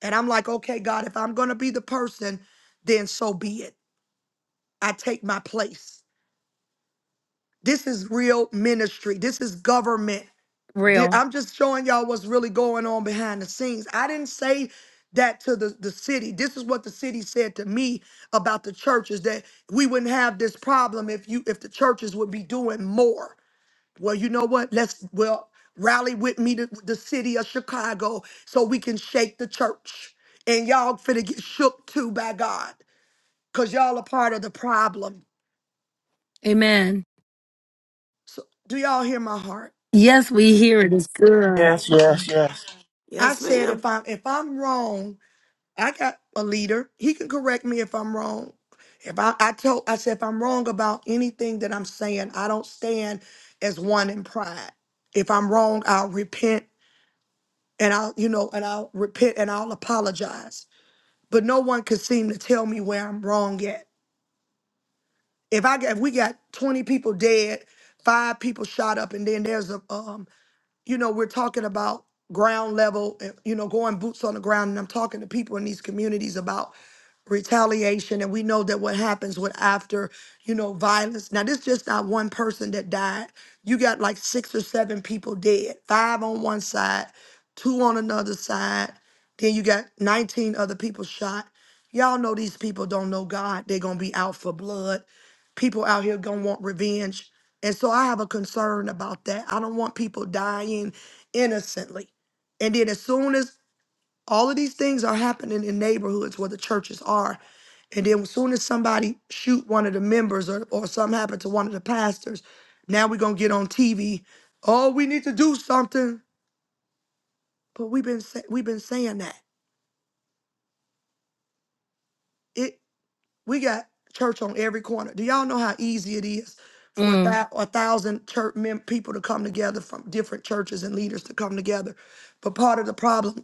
[SPEAKER 10] And I'm like, okay, God, if I'm going to be the person, then so be it. I take my place. This is real ministry. This is government. Di-
[SPEAKER 2] Real.
[SPEAKER 10] I'm just showing y'all what's really going on behind the scenes. I didn't say that to the, the city. This is what the city said to me about the churches that we wouldn't have this problem if you if the churches would be doing more. Well, you know what? Let's well rally with me to the city of Chicago so we can shake the church. And y'all finna get shook too by God. Cause y'all are part of the problem.
[SPEAKER 2] Amen.
[SPEAKER 10] So do y'all hear my heart?
[SPEAKER 2] Yes, we hear it. It's good.
[SPEAKER 5] Yes, yes, yes.
[SPEAKER 10] I
[SPEAKER 4] Yes,
[SPEAKER 10] said
[SPEAKER 4] ma'am.
[SPEAKER 10] if I'm if I'm wrong, I got a leader. He can correct me if I'm wrong. If I, I told I said if I'm wrong about anything that I'm saying, I don't stand as one in pride. If I'm wrong, I'll repent and I'll, you know, and I'll repent and I'll apologize but no one could seem to tell me where I'm wrong at. If I got, if we got 20 people dead, five people shot up, and then there's a um you know, we're talking about ground level, and, you know, going boots on the ground. And I'm talking to people in these communities about retaliation. And we know that what happens with after, you know, violence. Now, this just not one person that died. You got like six or seven people dead, five on one side, two on another side. Then you got 19 other people shot. Y'all know these people don't know God. They're going to be out for blood people out here gonna want revenge. And so I have a concern about that. I don't want people dying innocently. And then as soon as all of these things are happening in neighborhoods where the churches are, and then as soon as somebody shoot one of the members or, or something happened to one of the pastors, now we're gonna get on TV. Oh, we need to do something. But we've been say, we've been saying that. We got church on every corner. Do y'all know how easy it is for a,
[SPEAKER 2] Mm.
[SPEAKER 10] thou- a thousand church mem- people to come together from different churches and leaders to come together? But part of the problem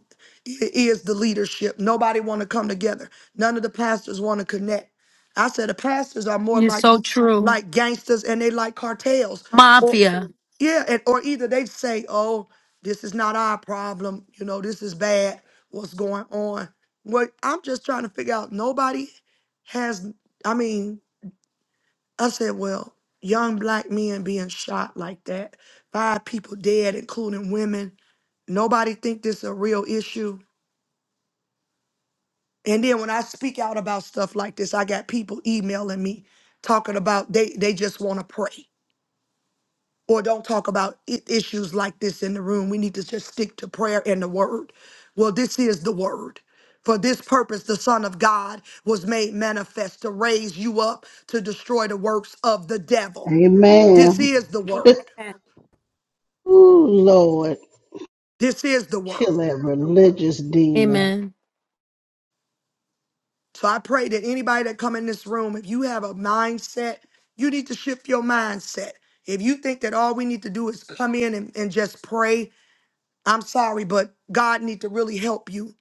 [SPEAKER 10] i- is the leadership. Nobody want to come together. None of the pastors want to connect. I said the pastors are more
[SPEAKER 2] are
[SPEAKER 10] like
[SPEAKER 2] so true.
[SPEAKER 10] like gangsters and they like cartels. Or
[SPEAKER 2] Mafia.
[SPEAKER 10] yeah, and or either they say, "Oh, this is not our problem. You know, this is bad. What's going on?" Well, I'm just trying to figure out. Nobody has I mean, I said, well, young black men being shot like that, five people dead, including women. Nobody think this a real issue. And then when I speak out about stuff like this, I got people emailing me talking about they they just want to pray or don't talk about i- issues like this in the room. We need to just stick to prayer and the word. Well, this is the word. For this purpose, the Son of God was made manifest to raise you up to destroy the works of the devil. This
[SPEAKER 11] Amen.
[SPEAKER 10] is the word.
[SPEAKER 1] Amen.
[SPEAKER 11] Ooh, Lord.
[SPEAKER 10] This is the word.
[SPEAKER 11] Kill that religious demon.
[SPEAKER 2] Amen.
[SPEAKER 10] So I pray that anybody that come in this room, if you have a mindset, you need to shift your mindset. If you think that all we need to do is come in and, and just pray, I'm sorry, but God need to really help you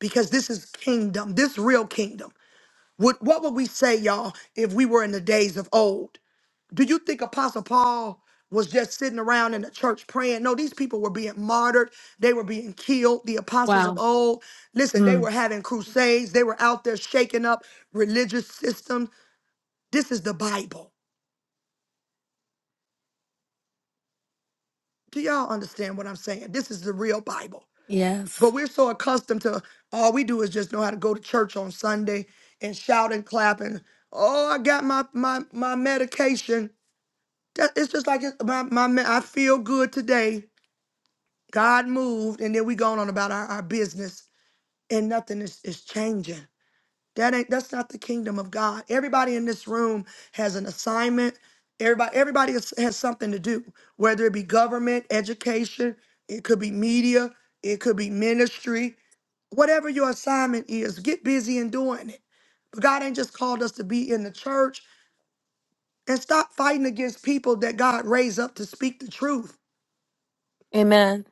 [SPEAKER 10] because this is kingdom, this real kingdom. What, what would we say, y'all, if we were in the days of old? Do you think Apostle Paul was just sitting around in the church praying? No, these people were being martyred. They were being killed. The apostles of
[SPEAKER 2] Wow.
[SPEAKER 10] old, listen,
[SPEAKER 2] Mm.
[SPEAKER 10] they were having crusades. They were out there shaking up religious systems. This is the Bible. Do y'all understand what I'm saying? This is the real Bible. But
[SPEAKER 2] Yes.
[SPEAKER 10] we're so accustomed to all we do is just know how to go to church on Sunday and shout and clap and oh, I got my my my medication. That, it's just like it- my my me- I feel good today. God moved, and then we going on about our, our business, and nothing is, is changing. That ain't that's not the kingdom of God. Everybody in this room has an assignment. Everybody, everybody has, has something to do, whether it be government, education, it could be media, it could be ministry, whatever your assignment is, get busy in doing it. But God ain't just called us to be in the church and stop fighting against people that God raised up to speak the truth.
[SPEAKER 2] Amen.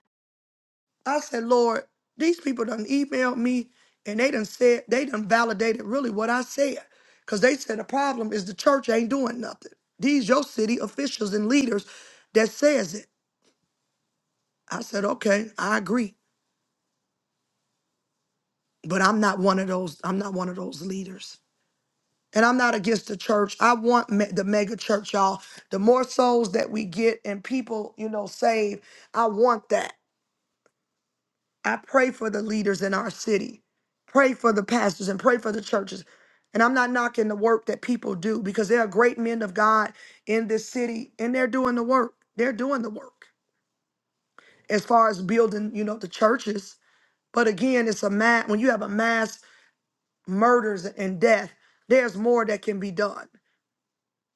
[SPEAKER 10] I said, Lord, these people done emailed me and they done said, they done validated really what I said. Because they said the problem is the church ain't doing nothing. These your city officials and leaders that says it. I said, okay, I agree. But I'm not one of those, I'm not one of those leaders. And I'm not against the church. I want me- the mega church, y'all. The more souls that we get and people, you know, saved, I want that. I pray for the leaders in our city, pray for the pastors, and pray for the churches. And I'm not knocking the work that people do because there are great men of God in this city and they're doing the work. They're doing the work as far as building, you know, the churches. But again, it's a mass, when you have a mass murders and death, there's more that can be done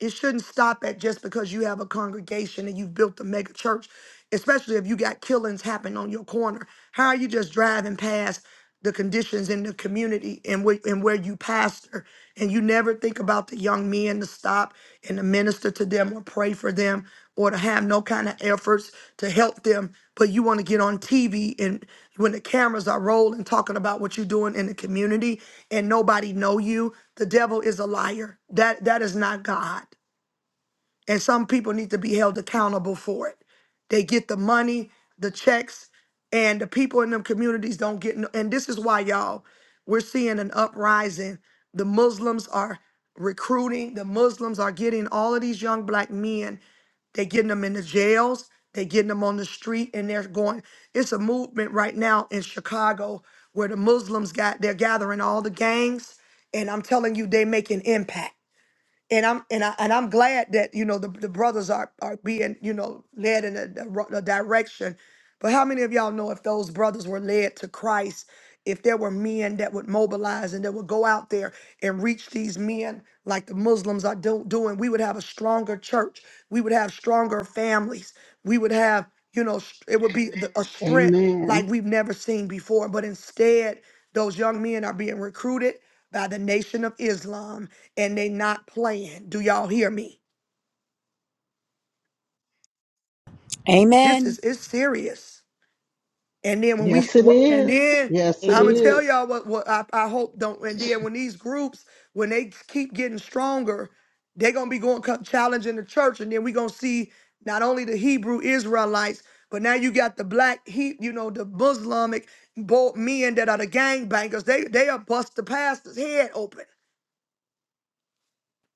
[SPEAKER 10] it shouldn't stop at just because you have a congregation and you've built a mega church, especially if you got killings happen on your corner. How are you just driving past the conditions in the community and where, and where you pastor, and you never think about the young men to stop and to minister to them or pray for them? or to have no kind of efforts to help them, but you want to get on TV and when the cameras are rolling talking about what you're doing in the community and nobody know you, the devil is a liar. That that is not God and some people need to be held accountable for it. They get the money, the checks, and the people in them communities don't get. No, and this is why y'all, we're seeing an uprising. The Muslims are recruiting. The Muslims are getting all of these young black men. They're getting them in the jails. They're getting them on the street, and they're going. It's a movement right now in Chicago where the Muslims got. They're gathering all the gangs, and I'm telling you, they make an impact and I'm and I and I'm glad that you know the, the brothers are are being you know led in a, di- ro- a direction. But how many of y'all know if those brothers were led to Christ, if there were men that would mobilize and that would go out there and reach these men like the Muslims are do- doing, we would have a stronger church. We would have stronger families. We would have you know s- it would be the- a strength
[SPEAKER 11] Amen.
[SPEAKER 10] like we've never seen before. But instead, those young men are being recruited by the Nation of Islam and they not playing. Do y'all hear me? This
[SPEAKER 1] Amen.
[SPEAKER 10] is it's serious. And then when we
[SPEAKER 11] Yes, it
[SPEAKER 10] wha- and
[SPEAKER 11] is.
[SPEAKER 10] then
[SPEAKER 11] Yes, it
[SPEAKER 10] I'm gonna
[SPEAKER 4] Amen.
[SPEAKER 10] tell
[SPEAKER 11] is.
[SPEAKER 10] y'all what what I, I hope don't. And then when these groups when they keep getting stronger, they gonna be going co- challenging the church, and then we gonna see not only the Hebrew Israelites, but now you got the black he you know the Muslimic both men that are the gangbangers. They they are bust the pastor's head open.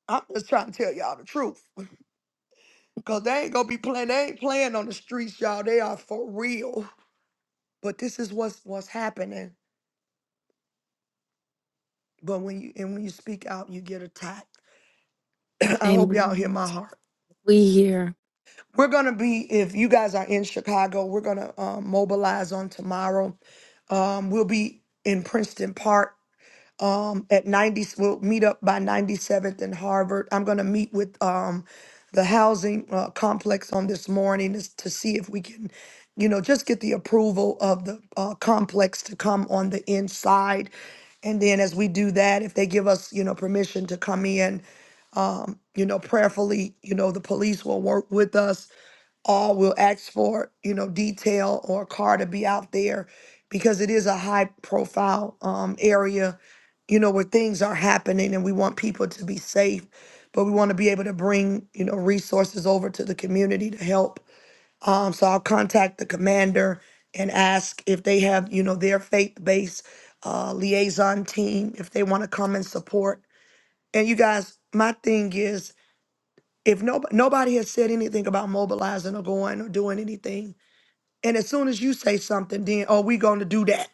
[SPEAKER 10] I'm just trying to tell y'all the truth. Cause they ain't gonna be playing. They ain't playing on the streets, y'all. They are for real. But this is what's what's happening. But when you and when you speak out, you get attacked. I hope y'all
[SPEAKER 2] Amen.
[SPEAKER 10] hear my heart.
[SPEAKER 2] We here.
[SPEAKER 10] We're gonna be if you guys are in Chicago, we're gonna um, mobilize on tomorrow. Um, we'll be in Princeton Park um at 90 we'll meet up by 97th and harvard i'm going to meet with um the housing uh, complex on this morning is to see if we can you know just get the approval of the uh, complex to come on the inside and then as we do that if they give us you know permission to come in um you know prayerfully you know the police will work with us all will ask for you know detail or a car to be out there because it is a high profile um, area you know where things are happening and we want people to be safe but we want to be able to bring you know resources over to the community to help um, so i'll contact the commander and ask if they have you know their faith-based uh, liaison team if they want to come and support and you guys my thing is if nobody nobody has said anything about mobilizing or going or doing anything and as soon as you say something, then oh, we gonna do that.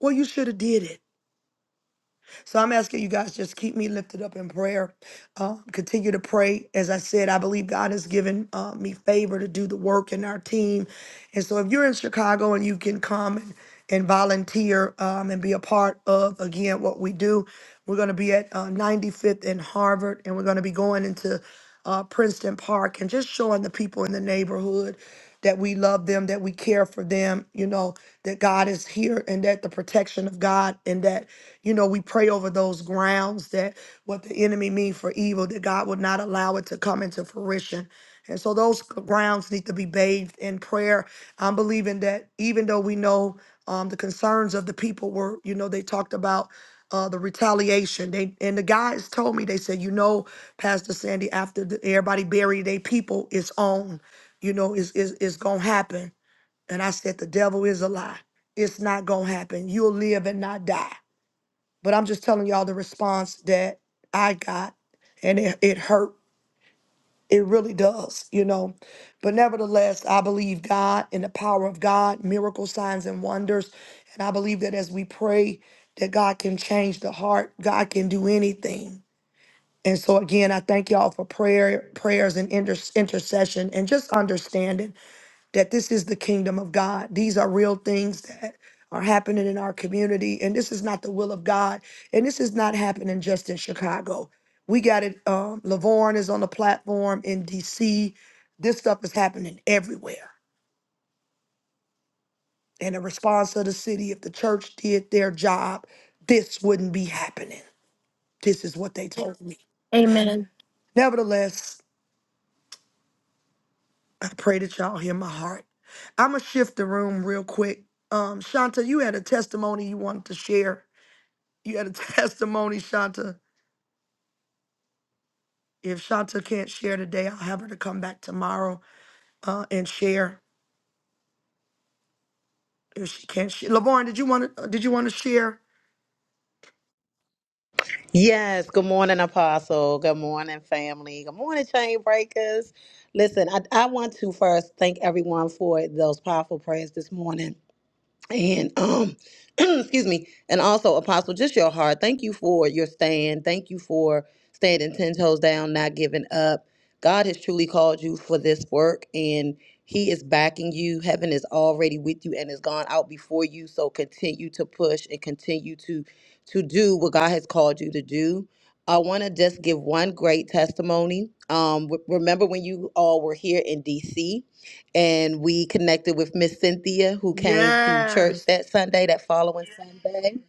[SPEAKER 10] Well, you should have did it. So I'm asking you guys just keep me lifted up in prayer. Uh, continue to pray. As I said, I believe God has given uh, me favor to do the work in our team. And so if you're in Chicago and you can come and, and volunteer um, and be a part of again what we do, we're gonna be at uh, 95th and Harvard, and we're gonna be going into uh, Princeton Park, and just showing the people in the neighborhood that we love them, that we care for them, you know, that God is here and that the protection of God and that, you know, we pray over those grounds that what the enemy mean for evil, that God would not allow it to come into fruition. And so those grounds need to be bathed in prayer. I'm believing that even though we know um, the concerns of the people were, you know, they talked about uh, the retaliation. They and the guys told me they said, you know, Pastor Sandy, after the, everybody buried their people, it's on. You know, it's, it's, it's going to happen. And I said, the devil is a lie. It's not going to happen. You'll live and not die. But I'm just telling y'all the response that I got, and it, it hurt. It really does, you know. But nevertheless, I believe God in the power of God, miracle signs and wonders. And I believe that as we pray, that God can change the heart, God can do anything and so again, I thank y'all for prayer, prayers and inter- intercession and just understanding that this is the kingdom of God. These are real things that are happening in our community and this is not the will of God. And this is not happening just in Chicago. We got it um Lavorne is on the platform in DC. This stuff is happening everywhere. And the response of the city if the church did their job, this wouldn't be happening. This is what they told me.
[SPEAKER 2] Amen.
[SPEAKER 10] Nevertheless, I pray that y'all hear my heart. I'm gonna shift the room real quick. Um, Shanta, you had a testimony you wanted to share. You had a testimony, Shanta. If Shanta can't share today, I'll have her to come back tomorrow uh, and share. If she can't share, Lavorne, did you want to? Did you want to share?
[SPEAKER 13] Yes, good morning, Apostle. Good morning, family. Good morning, Chain Breakers. Listen, I, I want to first thank everyone for those powerful prayers this morning and um excuse me and also apostle just your heart thank you for your stand thank you for standing 10 toes down not giving up god has truly called you for this work and he is backing you heaven is already with you and has gone out before you so continue to push and continue to to do what god has called you to do i want to just give one great testimony um w- remember when you all were here in dc and we connected with Miss Cynthia, who came to church
[SPEAKER 10] Yes.
[SPEAKER 13] that Sunday, that following Sunday.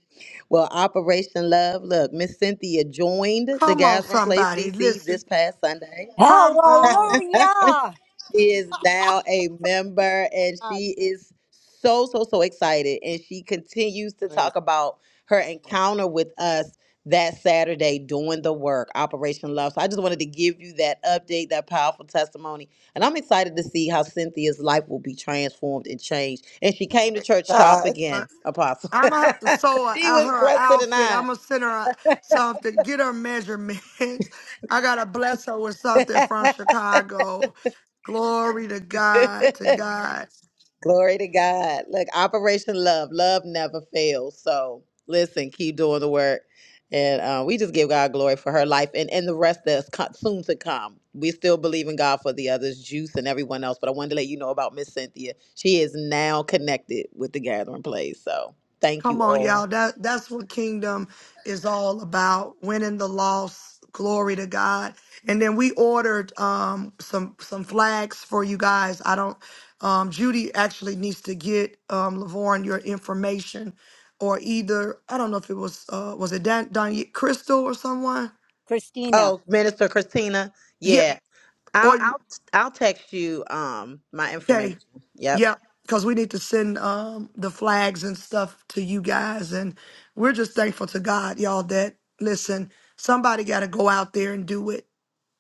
[SPEAKER 13] Well, Operation Love, look, Miss Cynthia joined the
[SPEAKER 10] Come on,
[SPEAKER 13] Gathering Place
[SPEAKER 10] somebody,
[SPEAKER 13] DC
[SPEAKER 10] listen.
[SPEAKER 13] this past Sunday.
[SPEAKER 10] Come on.
[SPEAKER 1] Hallelujah.
[SPEAKER 13] She is now a member and
[SPEAKER 1] Uh,
[SPEAKER 13] she is so, so, so excited. And she continues to
[SPEAKER 5] Praise
[SPEAKER 13] talk about her encounter with us that Saturday doing the work, Operation Love. So I just wanted to give you that update, that powerful testimony. And I'm excited to see how Cynthia's life will be transformed and changed. And she came to church sharp
[SPEAKER 5] God.
[SPEAKER 13] again, Apostle.
[SPEAKER 10] I'm gonna have to sew a,
[SPEAKER 13] she
[SPEAKER 10] a-
[SPEAKER 13] was
[SPEAKER 10] her an
[SPEAKER 13] dressed to
[SPEAKER 10] outfit. I'm
[SPEAKER 13] the
[SPEAKER 10] gonna send her a, something. Get her measurements. I gotta bless her with something from
[SPEAKER 13] nines.
[SPEAKER 10] Chicago. Glory to God. To God.
[SPEAKER 13] Glory to God. Look, Operation Love, love never fails. So listen, keep doing the work. And uh, we just give God glory for her life and, and the rest that's co- soon to come. We still believe in God for the others, Juice and everyone else. But I wanted to let you know about Miss Cynthia. She is now connected with the Gathering Place. So thank
[SPEAKER 10] Come
[SPEAKER 13] you
[SPEAKER 10] on, y'all.
[SPEAKER 13] all.
[SPEAKER 10] That that's what kingdom is all about. Winning the loss. Glory to God. And then we ordered um some some flags for you guys. I don't um Judy actually needs to get um Lavorne your information or either I don't know if it was uh was it Dan, Dan Crystal or someone?
[SPEAKER 1] Christina.
[SPEAKER 13] Oh, Minister Christina,
[SPEAKER 10] Yeah.
[SPEAKER 13] yeah, I'll
[SPEAKER 10] Or
[SPEAKER 13] I'll I'll text you um my
[SPEAKER 10] okay.
[SPEAKER 13] information. Yep,
[SPEAKER 10] Yeah, because we need to send um, the flags and stuff to you guys. And we're just thankful to God, y'all, that listen, somebody gotta go out there and do it.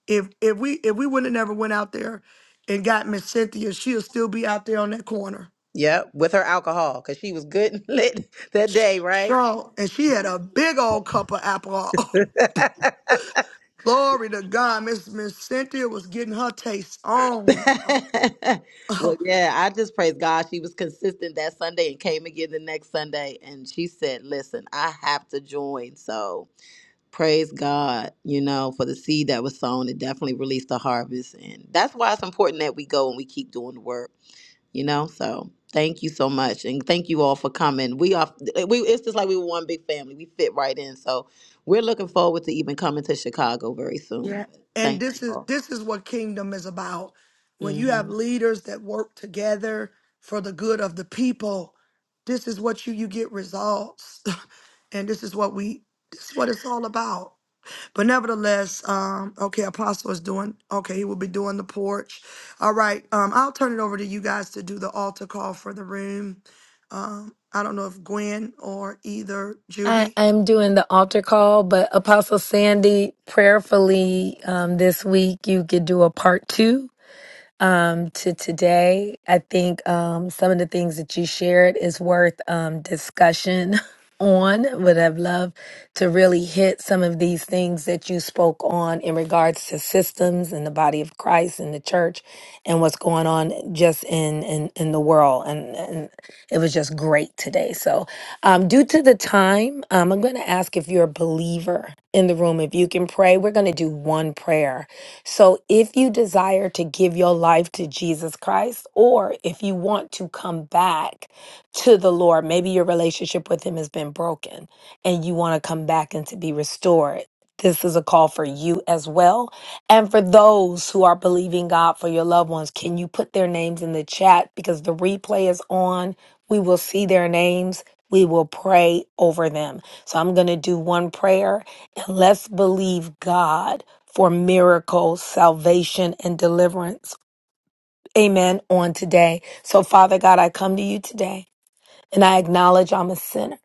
[SPEAKER 10] If if we if we wouldn't have never went out there and got Miss Cynthia, she'll still be out there on that corner.
[SPEAKER 13] yep, with her alcohol because she was good and lit that
[SPEAKER 10] Sh-
[SPEAKER 13] day, right?
[SPEAKER 10] Cheryl, and she had a big old cup of Aperol. Glory to God. Miss Miss Cynthia was getting her taste on.
[SPEAKER 13] well, yeah, I just praise God. She was consistent that Sunday and came again the next Sunday. And she said, Listen, I have to join. So praise God, you know, for the seed that was sown. It definitely released the harvest. And that's why it's important that we go and we keep doing the work, you know? So thank you so much. And thank you all for coming. We are, eh, we, it's just like we were one big family. We fit right in. So we're looking forward to even coming to Chicago very soon.
[SPEAKER 10] Yeah. And
[SPEAKER 13] Thank you
[SPEAKER 10] this is
[SPEAKER 13] all.
[SPEAKER 10] this is what kingdom is about. When you
[SPEAKER 13] Mm-hmm.
[SPEAKER 10] have leaders that work together for the good of the people, this is what you you get results. and this is what we this is what it's all about. But nevertheless, um, okay, Apostle is doing okay, he will be doing the porch. All right. Um, I'll turn it over to you guys to do the altar call for the room. Um, I don't know if Gwen or either
[SPEAKER 2] I,
[SPEAKER 10] Judy.
[SPEAKER 2] I'm doing the altar call, but Apostle Sandy, prayerfully, um, this week you could do a part two um, to today. I think um, some of the things that you shared is worth um, discussion on. Would have loved to really hit some of these things that you spoke on in regards to systems and the body of Christ and the church and what's going on just in in, in the world. And, and it was just great today. So, um, due to the time time, um, I'm going to ask if you're a believer in the room. If you can pray, we're going to do one prayer. So, if you desire to give your life to Jesus Christ, or if you want to come back to the Lord, maybe your relationship with Him has been broken and you want to come back and to be restored. This is a call for you as well. And for those who are believing God for your loved ones, can you put their names in the chat? Because the replay is on. We will see their names. We will pray over them. So I'm going to do one prayer and let's believe God for miracles, salvation, and deliverance. Amen. On today. So, Father God, I come to you today and I acknowledge I'm a sinner.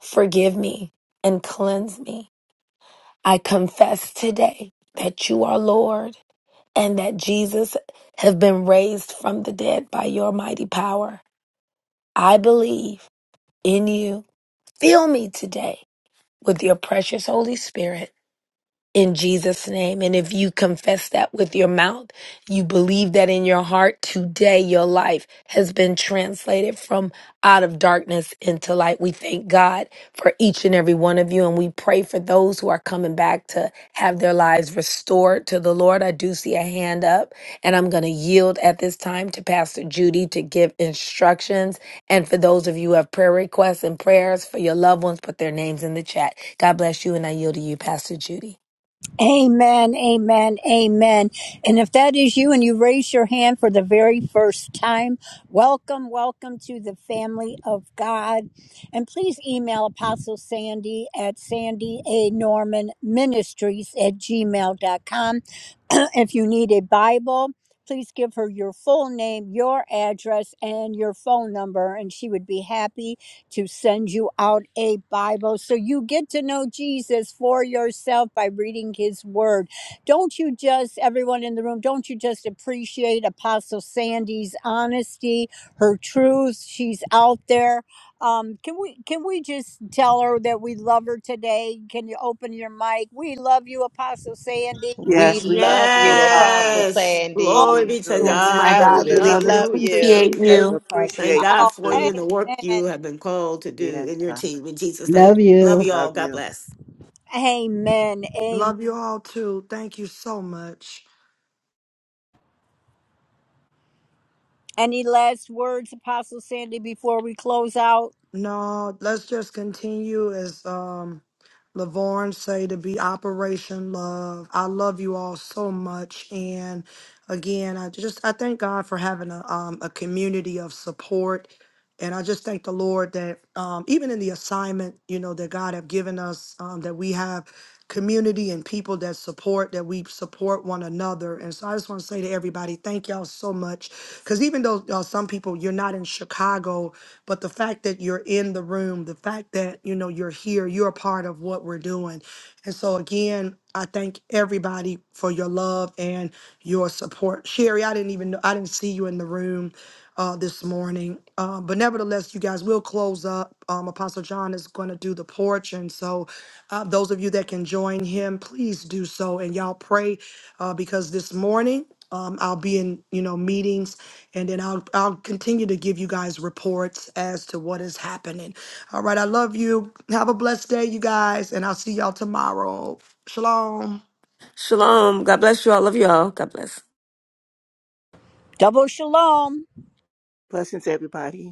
[SPEAKER 2] Forgive me and cleanse me. I confess today that you are Lord and that Jesus have been raised from the dead by your mighty power. I believe in you. Fill me today with your precious Holy Spirit in Jesus' name. And if you confess that with your mouth, you believe that in your heart, today your life has been translated from out of darkness into light. We thank God for each and every one of you. And we pray for those who are coming back to have their lives restored to the Lord. I do see a hand up, and I'm going to yield at this time to Pastor Judy to give instructions. And for those of you who have prayer requests and prayers for your loved ones, put their names in the chat. God bless you, and I yield to you, Pastor Judy.
[SPEAKER 1] Amen, amen, amen. And if that is you and you raise your hand for the very first time, welcome, welcome to the family of God. And please email Apostle Sandy at Sandy A. Norman Ministries at gmail dot com if you need a Bible, please give her your full name, your address, and your phone number, and she would be happy to send you out a Bible so you get to know Jesus for yourself by reading his word. Don't you just, everyone in the room, don't you just appreciate Apostle Sandy's honesty, her truth? She's out there. Um, can we can we just tell her that we love her today? Can you open your mic? We love you, Apostle Sandy.
[SPEAKER 13] We
[SPEAKER 5] Yes, we love
[SPEAKER 13] love
[SPEAKER 5] you,
[SPEAKER 13] you,
[SPEAKER 1] We
[SPEAKER 13] Apostle
[SPEAKER 5] Apostle.
[SPEAKER 4] Yes.
[SPEAKER 1] all
[SPEAKER 4] Glory
[SPEAKER 5] We
[SPEAKER 13] Sandy.
[SPEAKER 4] be to
[SPEAKER 1] you're
[SPEAKER 5] do.
[SPEAKER 13] We
[SPEAKER 2] Yes, my
[SPEAKER 4] God.
[SPEAKER 5] We
[SPEAKER 1] doing.
[SPEAKER 4] We
[SPEAKER 2] God, we
[SPEAKER 5] really
[SPEAKER 13] absolutely
[SPEAKER 4] love
[SPEAKER 2] love and
[SPEAKER 5] do.
[SPEAKER 4] you.
[SPEAKER 13] love
[SPEAKER 4] We
[SPEAKER 13] you.
[SPEAKER 4] appreciate
[SPEAKER 2] appreciate
[SPEAKER 12] Love
[SPEAKER 2] you.
[SPEAKER 5] We
[SPEAKER 4] you.
[SPEAKER 12] Apostle.
[SPEAKER 4] Thank
[SPEAKER 5] appreciate you
[SPEAKER 1] Oh,
[SPEAKER 4] God for you
[SPEAKER 5] too.
[SPEAKER 4] and the work
[SPEAKER 1] amen.
[SPEAKER 4] you have been called to
[SPEAKER 5] Yes,
[SPEAKER 4] do in your
[SPEAKER 5] God.
[SPEAKER 4] team. In Jesus' name.
[SPEAKER 11] Love
[SPEAKER 4] Love
[SPEAKER 11] you.
[SPEAKER 4] you
[SPEAKER 5] Love
[SPEAKER 4] all. God
[SPEAKER 5] you.
[SPEAKER 4] bless.
[SPEAKER 1] Amen.
[SPEAKER 10] Love you all too. Thank you so much.
[SPEAKER 1] Any last words, Apostle Sandy, before we close out?
[SPEAKER 10] No, let's just continue as um Lavorne say to be Operation Love. I love you all so much. And again, I just I thank God for having a um a community of support. And I just thank the Lord that um even in the assignment, you know, that God have given us, um, that we have community and people that support, that we support one another. And so I just want to say to everybody, thank y'all so much. Cause even though uh, some people you're not in Chicago, but the fact that you're in the room, the fact that, you know, you're here, you're a part of what we're doing. And so again, I thank everybody for your love and your support. Sherry, I didn't even know, I didn't see you in the room uh, this morning. Uh, but nevertheless, you guys will close up. Um, Apostle John is going to do the porch. And so, uh, those of you that can join him, please do so. And y'all pray uh, because this morning, um, I'll be in, you know, meetings, and then I'll I'll continue to give you guys reports as to what is happening. All right, I love you. Have a blessed day, you guys, and I'll see y'all tomorrow. Shalom.
[SPEAKER 4] Shalom. God bless you all. Love you all. God bless.
[SPEAKER 1] Double shalom.
[SPEAKER 5] Blessings, everybody.